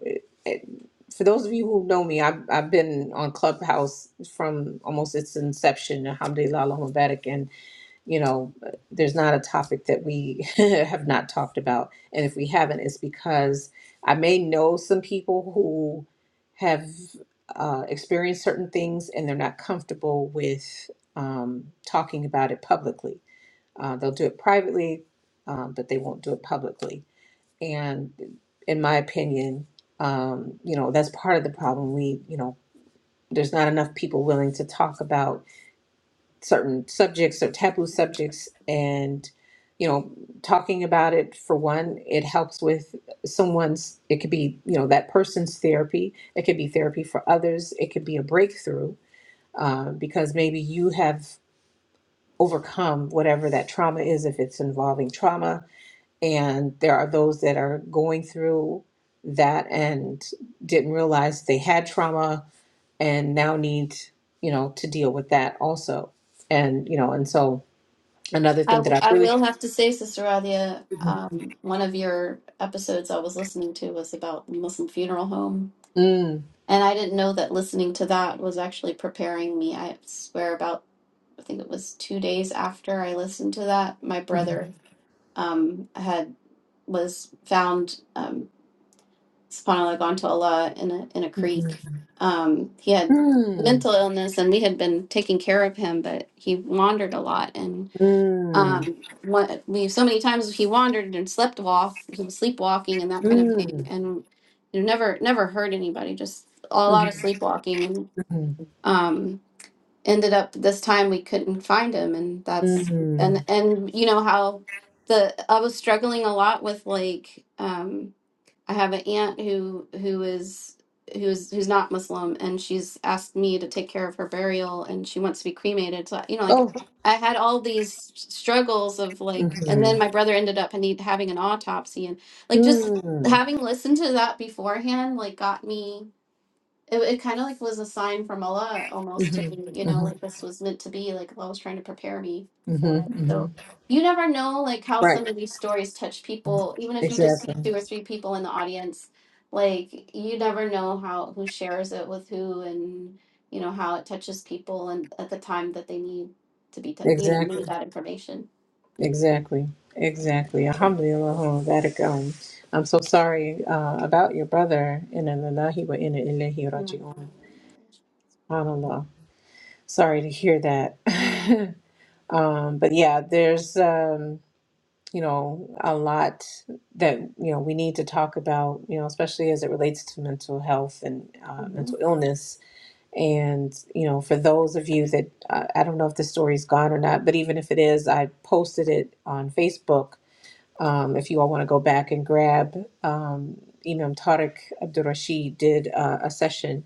[SPEAKER 1] for those of you who know me, I've, I've been on Clubhouse from almost its inception, alhamdulillah, Allahumma barik. And, you know, there's not a topic that we have not talked about. And if we haven't, it's because I may know some people who have uh, experienced certain things and they're not comfortable with um, talking about it publicly. Uh, they'll do it privately, um, but they won't do it publicly. And in my opinion, um, you know, that's part of the problem. We, you know, there's not enough people willing to talk about certain subjects or taboo subjects. And, you know, talking about it, for one, it helps with someone's, it could be, you know, that person's therapy. It could be therapy for others. It could be a breakthrough uh, because maybe you have overcome whatever that trauma is, if it's involving trauma and there are those that are going through that and didn't realize they had trauma and now need you know to deal with that also and you know and so another
[SPEAKER 2] I,
[SPEAKER 1] thing that
[SPEAKER 2] w-
[SPEAKER 1] i
[SPEAKER 2] I
[SPEAKER 1] really
[SPEAKER 2] will have to say, Sister Radia,
[SPEAKER 1] mm,
[SPEAKER 2] um, one of your episodes I was listening to was about Muslim funeral home.
[SPEAKER 1] mm,
[SPEAKER 2] And I didn't know that listening to that was actually preparing me, I swear, about I think it was two days after I listened to that, my
[SPEAKER 1] mm,
[SPEAKER 2] brother um, had was found um, subhanallah gone to Allah in a in a creek.
[SPEAKER 1] mm,
[SPEAKER 2] Um, he had
[SPEAKER 1] mm,
[SPEAKER 2] mental illness, and we had been taking care of him, but he wandered a lot, and um, what we so many times he wandered and slept off. He was sleepwalking and that kind of thing,
[SPEAKER 1] mm,
[SPEAKER 2] and you know, never never heard anybody. Just a lot of
[SPEAKER 1] mm,
[SPEAKER 2] sleepwalking and.
[SPEAKER 1] mm,
[SPEAKER 2] um, ended up this time we couldn't find him and that's
[SPEAKER 1] mm.
[SPEAKER 2] and and you know how the I was struggling a lot with like um I have an aunt who who is who's who's not Muslim and she's asked me to take care of her burial and she wants to be cremated so you know like
[SPEAKER 1] oh
[SPEAKER 2] I had all these struggles of like and
[SPEAKER 1] mm-hmm,
[SPEAKER 2] then my brother ended up and he having an autopsy and like just
[SPEAKER 1] mm,
[SPEAKER 2] having listened to that beforehand like got me it, it kind of like was a sign from Allah almost to me, you
[SPEAKER 1] mm-hmm,
[SPEAKER 2] know, like
[SPEAKER 1] mm-hmm,
[SPEAKER 2] this was meant to be, like Allah was trying to prepare me for it.
[SPEAKER 1] mm-hmm.
[SPEAKER 2] So you never know like how
[SPEAKER 1] right
[SPEAKER 2] some of these stories touch people, even if you just see
[SPEAKER 1] exactly
[SPEAKER 2] two or three people in the audience, like you never know how who shares it with who and you know how it touches people and at the time that they need to be, t- you know,
[SPEAKER 1] exactly.
[SPEAKER 2] need that information.
[SPEAKER 1] Exactly. Exactly. Alhamdulillah. Vatican. I'm so sorry uh, about your brother. Inna lillahi wa inna ilaihi
[SPEAKER 2] Yeah.
[SPEAKER 1] raji'un. Subhanallah. Sorry to hear that. um, but yeah, there's, um, you know, a lot that, you know, we need to talk about, you know, especially as it relates to mental health and uh,
[SPEAKER 2] hmm
[SPEAKER 1] mental illness. And, you know, for those of you that, uh, I don't know if the story's gone or not, but even if it is, I posted it on Facebook Um, if you all want to go back and grab, um, Imam Tariq Abdurrashid did uh, a session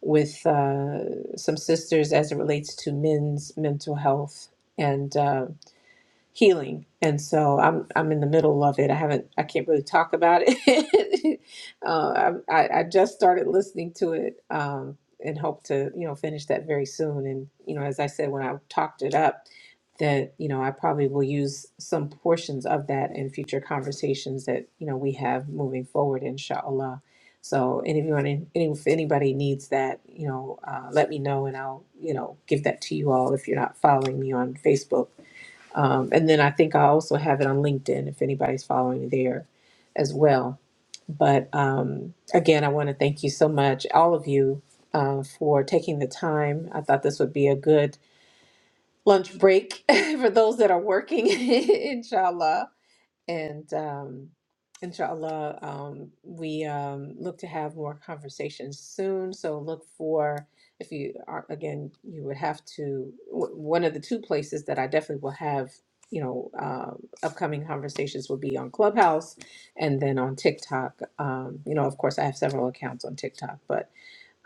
[SPEAKER 1] with uh, some sisters as it relates to men's mental health. And uh, healing and so i'm i'm in the middle of it i haven't i can't really talk about it uh, I, I I just started listening to it um, and hope to you know finish that very soon and you know as i said when i talked it up that you know i probably will use some portions of that in future conversations that you know we have moving forward inshallah so and if you want any, if anybody needs that you know uh, let me know and i'll you know give that to you all if you're not following me on facebook um, and then I think I also have it on LinkedIn if anybody's following there as well. But um, again, I want to thank you so much, all of you, uh, for taking the time. I thought this would be a good lunch break for those that are working, inshallah. And um, inshallah, um, we um, look to have more conversations soon. So look for, if you are, again, you would have to, w- one of the two places that I definitely will have, you know, um, upcoming conversations will be on Clubhouse and then on TikTok. Um, you know, of course, I have several accounts on TikTok, but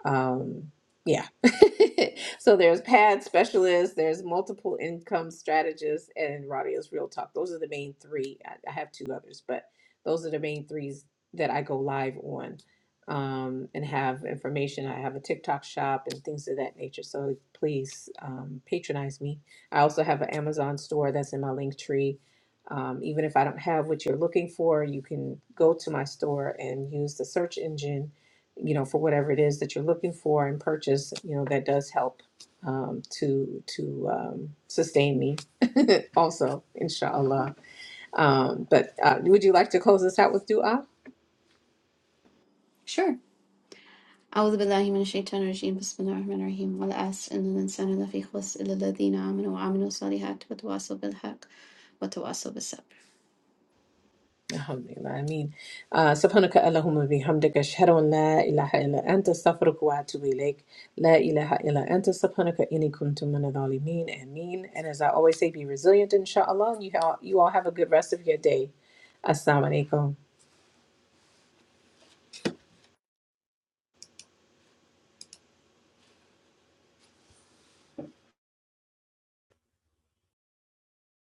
[SPEAKER 1] um, yeah. so there's pad specialists, there's multiple income strategists, and Radios Real Talk. Those are the main three. I, I have two others, but those are the main threes that I go live on um, and have information. I have a TikTok shop and things of that nature. So please um, patronize me. I also have an Amazon store that's in my link tree. Um, even if I don't have what you're looking for, you can go to my store and use the search engine you know, for whatever it is that you're looking for and purchase, you know, that does help um, to to um, sustain me. also, inshallah. Um, but uh, would you like to close this out with dua?
[SPEAKER 2] Sure. Allahu Akbar. Subhanahu wa Taala. Bismillahirrahmanirrahim. Wa la asin al-insan ala fi khusus ilaladina aminu aminu salihat wa tuwasal bilhaq wa tuwasal basab.
[SPEAKER 1] Alhamdulillah. I mean, uh, سبحانك اللهم بحمدك أشهد أن لا إله إلا أنت أستغفرك وأتوب إليك لا إله إلا أنت سبحانك إني كنت من الظالمين آمين and as I always say be resilient inshallah and you, all, you all have a good rest of your day Assalamu alaikum